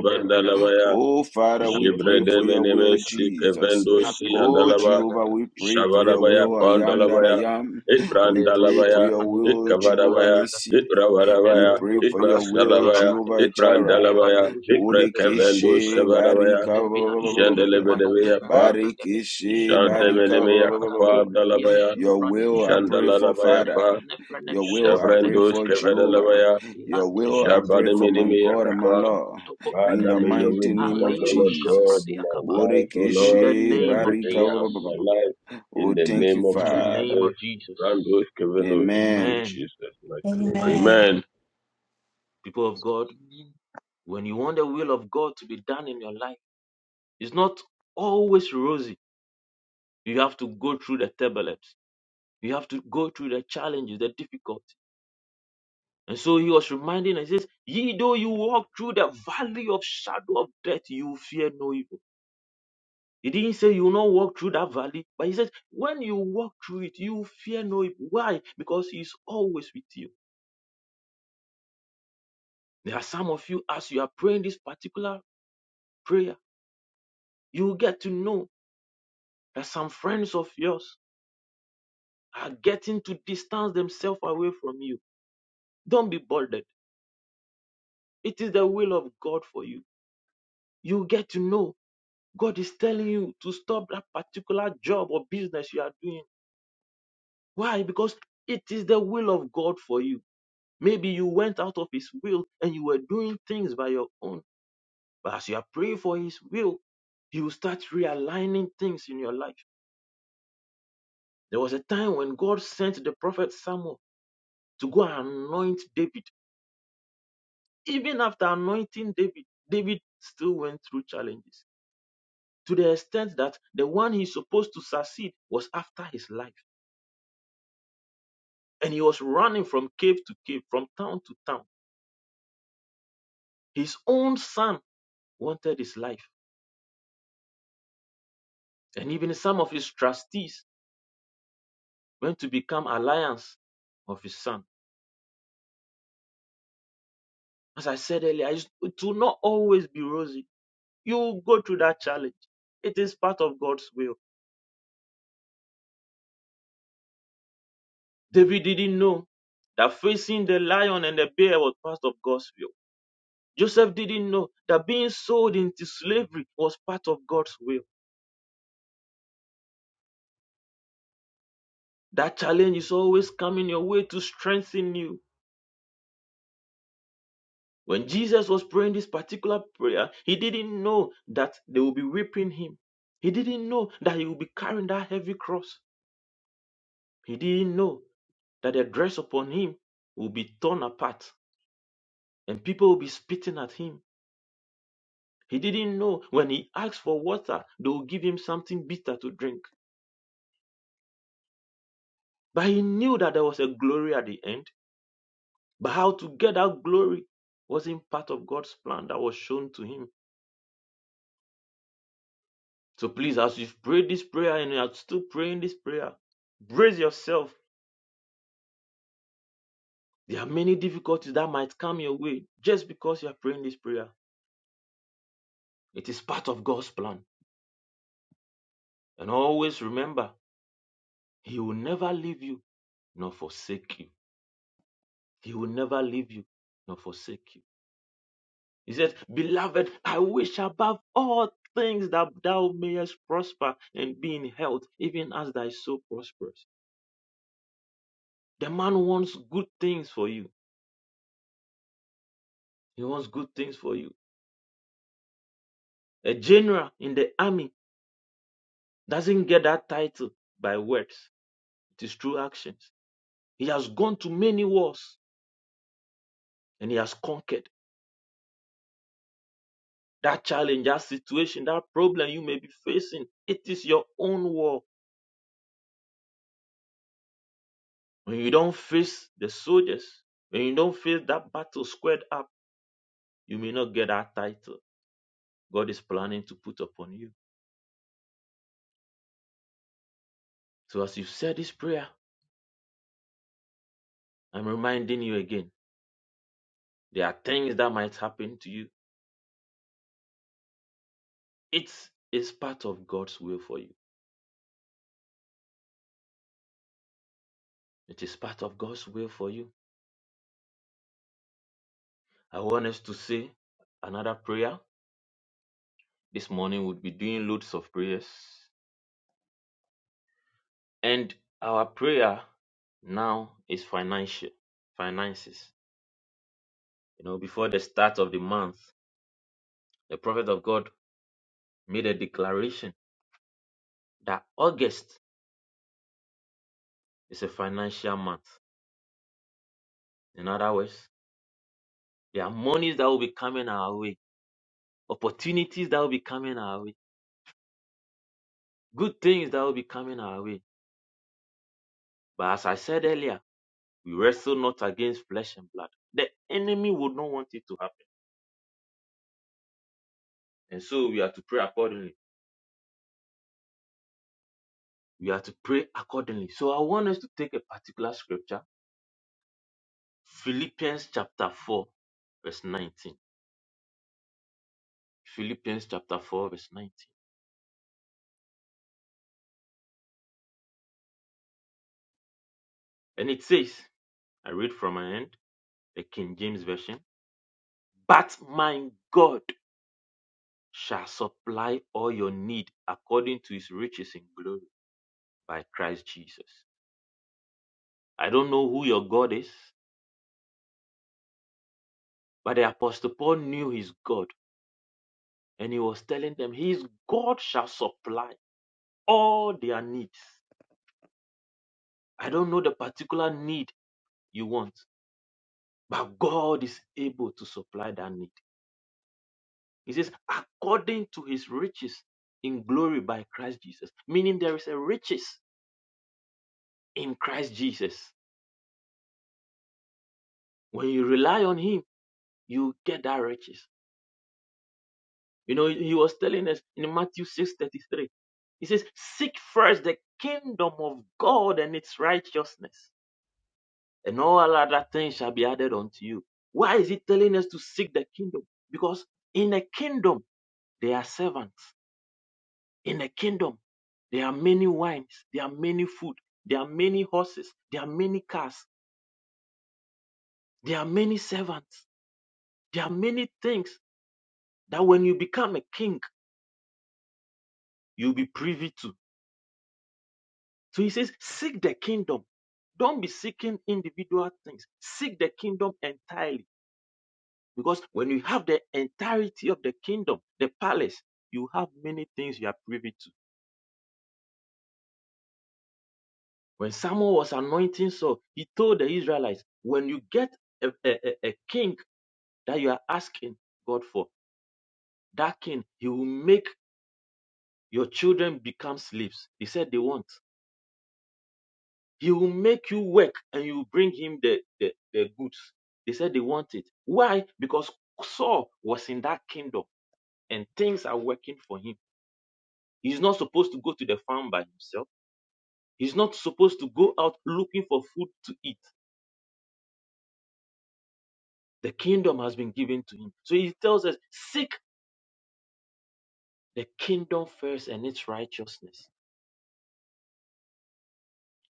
lebedabeda, Oh, Father, we pray for raposoko your to Jebredemeneme will, Sikevendo brakata, Si Jesus. kevendo si rapido Oh, jala Handalaba Jehovah, bragade, we pray for your Shavarabaya will. lebrono I am shakata that I Pandalabaya bragadia, am. We pray for leroso Ibrandalabaya your pranin will, croduja de Jehovah Ikavadabaya Bragadia Nissi. We Ibravarabaya pray Lebronto for your prakate will, jala Ibrasalabaya brade. Jehovah Jireh. Lebado Ibrandalabaya jadim Ibrakevendo compre. Bodekeshe barika Shavarabaya ba- ba- Mevila ba- ba- will di mano Jandelebedebaya be done. Pa santa bregadesh. Rekete barika Jandemenemaya brakato Kapa bredia Dalabaya Your will shofraneke. I pray for Jandalalabaya Father. Lefreneke, Pa Your nefreneke, will I pray nefreneke, Shavrendos for Jehovah. shilatubra, Kevadalabaya Your will ilatubra I pray for tikotu, my God Shabademenemaya and my Lord. ratinkoto In Father, the may koprekateke, your will mighty be name done, of O aliro Lord God, Jesus. in shafradiakaba. my life, O In Lord, the in Bodekeshe name every of barika area ba- of my Jesus. life, in Oh, the thank you, name of In the name Father. of Jesus. Jesus. Randos Kevenos, in Amen. Amen. Jesus' mighty name. Amen. Amen. Amen. People of God. When you want the will of God to be done in your life, it's not always rosy. You have to go through the turbulence. You have to go through the challenges, the difficulty. And so he was reminding us, he says, Ye though you walk through the valley of shadow of death, you fear no evil. He didn't say you will not walk through that valley, but he says, when you walk through it, you fear no evil. Why? Because he is always with you. There are some of you, as you are praying this particular prayer, you will get to know that some friends of yours are getting to distance themselves away from you. Don't be bothered. It is the will of God for you. You get to know God is telling you to stop that particular job or business you are doing. Why? Because it is the will of God for you. Maybe you went out of His will and you were doing things by your own. But as you are praying for His will, you start realigning things in your life. There was a time when God sent the prophet Samuel to go and anoint David. Even after anointing David, David still went through challenges to the extent that the one he's supposed to succeed was after his life. And he was running from cave to cave, from town to town. His own son wanted his life. And even some of his trustees went to become alliance of his son. As I said earlier, it will not always be rosy. You will go through that challenge. It is part of God's will. David didn't know that facing the lion and the bear was part of God's will. Joseph didn't know that being sold into slavery was part of God's will. That challenge is always coming your way to strengthen you. When Jesus was praying this particular prayer, he didn't know that they would be whipping him. He didn't know that he would be carrying that heavy cross. He didn't know that the dress upon him will be torn apart and people will be spitting at him. He didn't know when he asked for water, they will give him something bitter to drink. But he knew that there was a glory at the end But how to get that glory wasn't part of God's plan that was shown to him. So please, as you've prayed this prayer and you are still praying this prayer, brace yourself. There are many difficulties that might come your way just because you are praying this prayer. It is part of God's plan. And always remember, He will never leave you nor forsake you. He will never leave you nor forsake you. He said, Beloved, I wish above all things that thou mayest prosper and be in health, even as thy soul prospers. The man wants good things for you. He wants good things for you. A general in the army doesn't get that title by words, it is through actions. He has gone to many wars and he has conquered that challenge, that situation, that problem you may be facing. It is your own war. When you don't face the soldiers, when you don't face that battle squared up, you may not get that title God is planning to put upon you. So, as you said this prayer, I'm reminding you again there are things that might happen to you It is part of God's will for you. It is part of God's will for you. I want us to say another prayer. This morning we'll be doing loads of prayers. And our prayer now is financial finances. You know, before the start of the month, the prophet of God made a declaration that August is a financial month. In other words, there are monies that will be coming our way, opportunities that will be coming our way, good things that will be coming our way But as I said earlier, we wrestle not against flesh and blood. The enemy would not want it to happen. And so we are to pray accordingly. We are to pray accordingly. So I want us to take a particular scripture, Philippians chapter 4, verse 19. Philippians chapter 4, verse 19. And it says, I read from my end, the King James Version, but my God shall supply all your need according to his riches in glory by Christ Jesus. I don't know who your God is. But the apostle Paul knew his God, and he was telling them, His God shall supply all their needs. I don't know the particular need you want, but God is able to supply that need. He says, according to his riches in glory by Christ Jesus, meaning there is a riches in Christ Jesus. When you rely on him, you get that riches. You know, he was telling us in Matthew 6 33. he says, Seek first the kingdom of God and its righteousness and all other things shall be added unto you. Why is he telling us to seek the kingdom? Because in the kingdom, there are servants. In the kingdom, there are many wines, there are many food, there are many horses, there are many cars, there are many servants, there are many things that when you become a king, you'll be privy to. So he says, seek the kingdom. Don't be seeking individual things. Seek the kingdom entirely Because when you have the entirety of the kingdom, the palace, you have many things you are privy to. When Samuel was anointing Saul, he told the Israelites, when you get a, a, a king that you are asking God for, that king, he will make your children become slaves. He said they want. He will make you work and you will bring him the, the, the goods. They said they want it. Why? Because Saul was in that kingdom and things are working for him. He's not supposed to go to the farm by himself. He's not supposed to go out looking for food to eat. The kingdom has been given to him. So he tells us seek the kingdom first and its righteousness.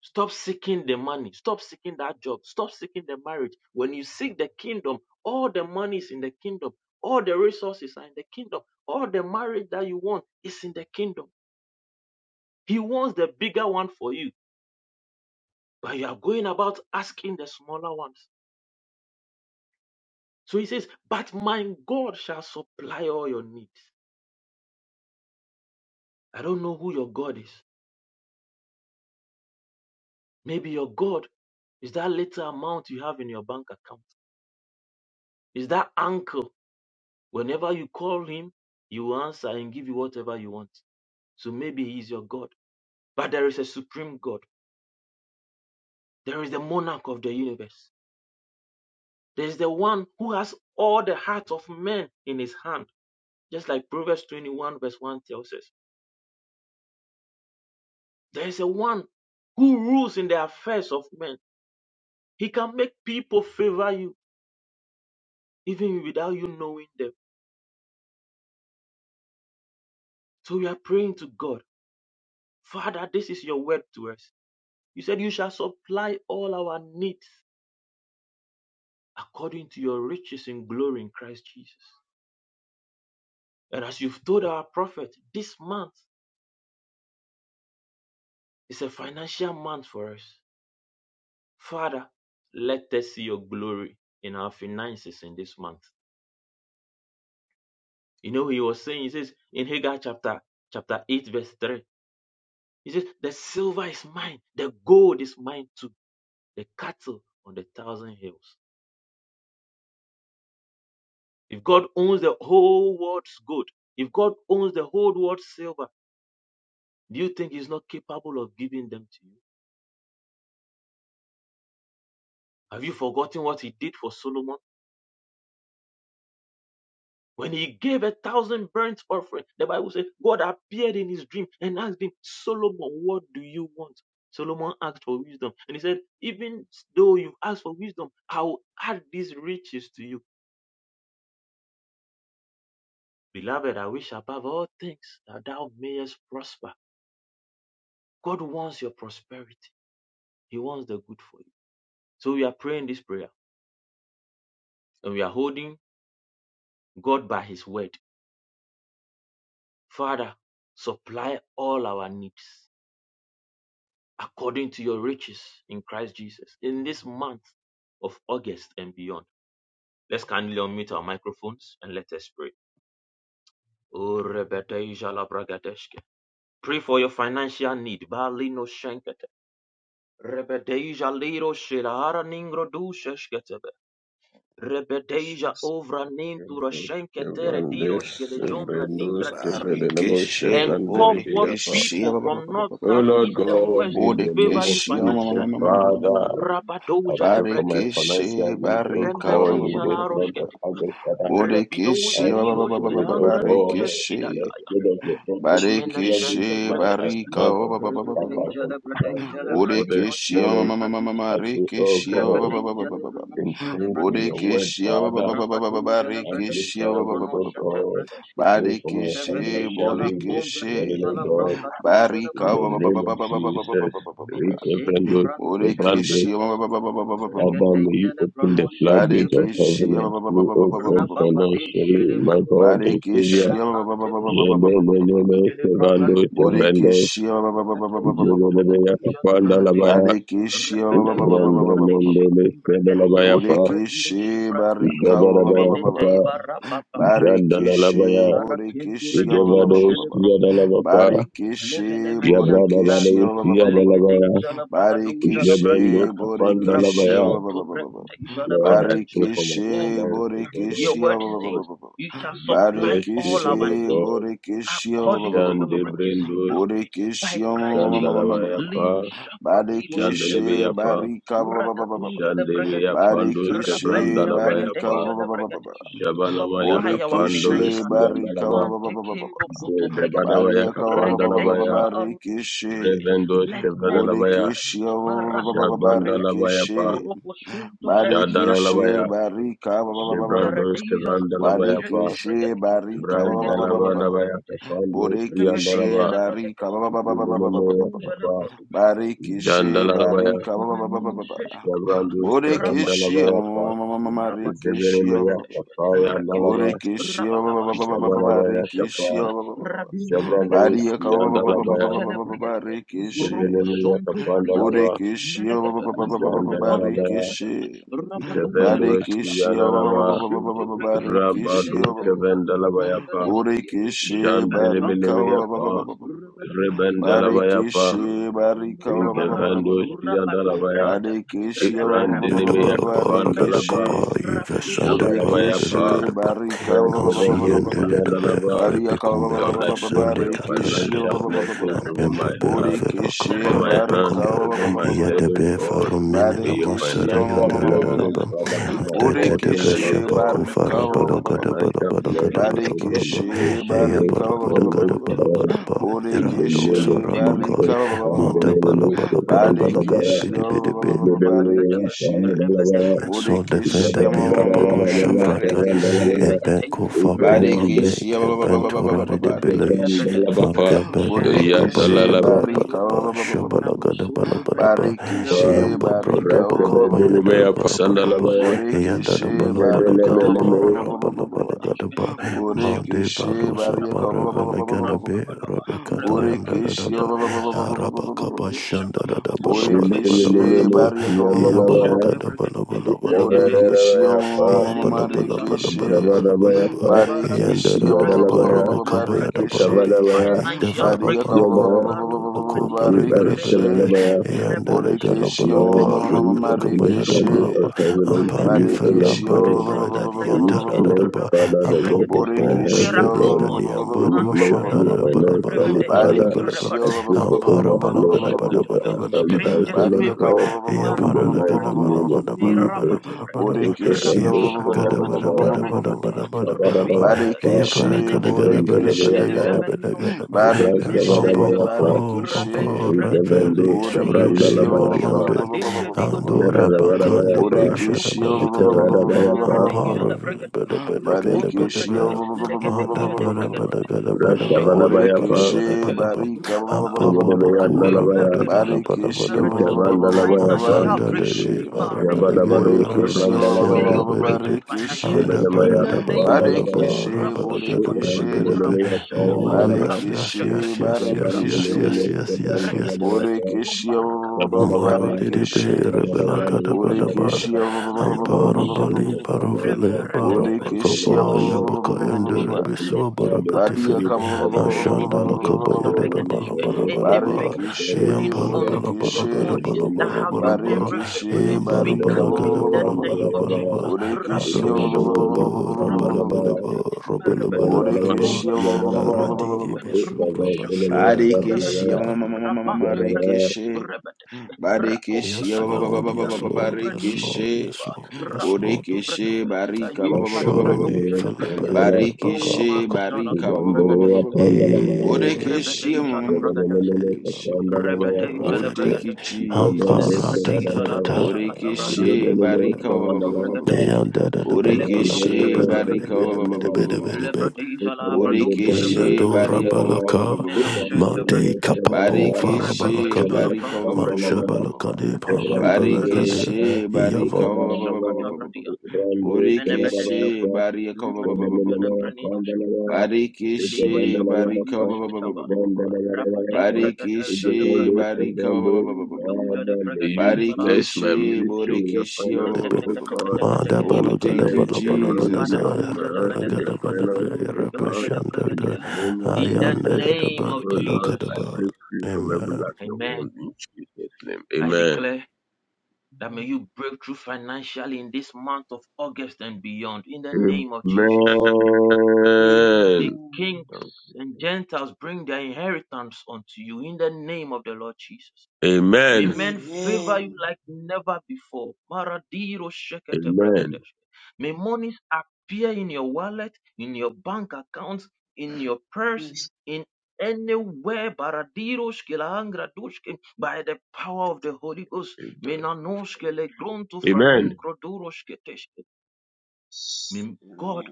Stop seeking the money. Stop seeking that job. Stop seeking the marriage. When you seek the kingdom, all the money is in the kingdom. All the resources are in the kingdom. All the marriage that you want is in the kingdom. He wants the bigger one for you, but you are going about asking the smaller ones. So he says, But my God shall supply all your needs I don't know who your God is. Maybe your God is that little amount you have in your bank account. Is that uncle. Whenever you call him, he will answer and give you whatever you want. So maybe he is your God. But there is a supreme God. There is the monarch of the universe. There is the one who has all the hearts of men in his hand. Just like Proverbs 21 verse 1 tells us. There is a one who rules in the affairs of men. He can make people favor you even without you knowing them So we are praying to God, Father, this is your word to us. You said you shall supply all our needs according to your riches in glory in Christ Jesus. And as you've told our prophet, this month is a financial month for us. Father, let us see your glory in our finances in this month. You know, he was saying, he says in Haggai chapter chapter 8, verse 3, he says, The silver is mine, the gold is mine too, the cattle on the thousand hills. If God owns the whole world's gold, if God owns the whole world's silver, do you think He's not capable of giving them to you? Have you forgotten what He did for Solomon? When he gave a thousand burnt offering, the Bible says God appeared in his dream and asked him, Solomon, what do you want? Solomon asked for wisdom. And he said, Even though you ask for wisdom, I will add these riches to you. Beloved, I wish above all things that thou mayest prosper. God wants your prosperity. He wants the good for you. So we are praying this prayer and we are holding God by his word. Father, supply all our needs according to your riches in Christ Jesus in this month of August and beyond. Let's kindly unmute our microphones and let us pray. Pray for your financial need. Rebedeja liro shilahara ningro du sheshketebe. Rebedeja ovra nintura Kevenos, shenkete rediro Kevandes, shkele jombra ningra Sebrendos, dish. Kevedenemos, Barikeshe, and call forth Chevrandelebeyapa. Borekeshe, people ba- ba- ba- from ba- ba- north, ba- O ba- ba- south, ba- Lord east, and God, west to in the name favor of you Borekeshe, ma- ma- Jesus, ma- ma- financially. ma- ma- ma- ma- ma- Father, ma- I Rabadoja pray for lebreget, my Barikeshe, financial needs, O Barika, God, ba- ba- ba- in ba- rembedeja ba- this ba- la ba- ba- month of roshkete, ba- August, Father. rebidoja Borekeshe, As ba- li ba- you ba- ba- put ba- roshkida, ba- in, ba- oh angra doja God, in the Barikeshe, skidadaya, spirit of your prophet, declare this Barikeshe, menashente month brekete, as a Barika, month of physical power rebedeja from God. lebredeja Amen. Therefore, this lebranino Bodekeshi ma shente morning, ma ma ma bredeshke, baba I pray, oh God, baba, ba ba baba ba baba rebedeja baba baba, ba. in lebrenoshe sync with your lebredeshe, word, Bodekeshi baba Father, baba baba baba rabadoja amplifying ba lebredeja ba ba ba rekeshi it, ba ba ba oh ba ba ba lebronoshe ba ba. God. tebredeshke, Pray for my Badekeshi rebedeja financial la needs this Jesus. bodekeshi morning, oh kombredeja la God, branca doja le barika in the ba branosha. baba baba name of baba baba baba, ba ba Jesus. ba baba baba Minente Reverend Amen. those, pranusha ne Reverend those, baba baba, ba ba. baba pradeeshu, ba baba baba Adam, may baba. pradeisha you ne open the ba ba ba ba ba ba ba ba ba. pranusha inte floodgates of bradi heaven Badekeshi ba sate. Amen. ba unto ba ba me, ba ba oh ba Jesus. God, ba ba Rabade shi financially, ne my God, pradho, and Savior. rabante bili bili bili bili bili Yelelelele, shi ne pranga Chevando, do roshet. Chevrendo, Pradeisha ne Yelelelele, pradeisha na Kapanda pradati, Labaya, Badekeshi ba- ba- ba- ba- pradeisha ba- na ba- ba- ba- ba- ba- ba- ba. pradeeshi Rondelelele, ko pradeyo Chedelabaya shi Pa, pratiyo shi Bodekeshi pradia. barika ba- ba- ba- Jabarabaya ba- ba- ba- Minete Papa, bara ba. papa, Amen. Barekeshi Jandalabaya, nara ki tu bodekeshi ba- ba- ba- pradeyo ba- Ijevado, ba- shi ba- ne ba. pranush. Yadalabapa, Barekeshi Levelemenia to bodekeshi braki, Yabradabado, ba- ba- ba- ba- ba- ba- ba- ba. Yadalabaya, ligedeja la bragadoja la Barekeshi bradia, Jebendo, Kapanda bodekeshi ba- Labaya. ba- raposhon to ba- ba- ba- ba- ba. bregadeja la Lord, I pray bragadeske. for my Oh Barekeshi God, finances, O Lord your bodekeshi word says, God. you May shall you bless supply me, all O our Lord needs God. according to your riches in Jandebrendo, glory by Christ Jesus. Jandalabaya Lero Pa, shapratiro Barikishe shkelepregateshka. Jandelebeyapa, barika ba- ba- ba- ba- ba- ba. Rakaduja lebregateshka. Jandebeyapandos Barikishe Rabenta barika ba- Kevrandalabayapa, ba- bregateja ba- ba- ba- ba- ba. lebregateshka. Jabanamaya Supply our Kapandoles Bodekeshe financial need. barika ba- Yandalaba, ba- ba- Mante ba- ba- ba- ba- ba. kendo kutu bregateshka. Zedebadabaya Bariaka ba- ba- ba- ba- ba- ba- Regateja Kapandalabaya, la barikishe arunushketeshka. Revendos Let men Kevradalabaya, favor us. Bodekeshe ba- ba- ba- ba- ba- Maranko ba- tu bregatia. barikishe Jabandalabayapa, Rokosunto braira Barikishe Jadalabaya, angrudushke. barika ba- ba- ba- ba- ba- ba- ba- ba. Jebrandos Meredeja la urujete Kevrandalabayapa, Barikishe bregatia. barika ba- ba- ba- ba- ba- ba- Regateja ba- la ba. Brandalabadabaya bregateshka. Kapandos Rebede Bodekeshe Yandalaba, jele bregede. barika Rokotu jele Jilimemeyapa, brodo. Barikishi, Jandalabaya, Barika, Remanoshke ba- ba- ba- ba- menino ba- ba- ba. sheshketba, Jabrandos Borikishi, ma- Kevrandalabayapa, rabashakataba, ma- ma- ma- ma- ma- rabatoshke Rikishi, ba- ba- Zeberemeya ba- ba- bregadeshke, Kapaya ba. rekete, Nalaba Borikishi, ba- ba- rabadaba, ba- ba- ba- ba- ba- ba- Jabarabaya Kapa rebanoshakataba, ba- ba- ba- ba- ba- rabintu ba. bregadia, Jabrandalus ba- ba- ba- ba- ba- ba- ba- ba- Yandalabaya ba- rebatuzele ba- ba- ba- bregadia, Rikishi. Zeberemeya robosontu bariabe, Kapandalaba Borikishi, ba- ba- menegede, ba- ba- ba- ba- ba- ba- ba- rebante Jandalabaya bregade, rabadoze Ikevendus degadia, Barikishi, ba- ba- ba- ba- Yandalaba ba- ba- ba- marusinti ba- ba- ba- bregia, Rabadu ba- ba- ba- ba- legadeza dubadonda Kevendalabayapa degadia, Borikishi, lefem Barika, pampedia, ba- ba- Jandelebelemeyapa ba- ba- ba- ba- ba. rabada, rabada, Rebendalabayapa Barikishe, Rabba barika, ba- rabaraba. ba- ba- ba- ba- ba- ba- Ikevendus ba- ba. Rabadon Yandalabaya bregata, barikishe, ba- ba- ba- rabaraba, ba- ba- ba- ba- Ibrandinemea ba Yadabalaba rukutu Rabeda bregata, barikishe, Kapandalaba Kappa rabido Yvesanda shakatua, Jabarabaya Parabela burikishe, Pa Gadaba barika, ba- ba- ba- ba- rakakakakakaka, Mansi ba- ba- ba- Rebendus ba- ba. Yende Debe Yandalaba rakakakakaka, bariaka, ba- ba- ba- ba- Rebikumele Lord, ba- I ba- ba- manokoto pray for Vesande your bregata, Kataya barikishe, ba- financial ba- Deba ba- rakatebe, ba- ba- ba- blessings ba. over my Ampempe heart, Berovela over Bodekeshe Kabra my Merekataba, barika hand, Debakaya ba- ba- over Rebeta ba- ba- my ba- ba- Izala head, ba- oh ba- Yadebe Brekata, ba. God. Farumin May Rebeta your Badekeshe Ibrakata, ma- Namasari ma- financial ma- ma- ma- ma- Rebeta, ma- ma- blessings, Yadadadaba ma- Father, be ma. my Rebeta, Antete portion, Debe oh Bodekeshe Rebeta, Lord God. Shabako Rebo barika May ba- your Farabala Sankatavida, Gadabala financial blessings, Gadabala Merekate, oh God, Balaba Romo locate me this barika Eyabalabada is morning, oh Rabeta Gadabala God. Izala Balaba In Brekatiska, the Rando Bodekeshe name of Rebeta Sarabakai barika Jesus, Imbadiata, ba- ba- and the Mata name of Menalonto Balabala Jesus, and the Brekati, name Balabala of Gadabidi Rebeta Ib, Bidibi. Jesus, Rebeta Daba, and the name Rebeta of So Jesus, Bodekeshe defender ma- bera Brekata, baro shavrata Rambadagadaga, e benko Regataiza, fa boba Regataiza, Barekeshe, bek e ba- ba- ba- ba- ba- ba- ba- bentora ba- Medecombrakata, de bele Ram barekeshe, Rabada, fa Dalabapa, gabero Rabashanta Ya bakaba borekeshe, ya da Bragadia, bala Dalalabapa, barika, bala ba- ba ba- ba- Meruburuba, ba- ba- ba- ba- shabala ba- gada bala Rabusunto ba- bala ba Bradia, e barekeshe, Meruduz, yamba barika, brada ba- ba- Rakebe ba- Rabanto ba- bakaba ba- ba- ya ba- da ba- Dolibaya, ba- ba- Bragateska, bala ba- bala Sandalabaya, Yanda da Rabushankatabadaba, borekeshe, bala bala barika, gada ba- Rabataiza, ba- ba, ba- ba- Vedelemeleme, ba- ba- raba ba- ba- ba- Rabando bala gada Bragateska, ba, ba- mande Rabusakuduba, borekeshe, bando barika, ba- sabara Rabakada, ba- ba- ba- vela ba- ba- gada ba- ba- ba- be, ba- Rampakadaba, rabe ba- kata Rabadaba, yanda da da borekeshe, ba, ba- ba- ba- ba- ba- ba- ba- Merudosakata, ba- ba- ba- araba ba- kaba ba- ba- shanda da Rubushakataba, da bala bala bala Rabento borekeshe, bala Bragadia, ba, Shindelemeleme, barika, ya Minimum bala Yandalabaya, Shanta gada bala bala bala bala Bragadia, bala borekeshe, ba, ma- Ikavarabaya, ya bala bala Lebedeja bala bala Labrado, bala bala Jabarabaya, ba, O yanda Barikishia da Barabinto da da ba, Bregadia, Yadalabaya, raba kaba ya da bala Lebregadeshke, be, Barikishe Ikavarabaya, defa Financial Maria raba no Breakthrough, ka Yada, brando marun Marunto bako Rediro, bala bala bala be, Barikishe Regadeshke, Ibaskavarabaya. yanda da Repeteshke, gada Borikishia bala Lord, ba, Meredia, may rabe you la open kaba the ya da floodgate bala Marikishe Rubosokotubra, of ba, heaven unto Ampadi me, O Ramenetetepe, Lord Barikishia Felamba God. Repente Rumbrada May you Yanta Bregadeshke, bless, Dadaba Father, Rapante the works of Bregadeshke, my Ampabobo hands, Borikishia O Miracle God. Keveleda Monies, May Niamba you Mante bless Dusha me Dada Brendeke, Bada Bada financially, Bada Rebedeshke, Gada Father. Bada Bada I Rebadoshke, pray for Ampara Bala Mando overflow. Gada I pray Bada for Shakatawe, Bada Bada Bada abundance, O strangers Gada Lord Bada Barikishia favoring God. you, Bada Ea In the Para La Marundu mighty Gada Brekate, Bada name of Bada Barika Bada Jesus. Mirabato Bada Bada Bada Brekate, Christos Bada Borekeshe, Rapo and Ea those Gada Shakataba, Bada Kabadabaya, Bada Mirepatia, Bada Bada Bada Bada Kabadabaya Bada Ea Repintebade, Kapa, Barekeshe, Para Gada Gada Menegadiake, Bada Rendelebaya Bada Gada Borekeshe, Pa, Elevemani Bada Gada Noskato, Ras Bada Barekeshe, Bampa Kabadabaya Menebenteba, Pa, Bampa Barekeshe, rapente Bampa Brekate, Borekeshe, Ikavendo Raveli Meliros Borekeshe, Surede Shabrandalabaya Gidadia, Pa, Variande Adembe Digo Duja Andura la Brekate, Zeradabadabaya bakande be Pa, Rubo Barekeshe, sharabala Shakatawe, kadaba. Miradeja Amparo la vele Brekate, bede bede gede Rokonto bede Brede, be. Mada Legadeja de bada Brekate, bada gada bada ba. Rashekate, Rabada gada Borekeshe, Makate, bada ba. Barika, Rabata. Ampaba buku Nalabaya, rabada Rademberiadesh, gada bada Barekeshe, bada bada Meradesh, ba. Ikavandalabaya pa, financial Ansanda breakthrough. Barekeshe, deri barabada ge Yabadabado Borekeshe, rafala ba- Mareketokotobrikete. ba- ba- May ba- sende Kavrandalabaya, ba- you ba- break bede be. through Barekeshe, Anda financially in bada Debenamaya the da bala name of bala Jesus. Kapandalabaya, ba. Barekeshe, Rabo Rabada gada Shakataba, bede Borekeshe, bede be. Rabo Ibrandinamaya Shataba, Oh Payandalaba, yes Rabo yes Barekeshe, yes Shakataba, yes yes Rabo yes Barekeshe, yes yes Yabandinamaya Doshet, yes yes yes. Kabandalabaya Merekataba, pa, Borekeshe, ba- ba- ba- Rumbarakate, ba- ba- Yabadabaya, Maro Rabato dedebe Barekeshe, rebela gada Yabadabrando, bada Merekate, Borekeshe, ba Yabadabaya, ba- ba- ba- ba- and ba- ba- I Rendo ampara be bali Shepete, careful for less barovele and less Rempereketebe, baraba and for Borekeshe, less kaba ya and less, Roboshonto yabaka and for the yendere Bregeteshke, second Le besua flood of barabetife Badia Kumparanina, Jesus kaba- covenant to ashanda Venemenino all la this Noshke, kaba lakaba yedada morning, bala for Regeteshke, bala less bala and ba anything like God and eyam Barikishe, holding bala on Savior, bala to bala the in gada the Borikishe, monies bala name that of bala have your bala name Jesus, ba recorded, Barikishe, eyam bala We Barika, cut bala Yabadabaya, off gada in the bala bala name of bala Yabadabaya, ba Jesus. Thank Borikishe, Rapido aramba baba ba Shakataba, you. rabala Rabado bala ba Brekete, rabala Merebete, bala bala ba Rombodobo, aradi Robodobe, Borikishe, debesu Robo Shakataba, rabashanda kaba Barikishia Rebetia, yadaba Rabante Brekete, Marikishe Rebetes, Rako Barikishia Yes, prakata. Lord, yes, Merotu Lord, yes, branirush Lord, Barikishe yes, ketiva. Lord, yes, Lord, Rakonto yes, Bodekeshe prakata. Lord. Barika Yimpa dia Assurani doja Philippa lebradia. O Baka Barikishe barusala Barika dum Bakabayadaba. bragadeska. Eh Bodekeshe Rebedeja la bragadeska. Marikishe Bababo Rebedeja Oh la thank Ravede you bragadeska. Ampara Jesus da da Libredeja da la da roshakata brada. Borekeshe Radabala barika Badaba. ba- ba- Rokoto ba- ba- ba- ba- ba- ba. bragadeska. Neyan da da da bala bala Librono Borekeshe gada bada shakata bada barika ba- gada bragadeska. ba- ba- bada ba- ba- ba- bada ba- ba- bada ba- ba- bada. ba. Libredeja la bradoja la Borekeshe bragadeska. Yadora barika ba- ba- ba- ba- balaka, ba- ba- ba- ba- ba- Menoshenta ba- made bragadeska. kapapo Barekeshe Rebedeja la farabalakabe, barika bronto ba- ba. pradira. Barekeshe barika manshabalakade Gebrando Rebushakutu bragadeska. parambalakade, Yapa, Barikishe barika yava Ikavarava, Rubushakatabratia, Ikbrando Menebedeshka, Burikishe Kavarava, barika Livaduza de Ikvandanava, Breninoshka, Pandanava, Barikishe Ikavandanava, Liroshofratiroshkitaba, barika Rabadem Ikvandanava, Bragadeja de Barikishe Ikvandu, Bragade, barika Ikvandu, Rumbuduza de Father, may you Bragadija bless my Barikishe ministry Laroshofratishka, with your burikishe finances, debe. O God. Mada May Oh you balagada thank you bless Neketeketeketekeshketeketeke, the balabala handy Jesus of balaga, my Madaduza de hands with Bedege, your rabalagada finances, O balabala, God. Rumbuduza de rabashanda In the da, Bragadia. name of In the ayanda Jesus, da da name O of Lord, balabalakada I Jesus, ba. break free from every Amen. lack of Amen. want in Jesus' name. I Amen. declare that may you break through financially in this month of August and beyond. In the Amen. Amen. name of Jesus. The kings and Gentiles bring their inheritance unto you in the name of the Lord Jesus. Amen. May men favor you like never before. Amen. May monies appear in your wallet, in your bank accounts, in your purse, in anywhere. By the power of the Holy Ghost. Amen. May God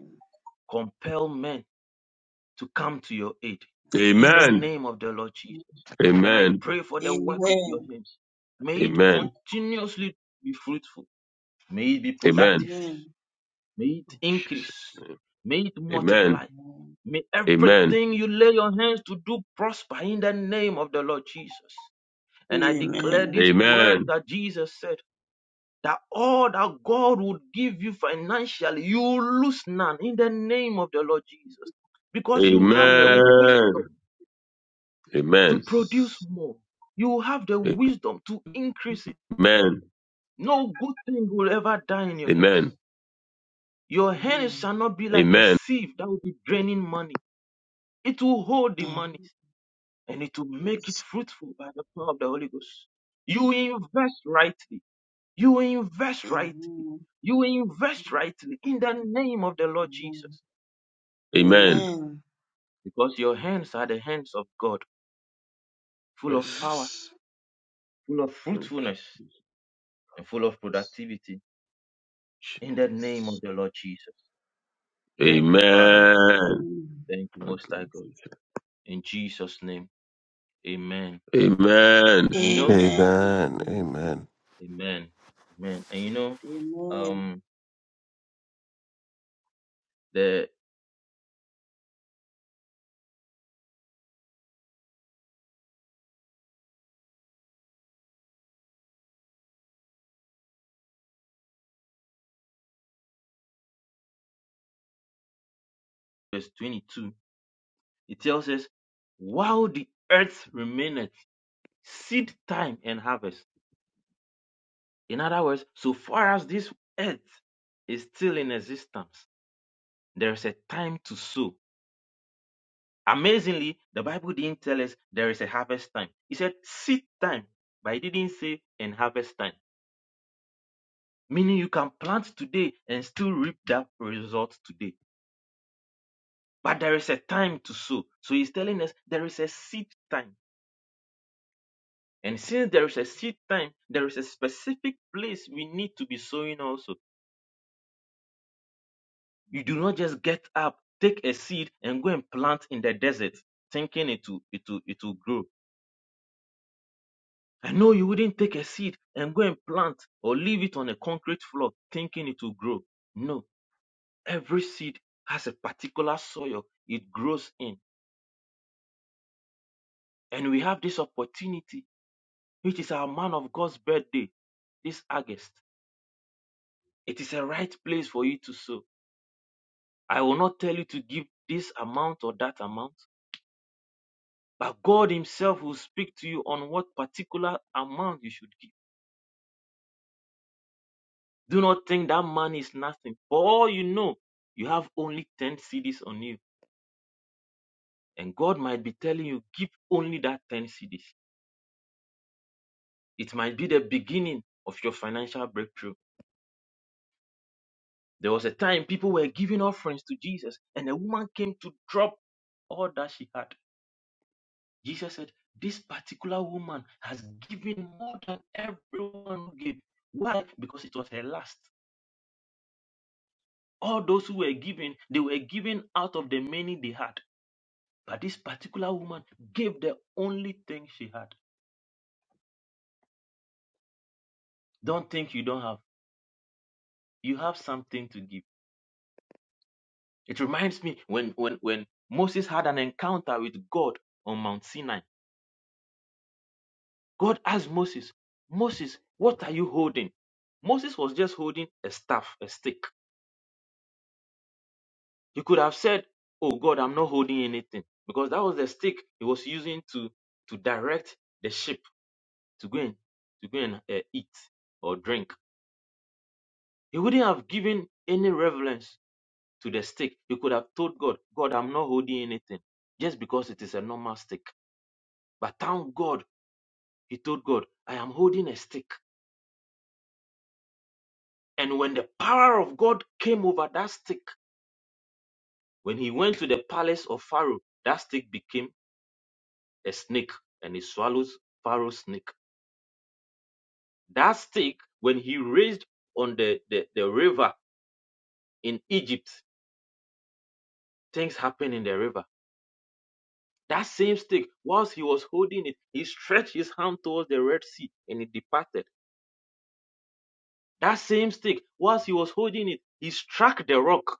compel men to come to your aid in the name of the Lord Jesus. And I Amen. pray for the work of your Amen. hands. May it Amen. continuously be fruitful. May it be Amen. productive. Amen. May it Jesus' increase. name. May it Amen. multiply. May Amen. everything you lay your hands to do prosper in the name of the Lord Jesus. And I declare Amen. these words Amen. that Jesus said that all that God would give you financially, you will lose none in the name of the Lord Jesus. Because you have the Amen. Amen. wisdom Amen. to Amen. produce more. You will have the wisdom to increase it. Amen. No good thing will ever die in your hands. Amen. Your hands Amen. shall not be like a Amen. sieve that will be draining money. It will hold the money and it will make it Yes. fruitful by the power of the Holy Ghost. You invest rightly. You invest rightly. Amen. You invest rightly in the name of the Lord Amen. Jesus Amen. Amen. because your hands are the hands of God, full Yes. of power, Yes. full of Thank you. fruitfulness, and full of productivity. Jesus. In the name of the Lord Jesus. Thank you, Father. Yes. Amen. Amen. Thank you, Thank Most you, High God. Jesus. In Jesus' name. Amen. Amen. And you know, Amen. Amen. Amen. Amen. Amen. And you know, um, the verse 22, it tells us, while the earth remaineth, seed time and harvest. In other words, so far as this earth is still in existence, there is a time to sow Amazingly, the Bible didn't tell us there is a harvest time. It said seed time, but it didn't say in harvest time. Meaning you can plant today and still reap that result today. But there is a time to sow. So he's telling us there is a seed time. And since there is a seed time, there is a specific place we need to be sowing also. You do not just get up, take a seed, and go and plant in the desert, thinking it will it will it will grow. I know you wouldn't take a seed and go and plant or leave it on a concrete floor thinking it will grow. No, every seed has a particular soil it grows in. And we have this opportunity, which is our man of God's birthday this August. It is a right place for you to sow. I will not tell you to give this amount or that amount, but God Himself will speak to you on what particular amount you should give. Do not think that money is nothing. For all you know, you have only 10 CDs on you And God might be telling you, give only that 10 CDs. It might be the beginning of your financial breakthrough. There was a time people were giving offerings to Jesus, and a woman came to drop all that she had. Jesus said, This particular woman has given more than everyone who gave. Why? Because it was her last. All those who were giving, they were giving out of the many they had. But this particular woman gave the only thing she had. Don't think you don't have. You have something to give It reminds me when when when Moses had an encounter with God on Mount Sinai. God asked Moses, "Moses, what are you holding?" Moses was just holding a staff, a stick. He could have said, "Oh God, I'm not holding anything," because that was the stick he was using to to direct the sheep to go and to go and uh, eat or drink. He wouldn't have given any relevance to the stick. He could have told God, "God, I'm not holding anything," just because it is a normal stick. But thank God He told God, I am holding a stick. And when the power of God came over that stick, when he went to the palace of Pharaoh, that stick became a snake and he swallowed Pharaoh's snake. That stick, when he raised on the, the, the river in Egypt, things happened in the river. That same stick, whilst he was holding it, he stretched his hand towards the Red Sea and it departed. That same stick, whilst he was holding it, he struck the rock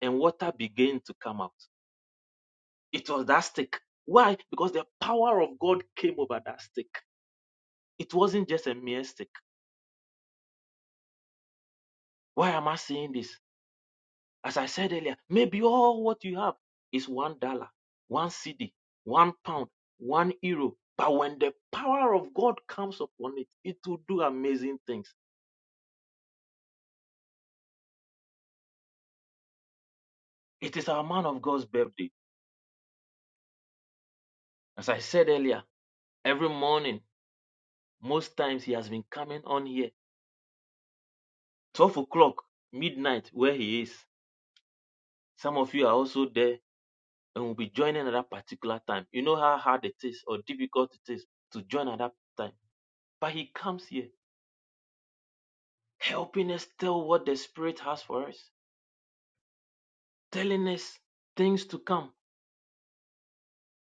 and water began to come out It was that stick. Why? Because the power of God came over that stick. It wasn't just a mere stick. Why am I saying this? As I said earlier, maybe all what you have is one dollar, one CD, one pound, one euro. But when the power of God comes upon it, it will do amazing things. It is our man of God's birthday. As I said earlier, every morning, most times he has been coming on here. 12 o'clock, midnight, where he is. Some of you are also there and we'll be joining at that particular time. You know how hard it is or difficult it is to join at that time. But he comes here helping us tell what the Spirit has for us, telling us things to come,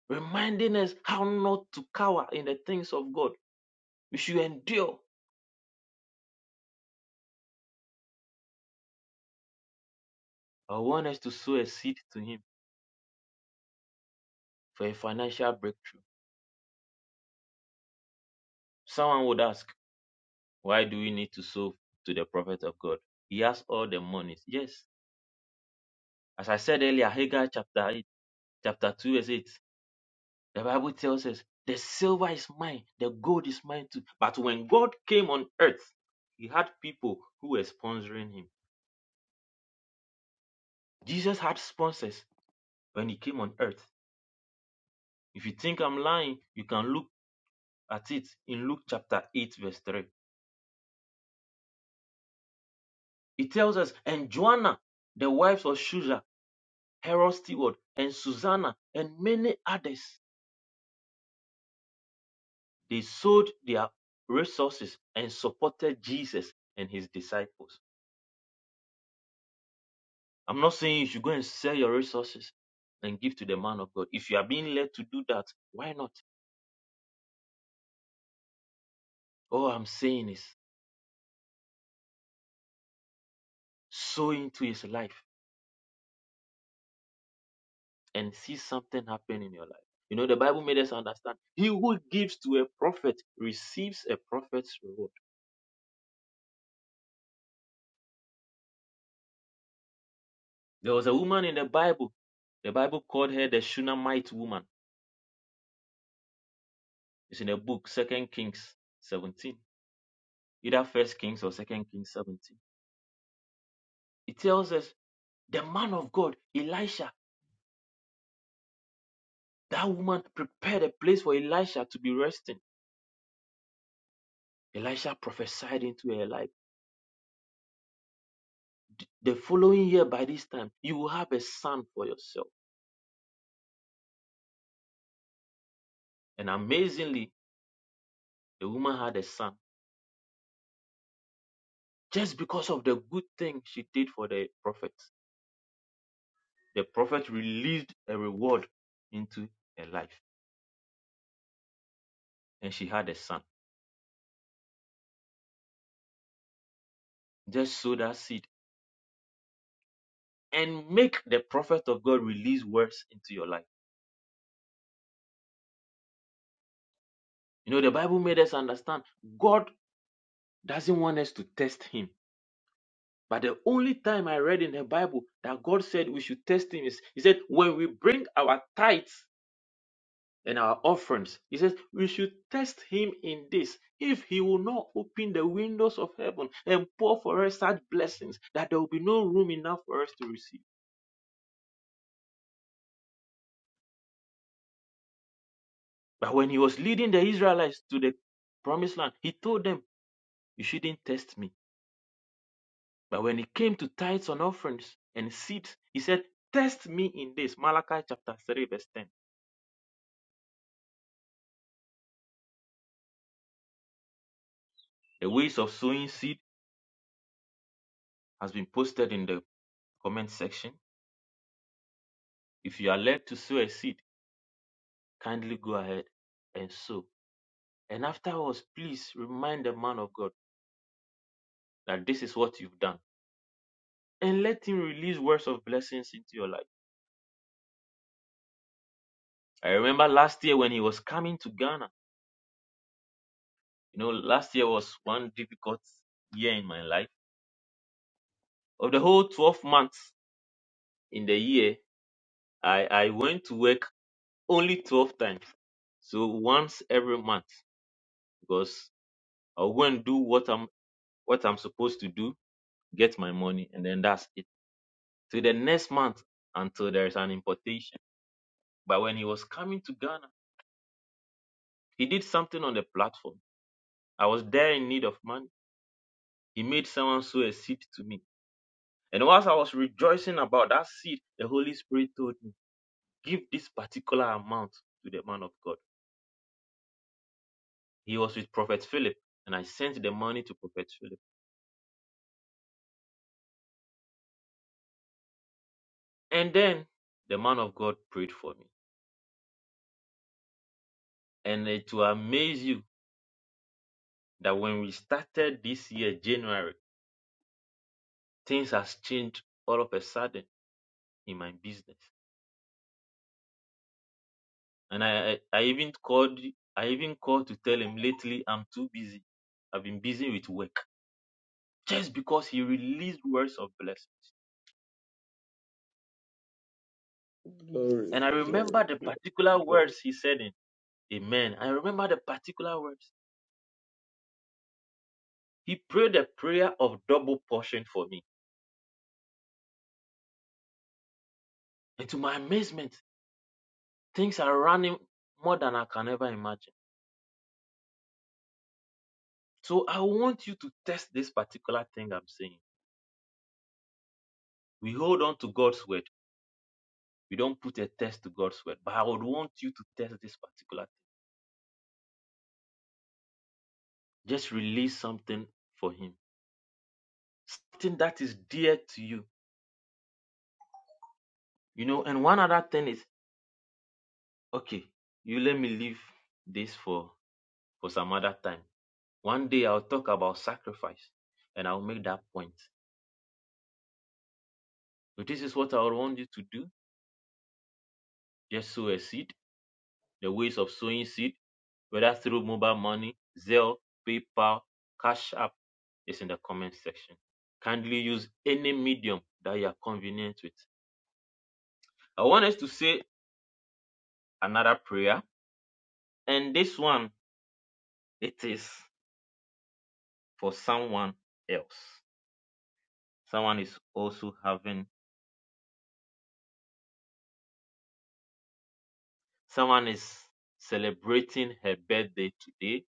reminding us how not to cower in the things of God. We should endure. I want us to sow a seed to him for a financial breakthrough. Someone would ask, why do we need to sow to the prophet of God? He has all the monies. Yes. As I said earlier, Haggai chapter 8, chapter 2, verse 8. The Bible tells us the silver is mine, the gold is mine too. But when God came on earth, he had people who were sponsoring him. Jesus had sponsors when he came on earth. If you think I'm lying, you can look at it in Luke chapter 8, verse 3. It tells us, and Joanna, the wives of Shusha, Herod's Steward, and Susanna, and many others, they sold their resources and supported Jesus and his disciples. I'm not saying you should go and sell your resources and give to the man of God. If you are being led to do that, why not? All I'm saying is sow into his life and see something happen in your life. You know, the Bible made us understand he who gives to a prophet receives a prophet's reward. There was a woman in the Bible. The Bible called her the Shunammite woman. It's in a book, Second Kings 17. Either First Kings or Second Kings 17. It tells us the man of God, Elisha, That woman prepared a place for Elisha to be resting. Elisha prophesied into her life. The following year, by this time, you will have a son for yourself. And amazingly, the woman had a son just because of the good thing she did for the prophet. The prophet released a reward into her life, and she had a son. Just sow that seed and make the prophet of God release words into your life. You know, the Bible made us understand God doesn't want us to test Him. But the only time I read in the Bible that God said we should test him is he said, when we bring our tithes and our offerings, he says we should test him in this. If he will not open the windows of heaven and pour for us such blessings that there will be no room enough for us to receive. But when he was leading the Israelites to the promised land, he told them, You shouldn't test me. But when it came to tithes and offerings and seeds, he said, Test me in this. Malachi chapter 3, verse 10. The ways of sowing seed has been posted in the comment section. If you are led to sow a seed, kindly go ahead and sow. And afterwards, please remind the man of God that this is what you've done and let him release words of blessings into your life. I remember last year when he was coming to Ghana. You know, last year was one difficult year in my life. Of the whole 12 months in the year, I, I went to work only 12 times. So once every month, because I will go and do what I'm what I'm supposed to do get my money, and then that's it. To the next month until there is an importation. But when he was coming to Ghana, he did something on the platform. I was there in need of money. He made someone sow a seed to me. And whilst I was rejoicing about that seed, the Holy Spirit told me, give this particular amount to the man of God. He was with Prophet Philip, and I sent the money to Prophet Philip. And then the man of God prayed for me. And it will amaze you that when we started this year, January, things has changed all of a sudden in my business. And I, I, I even called I even called to tell him lately I'm too busy. I've been busy with work. Just because he released words of blessings. Glory, And I glory, remember the particular glory. words he said in Amen. I remember the particular words. He prayed a prayer of double portion for me. And to my amazement, things are running more than I can ever imagine. So I want you to test this particular thing I'm saying. We hold on to God's word You don't put a test to God's word, but I would want you to test this particular thing. Just release something for Him, something that is dear to you, you know. And one other thing is, okay, you let me leave this for for some other time. One day I'll talk about sacrifice, and I'll make that point. So this is what I would want you to do. Just sow a seed the ways of sowing seed, whether through mobile money, Zelle, PayPal, Cash App, is in the comment section. Kindly use any medium that you are convenient with. I want us to say another prayer, and this one it is for someone else. Someone is also having, someone is celebrating her birthday today,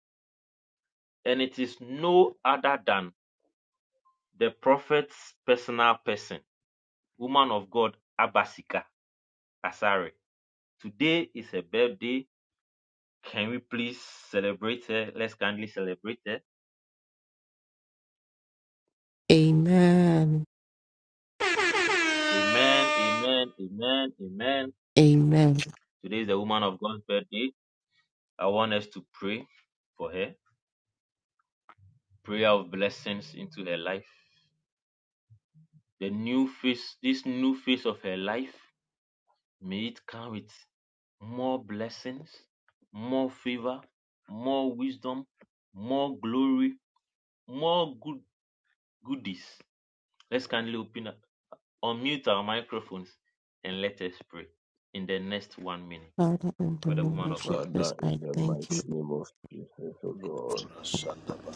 and it is no other than the prophet's personal person, woman of God, Abasika Asare. Today is a birthday. Can we please celebrate her? Let's kindly celebrate her. Amen. Amen, amen, amen, amen. Amen. Today is the woman of God's birthday. I want us to pray for her. Prayer of blessings into her life. The new phase, this new phase of her life, may it come with more blessings, more favor, more wisdom, more glory, more good goodies. Let's kindly open up unmute our microphones and let us pray in the next one minute Father, in the for the name woman of of God. Jesus, Father, in I the thank mighty you, name of Jesus, O God,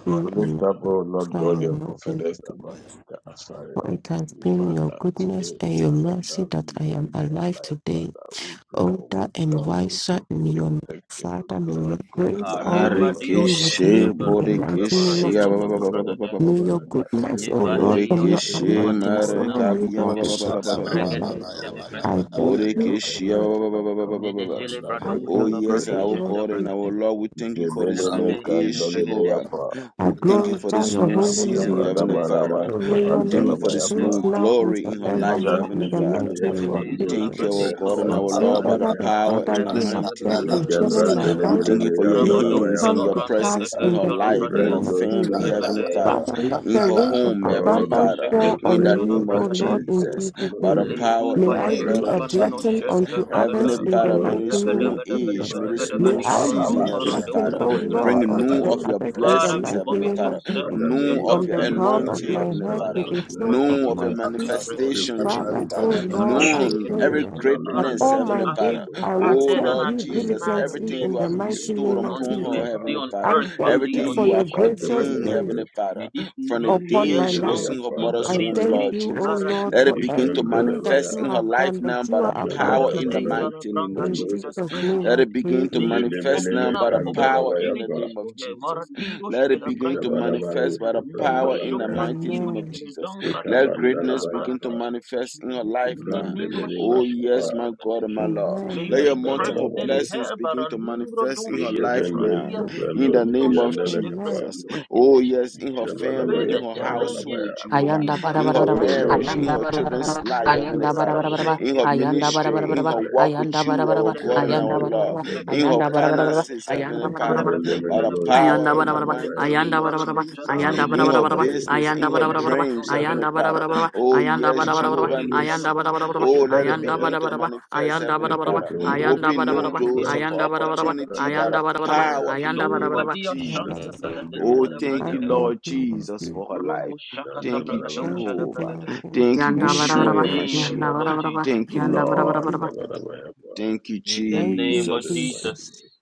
Lord, we and my lift up, O Lord God, Father, your my King, prophetess, Amasika Asari, for unto it has thee, been your Father. goodness Today and is your mercy another that I year am in her alive life, today, Father. We pray for older and wisdom, we pray wiser for in your your name. protection, O Father, may your God, good grace health, O Kademba always Lord be Dios God, with me Barikishe Shashkepa in the for Reberia mighty name burikishe of Baradebra prosperity, O Jesus. God. Fotobragade May your Father, in the goodness, O name of Lord, Ivaleo and Jesus, your Borekeshe may you anointing Sulumanina cause Nina follow me me to marakabiya all Nonoshke the ba- ba- ba- ba- ba- favor days ba- of her, ba- my ba- O ba- life. ba- Lord Regade ba. God, in I every Celebradeske thank area you, of her O Borekeshe ya Lord. ba- life, ba- ba- my ba- ba- ba- God. ba- ba- My Menegele Lord, ba. I Oh Bradoja thank La you, yes, O always our Branisha Lord God and our Jesus. Tebragadeske Lord, we thank you for Jebene this me new Revede age, kandole me Jehovah. Celebragadeske yapa. I We thank you for glorify this your Revostoske new holy season, Amen. name, Jebrada Heavenly God. Father. maramas So ke May We your Telebradeske thank you name be for this mayapa. praised new now and glory in her life, Ijaz forevermore Remoshokotobedevedeve. in Heavenly the me Father. mighty name yapa of We ndos thank Jesus. ke you, our Rebedezalabrade God and pendas our Lord, by the Whatsoever kapantevadia. maya. the power in Father the you have mighty said name of Ikem concerning Jesus. my Rebedebedebedebedebedebe. We life. thank me you for your May yandala it hands come and mayapa. your to Rabadozalabrande pass presence in in her the life, in ketezalabradia. her name of Ibrendos ke family, Jesus. Heavenly maya. Rebedeze. Father Father, let in her the rain of home, Heavenly Lord, abundance we Father, pray fall in for on the your me, name O of Remonoseketezalabragade. Lord, prophetess in this Jesus, Jesus' by the name. morning power and May in Letuba I the I ye blood be a birthday, of O kabanino blessing God. Jesus. shente unto Heavenly others bregada. in the Father, may Because mighty this name Rebeda when new of to beda beda give age, Jesus. may our beda this beda help, May new beda I Father, season, may be barompa the Heavenly blessing, Father, radoja O de bring heavens Lord, unto new open grekatashke. the of your unto others her. in the Father, blessings, we mighty Heavenly commit name your of Father, Jesus. Father, servants, may your new you of From your daughter the open the into crown your of anointing, floodgate my of hands. Heavenly head heaven to Father, Malin the unto to sole us, of new of your Father. my radiroshke feet, de Usually, We pray for manifestation, your bregadishke. Father, Jehovah, wisdom. oh We Lord, pray for Marande I your known every in-depth pray gedishke la knowledge that in greatness, the all aradoshke. my Heavenly word As of days you've Father. God. I will with As Oh she added has serve Lord an you availed Jesus, my additional herself diligently everything year to in you the have do neck your mighty bestowed name will of and upon unto your a Jesus. her, stay Heavenly power. on Father, I earth, thank you everything Valido And for you your those have sheshke kept de gracious them in ordained, bregada. grace Heavenly the Father. May this From the new upon year day my she life. come was with in her mother's I increased womb, Jebedebeyapandalabaya, thank Lord grace. you, O Jesus, Lord, let for it Baradiros begin to filebranga everything that tos Ikendelebaya, manifest you in her have life done, now celebragados. that by you the are about power to in the do. Rebadeja Jabadabanos, la mighty name branga of In Vendos, doja Jesus. la Jesus' name Let I it bradishke. pray. begin to May Amen. it manifest now open by up the power in the Jedemenemekandalabayapa, opportunities name for of her. Jesus. Maradiros Let it begin to filebranga teshke. manifest Jabadabayos, by the Nero power in the Brandalabaya, sombra mighty name diros of Amen. file Jesus. zankra Let diros file greatness begin to Ikabandalabayapa, manifest in her life now. Oh, yes, Ibrandemenemapa, my God and my Niloshashkatebrakateshka. Lord. May you Let Amen. your multiple strengthen Ishandalarabado, blessings her begin to baraningro manifest in her doshke life Igabendo, now. pradia Amen. In Ishabando, the menino name of shente Siandalakapa, Amen. Jesus. Oh, fratiroshketeshke yes, in her to face family, in Ishabalabaya, the her challenges household, Pandalabaya. you are Jehovah, Ayanda bringing her bara in bara with her bara bara. Oh in the Lord, marriage, in name Ayanda of her bara Amen. we children's life, bless Heavenly your bara Father, Lord, bara bara. in her we Ayanda Rakashenketebrega bless bara your bara ministry, bara in bara. her prophet, walk with Ayanda bara bara you, bara our bara. God is and Nalagadagadaga our Ayanda Ishabendo, bara bara Lord, bara. in her Ayanda bara Ishabandalabaya, bara bara. finances, Regadejalabregadeshke Ayanda Heavenly bara bara Father, bara. Ishabendo, by the Menelo, Amen. Regadejalabregade power Ayanda bara in the bara bara. Ishabandalabaya, mighty Ayanda Meketei name of bara bara bara. Jesus, Amen. Ayanda bara in her bara bara. you. barodozalaroshkatebra Pandalabado, business, Ayanda in her bara Ishabrando, bara bara. Ebilemenino dreams, Heavenly Ayanda shente Siandalaba, bara Father. bara bara. bragadeshke Oh, Ayanda yes, bara bara bara. Jehovah Igabendo, Ayanda Nisi. bara bara bara. Oh, Rabadejalabrenesente let it Ayanda Ishabandalabaya, begin bara to bara bregadiakaba bara. manifest, Ayanda Heavenly bara bara Father. bara. Igabendo, Ayanda Levadu Open bara bara bara. Ayanda bara bara new bara. doors Janamanino Ishabandalabaya, of Ayanda bara Santa bara bara. Bragata, opportunity by Ayanda the bara bara bara. power in the Ayanda bara name bara Repisova of bara. Dia Thank Santa Jesus. you. Bragata, Oh, thank I you, Bragata, Ishabandalabaya, thank Lord you, Lord Jesus, Jesus. for her Romo life. Shakata Thank you, Shandabarabaya, Thank Bragadosha you, King Jehovah. Bragata. of Kings. Thank you, Yanda Thank In bara you, the bara bara. Yeshua Sibiriyapa, name Jesus. of the Yanda Lord bara Mashiach. bara bara. Jesus, Thank you, Yanda Thank bara you, bara Lord. bara. Jesus. Shandabarabaya, Thank you, in the Thank name you, of Jesus Jesus. Jesus, mighty Jesus. name.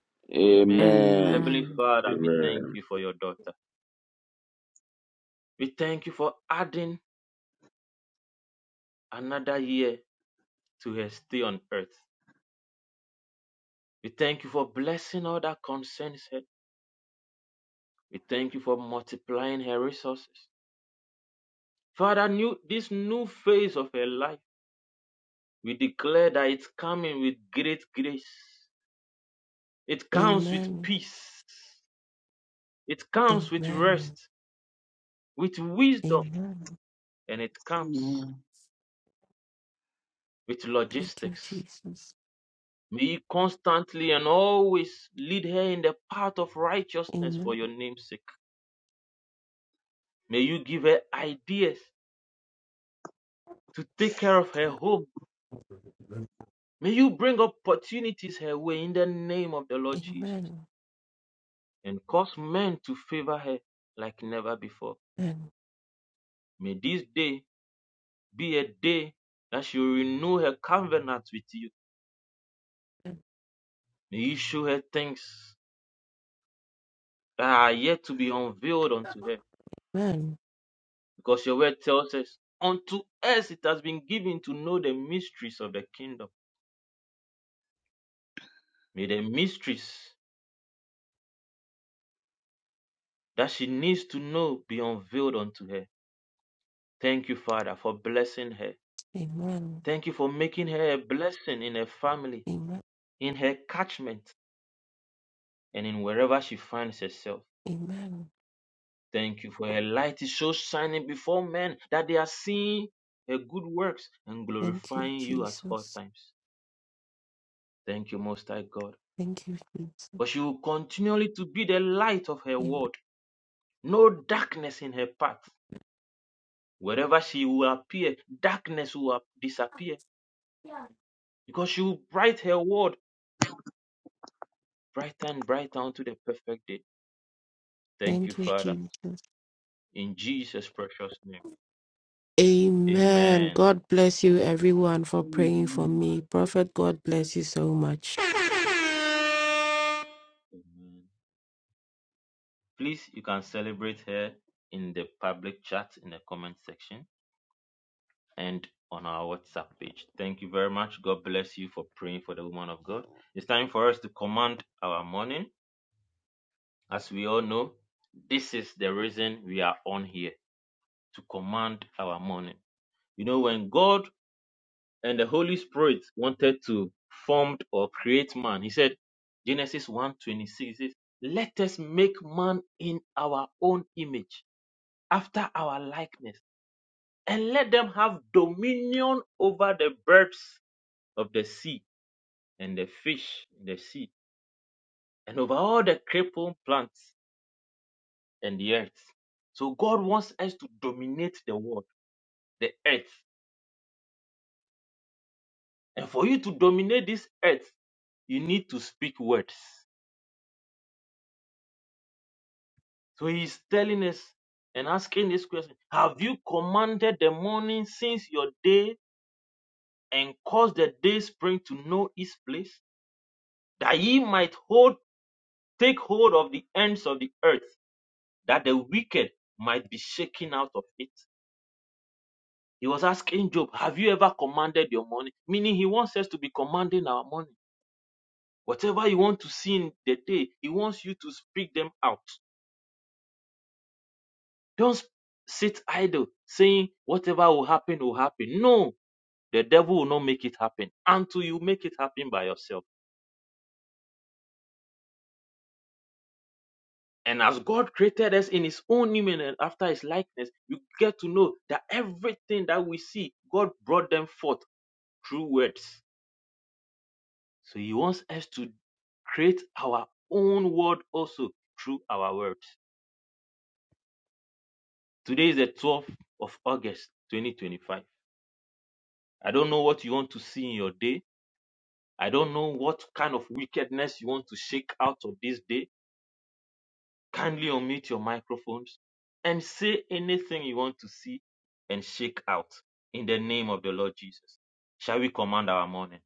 Amen. Amen. Heavenly Amen. Father, we thank Amen. you for your daughter. We thank you for adding another year to her stay on earth. We thank you for blessing all that concerns her. We thank you for multiplying her resources. Father, new this new phase of her life. We declare that it's coming with great grace. It comes with Amen. peace. It comes with Amen. rest, with wisdom, Amen. and it comes with Thank you, logistics. Jesus. May you constantly and always lead her in the path of righteousness Amen. for your name's sake. May you give her ideas to take care of her home. May you bring opportunities her way in the name of the Lord Jesus Amen. and cause men to favor her like never before. Amen. May this day be a day that she will renew her covenant with you. May you show her things that are yet to be unveiled unto her. Amen. Because your word tells us, unto us it has been given to know the mysteries of the kingdom. May the mysteries that she needs to know be unveiled unto her. Thank you, Father, for blessing her. Amen. Thank you for making her a blessing in her family, Amen. in her catchment, and in wherever she finds herself. Amen. Thank you for your light is so shining before men that they are seeing your good works and Thank you, glorifying you at all Jesus. times. Thank you, Most High God. Thank you, Jesus. For she will continually to be the light of her Amen. world, no darkness in her path. Wherever she will appear, darkness will disappear because she will bright her world brighter and brighter unto the perfect day. Thank you, Thank you, Father. Jesus. In Jesus' precious name. Amen. Amen. God bless you, everyone, for praying for me. Prophet, God bless you so much. Amen. Please, you can celebrate her in the public chat in the comment section and on our WhatsApp page. Thank you very much. God bless you for praying for the woman of God. It's time for us to command our morning. As we all know, this is the reason we are on here to command our morning. You know, when God and the Holy Spirit wanted to form or create man, he said, Genesis one 26, says, Let us make man in our own image, after our likeness and let them have dominion over the birds of the sea and the fish in the sea and over all the creeping plants and the earth. So God wants us to dominate the world, the earth. And for you to dominate this earth, you need to speak words. So he's telling us and asking this question Have you commanded the morning since your day and caused the day spring to know its place? That ye might hold take hold of the ends of the earth that the wicked might be shaken out of it. He was asking Job, Have you ever commanded your money? Meaning, he wants us to be commanding our money. Whatever you want to see in the day, he wants you to speak them out. Don't sit idle saying, Whatever will happen, will happen. No, the devil will not make it happen until you make it happen by yourself. And as God created us in his own image and after his likeness, you get to know that everything that we see, God brought them forth through words. So he wants us to create our own world also through our words. Today is the 12th of August, 2025. I don't know what you want to see in your day. I don't know what kind of wickedness you want to shake out of this day. Kindly unmute your microphones and say anything you want to see and shake out in the name of the Lord Jesus. Shall we command our morning?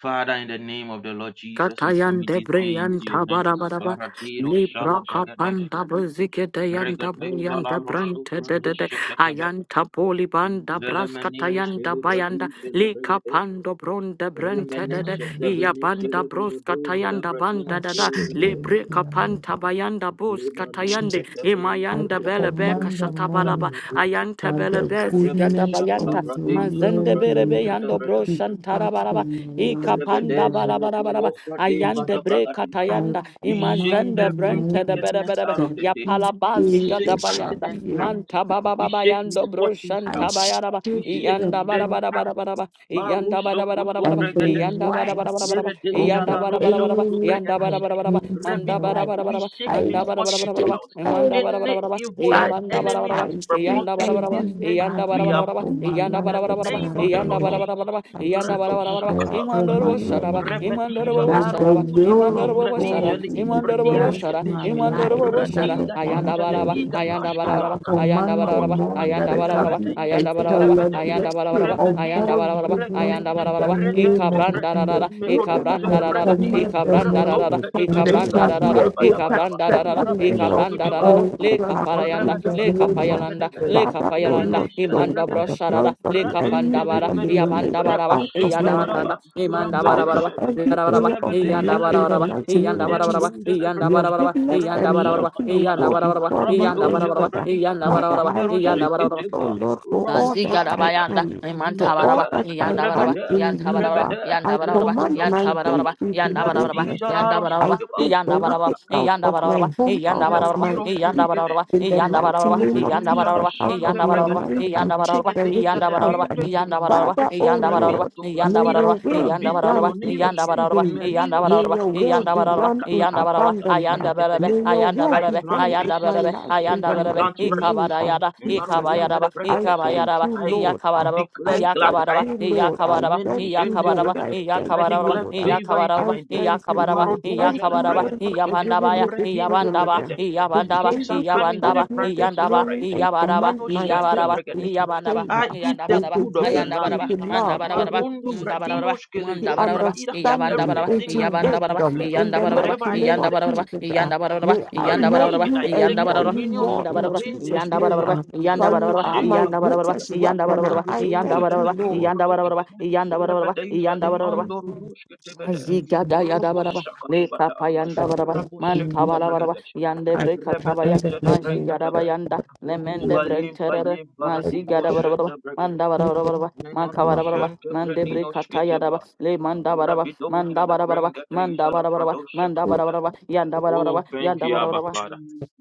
Father, in the name of the Lord Jesus, we commit Katayante this day into your Breyanta hands. Barabaraba Baradero shala Libra bragadesh. Kapanda Buziketayanta Regateja la Buyanta Brante roshofra de de de sheketebe. Ayanta Polibanda Velemenino Braskatayanta celebrati Bayanda Lika celebregatesque. Pando Bronde I Brente Remene de de command them. shetebrene Iabanda celebrogodo Broskatayanda celebranino I Banda da da shake them Libre celebregatesque. with the hand of Kapanta Bayanda Lebrano Buskatayande Jesus. shetebrene I Imayanda shetebradido Belebeka command the Shatabalaba morning shakatabratesque. Ayanta that the Belebe Rebo Zigada goodness Bayanta of the shakabrate Mazende Lord celebrate Berebe will Yando never shetebrate. depart Broshantarabaraba from my Ika life Rebede in panda the name bara bara bara celebrano frate of Jesus. ayande bre catabragatesque. I katayanda We shake command the imazanda every branta da morning bere wickedness bere bere out of that the ya day. this We palabazi day shake gada there shall bayanda accidents be a out. manta baba We baba shake yando misfortunes I out. broshanta bayara ba We shake shake the iyanda bara death black bara bara out. bara ba iyanda Marusho bara bara bara koto bara ba and the bregadeske. iyanda bara bara whites bara bara ba Meredeja of iyanda la the bara bara rosho bara ba to enemy iyanda bara bara bregadiske. bara ba against my manda bara life. bara Rebidoske. We bara ba shake manda I bara bara bara misfortunes bara shake ba out. every manda bara Any bara bara ba evil the iyabanda Badness, bara enemy bara ba has I shake Yanda bara perpetrated in bara bara. this every day, Yanda bara we bara burden bara bara. for uproot my Yanda in the life bara bara bara It's and bara. not name that of then the we Yanda Lord bara know. bara bara Jesus. bara. I see Yanda bara the bara bara Radosha bara. liquid I up kata with Imandoro my bo brakate. command blue them sharaba. and white Imandoro Rebedija bo lemonade la that the sharaba. ruduja li will and Imandoro of bo shara. ingradija God li business. will be You Imandoro know, bo done yes, shara. in you my uvradirosketeske. know, Imandoro life very bo and good. that shara. at of Radinga my Ayanda Not duja de with bara my bara. children. iga business. Ayanda I'm bara not a I bara ashketaka. problem. command the bara. Marotoba. morning that I Ayanda it was bara going bara shall to bara. be Rebedeja a Ayanda say, bara bara bara. Rabadanda, Ayanda bara bara celebration bara. of Ramadija, Ayanda bara God's bara bara. Ayanda bara bara bara. I'm goodness not Ayanda Ragadija, bara in bara the bara. name Redenta of Ikabranda Breda, da da Jesus. da. a problem. I'm Meroduza Ikabranda I the da da da Brigadij, rara, command not the a ikabranda problem. morning Raptum rara, But that it really, Petekatega, ikabranda shall you be rara, know, a total Rabadabadaba, ikabranda that rara, up, you settlement know, of ikabranda I Rabushekuteba, feel rara, God's le like half purpose of kaparayanda, in this the Rabadaba, le name of formula. kapayalanda, Ragadagadaga, le That up or kapayalanda, not, Ragadesha, so imanda that the Ragadeshka, broshara, plans of le the enemy kapanda Radinta be bara, Vedabedaba, yabanda eliminated bara, out of Raoshinta my life. yadanda, Baraba, imanda bara out of bara, Rambadesha Daba, every Yadabaraba, area of my Rabadeja life in the Yandabarabaraba, Labradoshki, mighty name of Jesus. Yandabarabaraba, Miraduja Your Labradishki, Yandabarabaraba, goodness and mercy Yandabarabaraba, Raboshakata will go Baraba, Yandabarabaraba, before me, O Rabadoja Yandabarabaraba, Lord. Labradishki, Jesus. Father, Yandabarabaraba, I thank you, Yandabarabaraba, O Miroshikitiba, Lord, for all that I Ramoshanta Bade, Mazigarabayanda, am, for all Imantabaraba, Nakada, that I am Yandabaraba, Rabada, in you. Yantabaraba, Rabada, I command my days Rombodoshakati, Yandabaraba, Yantabaraba, into Yandabaraba, greatness. Merdija I Yandabaraba, Laroshkitiba, Yandabaraba, put the Yandabaraba, wicked Raka, out of my Yandabaraba, home, out of Yandabaraba, my body. Merdiroshkitiba, Yandabaraba, In the mighty Yandabaraba, name of Livedeja la Jesus, Yandabaraba, out of shante my Yandabaraba, Yandabaraba, bregadia. mind, I shake Yandabaraba, the Nigedeja wicked de out. Yandabaraba, dinde Yandabaraba, kinapunto. Father, O Lord. Rabinto May braida. your Yandabaraba, will be Rabinto Yandabaraba, done in roniroshke. Yandabaraba, exceedingly. Meliro Yandabaraba, May baraba, your shakakaka. will yanda be baraba, done in yanda baraba, Rakatakatakata. abundance. uh, ayanda berebe, May Meketeketeke. your ayanda will I be berebe, plant done in ayanda my berebe, life peace. in ayanda the I berebe, mighty plant rest. name ikabara of yada, Jesus. uh. ikabayada, Maruduja de I bregadesh. thank ikabayada, you, I Lord. uh, iyakabara, declare I glad thank iyakabara, tidings. you, Lord. I iyakabara, Meno thank you, shente iyakabara, Lord. I bregede. thank I you, iyakabara, declare Lord. I, favor into iyakabara, I my day. thank you, iyakabara, Lord. Thank Marodujele you, iyakabara, Emma, for bregedioshke. giving iyabandabaya, me this Reginto privilege iyabandaba, uh, bregedeshke. to be iyabandaba, Kings are able to coming to iyabandaba, the stand here this brightness of my morning iyandaba, rising. and Iyabaraba, command Meno my shente Iyabaraba, days to be bregedeshke. Iyabanaba, favor I eat the Iyandabaraba, into good of the grace, land Mayandabaraba, this into day. love, Mandabarabaraba, into Marondo peace, Ndabaraba, bradiroshke into lejom Mandabarabaraba, bradira. understanding, Iyabandabaraba, Everything into that touches Iyabandabaraba, is wisdom. blessed. In the Iyandabaraba, mighty Wherever I step. name of Iyandabaraba, Jesus, uh, Iyandabaraba, may I know Maradish get Iyandabaraba, you I and take know Iyandabaraba, you dominion. more in Ndabarabaraba, Jesus' Marindishke name. teva. Iyandabarabaraba, uh, for you Iyandabarabaraba, are my Rabeshenka paradia. greatest weapon. uh, I Rumbodoja thank de you, Iyandabarabaraba, Iyandabarabaraba, gadin Lord. produshke. Iyandabarabaraba, Iyandabarabaraba, Rebedeja de Thank Iyandabarabaraba, you, Jesus. andorunushke tebede. Azigada yadabaraba, leka Roboshakatabata. payanda that baraba, manta you balabaraba, Raboshakatabragadeshke. yande are breka tabaya, Rebedeja commanded de me mazigaraba brenkatabe. yanda, lemende to Ubalin brenterere, payin paradiro mazigada barabaraba, shete bregade. manda do barabaraba, Menano from others makabarabaraba, shente mande and brenino breka shketeba. tayadaba, le manda baraba, Rabidoja manda de barabaraba, manda brengadeja la barabaraba, manda you refuse pradoshketebe. barabaraba, yanda Oh, barabaraba, thank yanda you, Abba barabaraba. Father.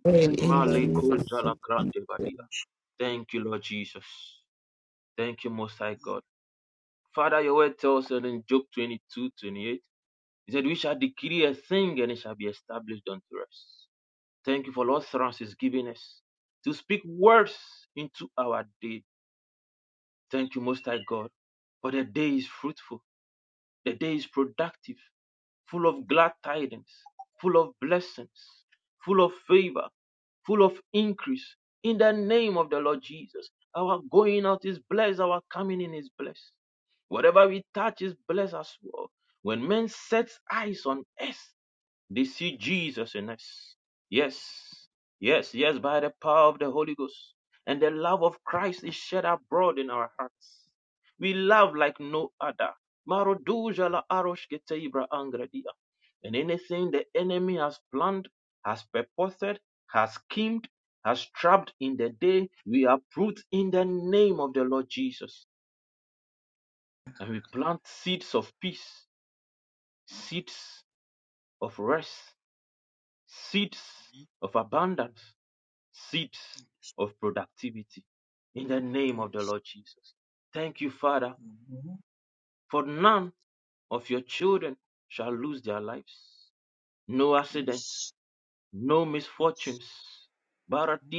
to aid Thank in you, the Maleko Jesus. jalakrante vadia. Thank you, Lord Jesus. Thank you, Most High God. Father, your word tells us in Job 22, 28, He said, We shall decree a thing and it shall be established unto us. Thank you for Lord Thrans is giving us to speak words into our day. Thank you, Most High God, for the day is fruitful, the day is productive. full of glad tidings, full of blessings, full of favor, full of increase. In the name of the Lord Jesus, our going out is blessed, our coming in is blessed. Whatever we touch is blessed as well. When men set eyes on us, they see Jesus in us. Yes, yes, yes, by the power of the Holy Ghost. And the love of Christ is shed abroad in our hearts. We love like no other. Maroduja la aroshkete ibra angradia. And anything the enemy has planned, has purposed, has schemed, has trapped in the day, we uproot in the name of the Lord Jesus. And we plant seeds of peace, seeds of rest, seeds of abundance, seeds of productivity. In the name of the Lord Jesus. Thank you, Father, for none of your children shall lose their lives. No accidents, no misfortunes. Amen.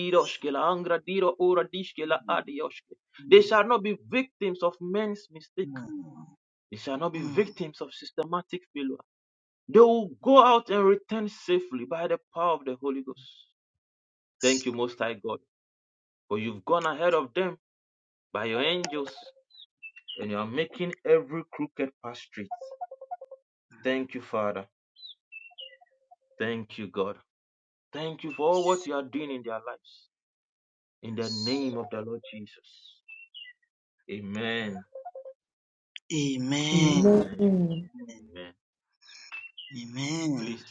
They Amen. shall not be victims of men's mistake. They shall not be victims of systematic failure. They will go out and return safely by the power of the Holy Ghost. Thank you, Most High God. But you've gone ahead of them by your angels and you are making every crooked path straight. Thank you, Father. Thank you, God. Thank you for all what you are doing in their lives. In the name of the Lord Jesus. Amen. Amen. Amen. name Amen. Amen. Amen. Please,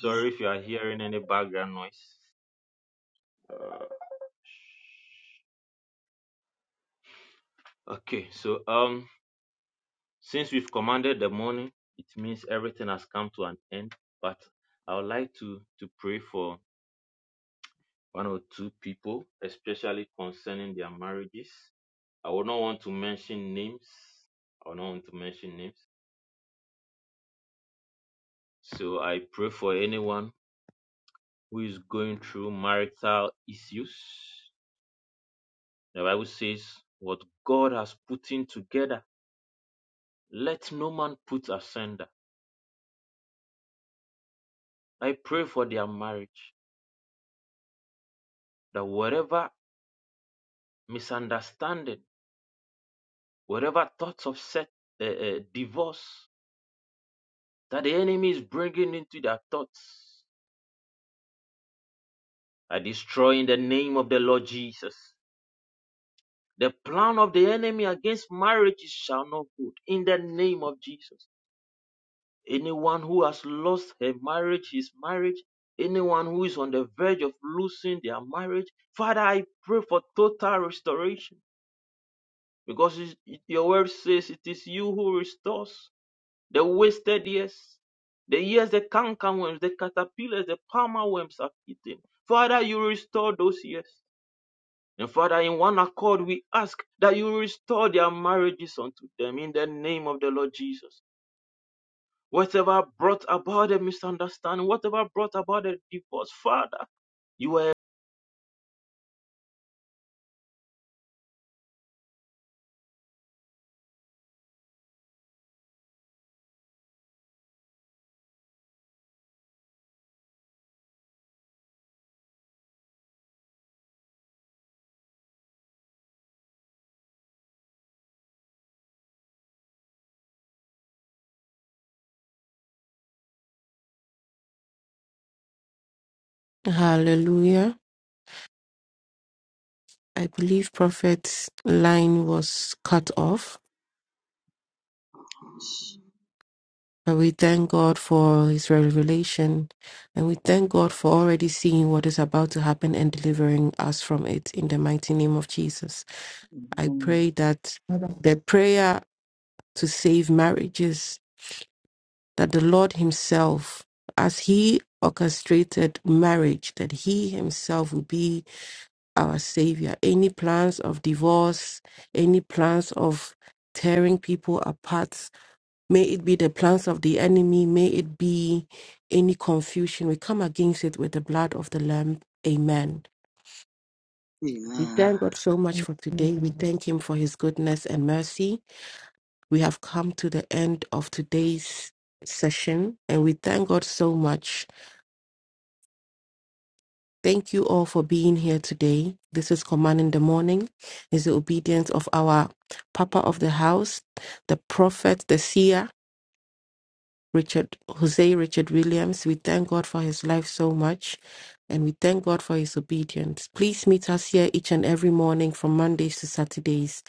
sorry if you are hearing any background noise. Uh, Okay, so um, since we've commanded the morning, it means everything has come to an end. But I would like to to pray for one or two people, especially concerning their marriages. I would not want to mention names. I would not want to mention names. So I pray for anyone who is going through marital issues. The Bible says, What God has put in together, let no man put asunder. I pray for their marriage, that whatever misunderstanding, whatever thoughts of set, uh, uh, divorce that the enemy is bringing into their thoughts, I destroy in the name of the Lord Jesus. The plan of the enemy against marriages shall not hold. in the name of Jesus. Anyone who has lost her marriage, his marriage, anyone who is on the verge of losing their marriage, Father, I pray for total restoration because it- it- your word says it is you who restores the wasted years, the years the cankerworms, the caterpillars, the palmer worms have eaten. Father, you restore those years. And Father, in one accord, we ask that you restore their marriages unto them in the name of the Lord Jesus. Whatever brought about a misunderstanding, whatever brought about a divorce, Father, you are Hallelujah. I believe Prophet's line was cut off. And we thank God for his revelation. And we thank God for already seeing what is about to happen and delivering us from it in the mighty name of Jesus. I pray that of the the prayer to save marriages, that the Lord himself, as he orchestrated marriage, that he himself will be our savior. Any plans of divorce, any plans of tearing people apart, May it be the plans of the enemy. May it be any confusion. We come against it with the blood of the Lamb. Amen. We thank God so much for today. We thank Him for His goodness and mercy. We have come to the end of today's session and we thank God so much. Thank you all for being here today. This is Command in the Morning. It's the obedience of our Papa of the house, the prophet, the seer. Richard Jose Richard Williams. We thank God for his life so much and we thank God for his obedience. Please meet us here each and every morning from Mondays to Saturdays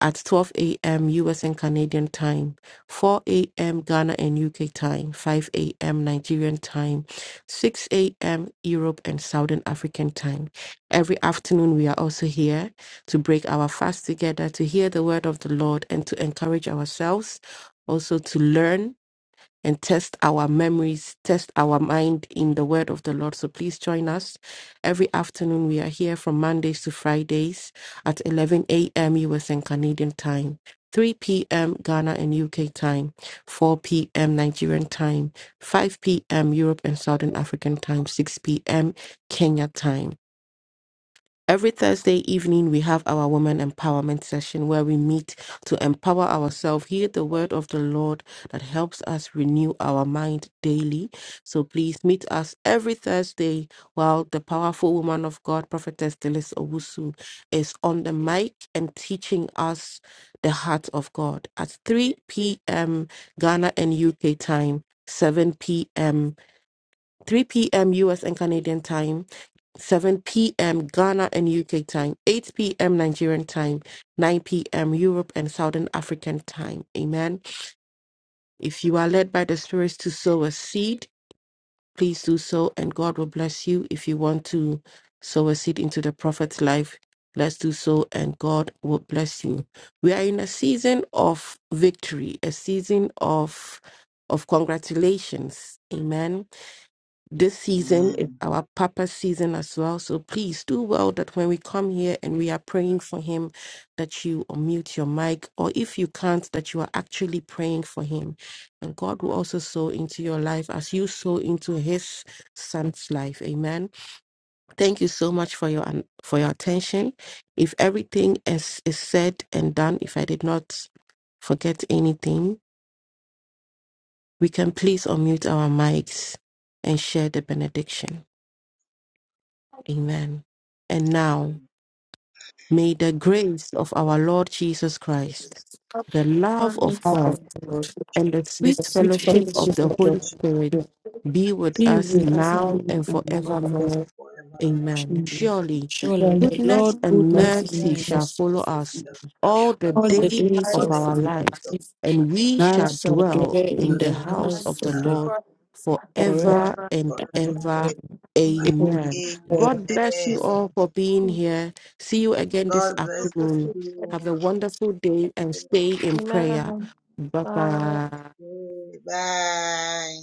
at 12 a.m. US and Canadian time, 4 a.m. Ghana and UK time, 5 a.m. Nigerian time, 6 a.m. Europe and Southern African time. Every afternoon, we are also here to break our fast together, to hear the word of the Lord, and to encourage ourselves, also to learn and test our memories, test our mind in the word of the Lord. So please join us. Every afternoon, we are here from Mondays to Fridays at 11 a.m. US and Canadian time. 3 p.m. Ghana and UK time, 4 p.m. Nigerian time, 5 p.m. Europe and Southern African time, 6 p.m. Kenya time. Every Thursday evening, we have our women empowerment session where we meet to empower ourselves, hear the word of the Lord that helps us renew our mind daily. So please meet us every Thursday while the powerful woman of God, Prophetess Delis Owusu, is on the mic and teaching us the heart of God at 3 p.m. Ghana and UK time, 7 p.m., 3 p.m. US and Canadian time. 7 p.m. Ghana and UK time, 8 p.m. Nigerian time, 9 p.m. Europe and Southern African time. Amen. If you are led by the Spirit to sow a seed, please do so, and God will bless you. If you want to sow a seed into the prophet's life, let's do so, and God will bless you. We are in a season of victory, a season of of congratulations. Amen this season, Amen. it- our Papa season as well. So please do well that when we come here and we are praying for him, that you unmute your mic, or if you can't, that you are actually praying for him. And God will also sow into your life as you sow into his son's life. Amen. Thank you so much for your for your attention. If everything is, is said and done, if I did not forget anything, we can please unmute our mics and share the benediction. Amen. And now, may the grace of our Lord Jesus Christ, the love of God, Lord. and the sweet First fellowship of the of Holy all, Spirit to be with us be now and forevermore. Amen. Surely very goodness and much mercy shall follow us all the days of our lives, and we shall dwell in the house of the Lord forever and ever. Amen. God bless you Amen. all for being here. See you again this God bless you. afternoon. too. Have a wonderful day and Okay. stay in Amen. prayer. Bye bye. Bye.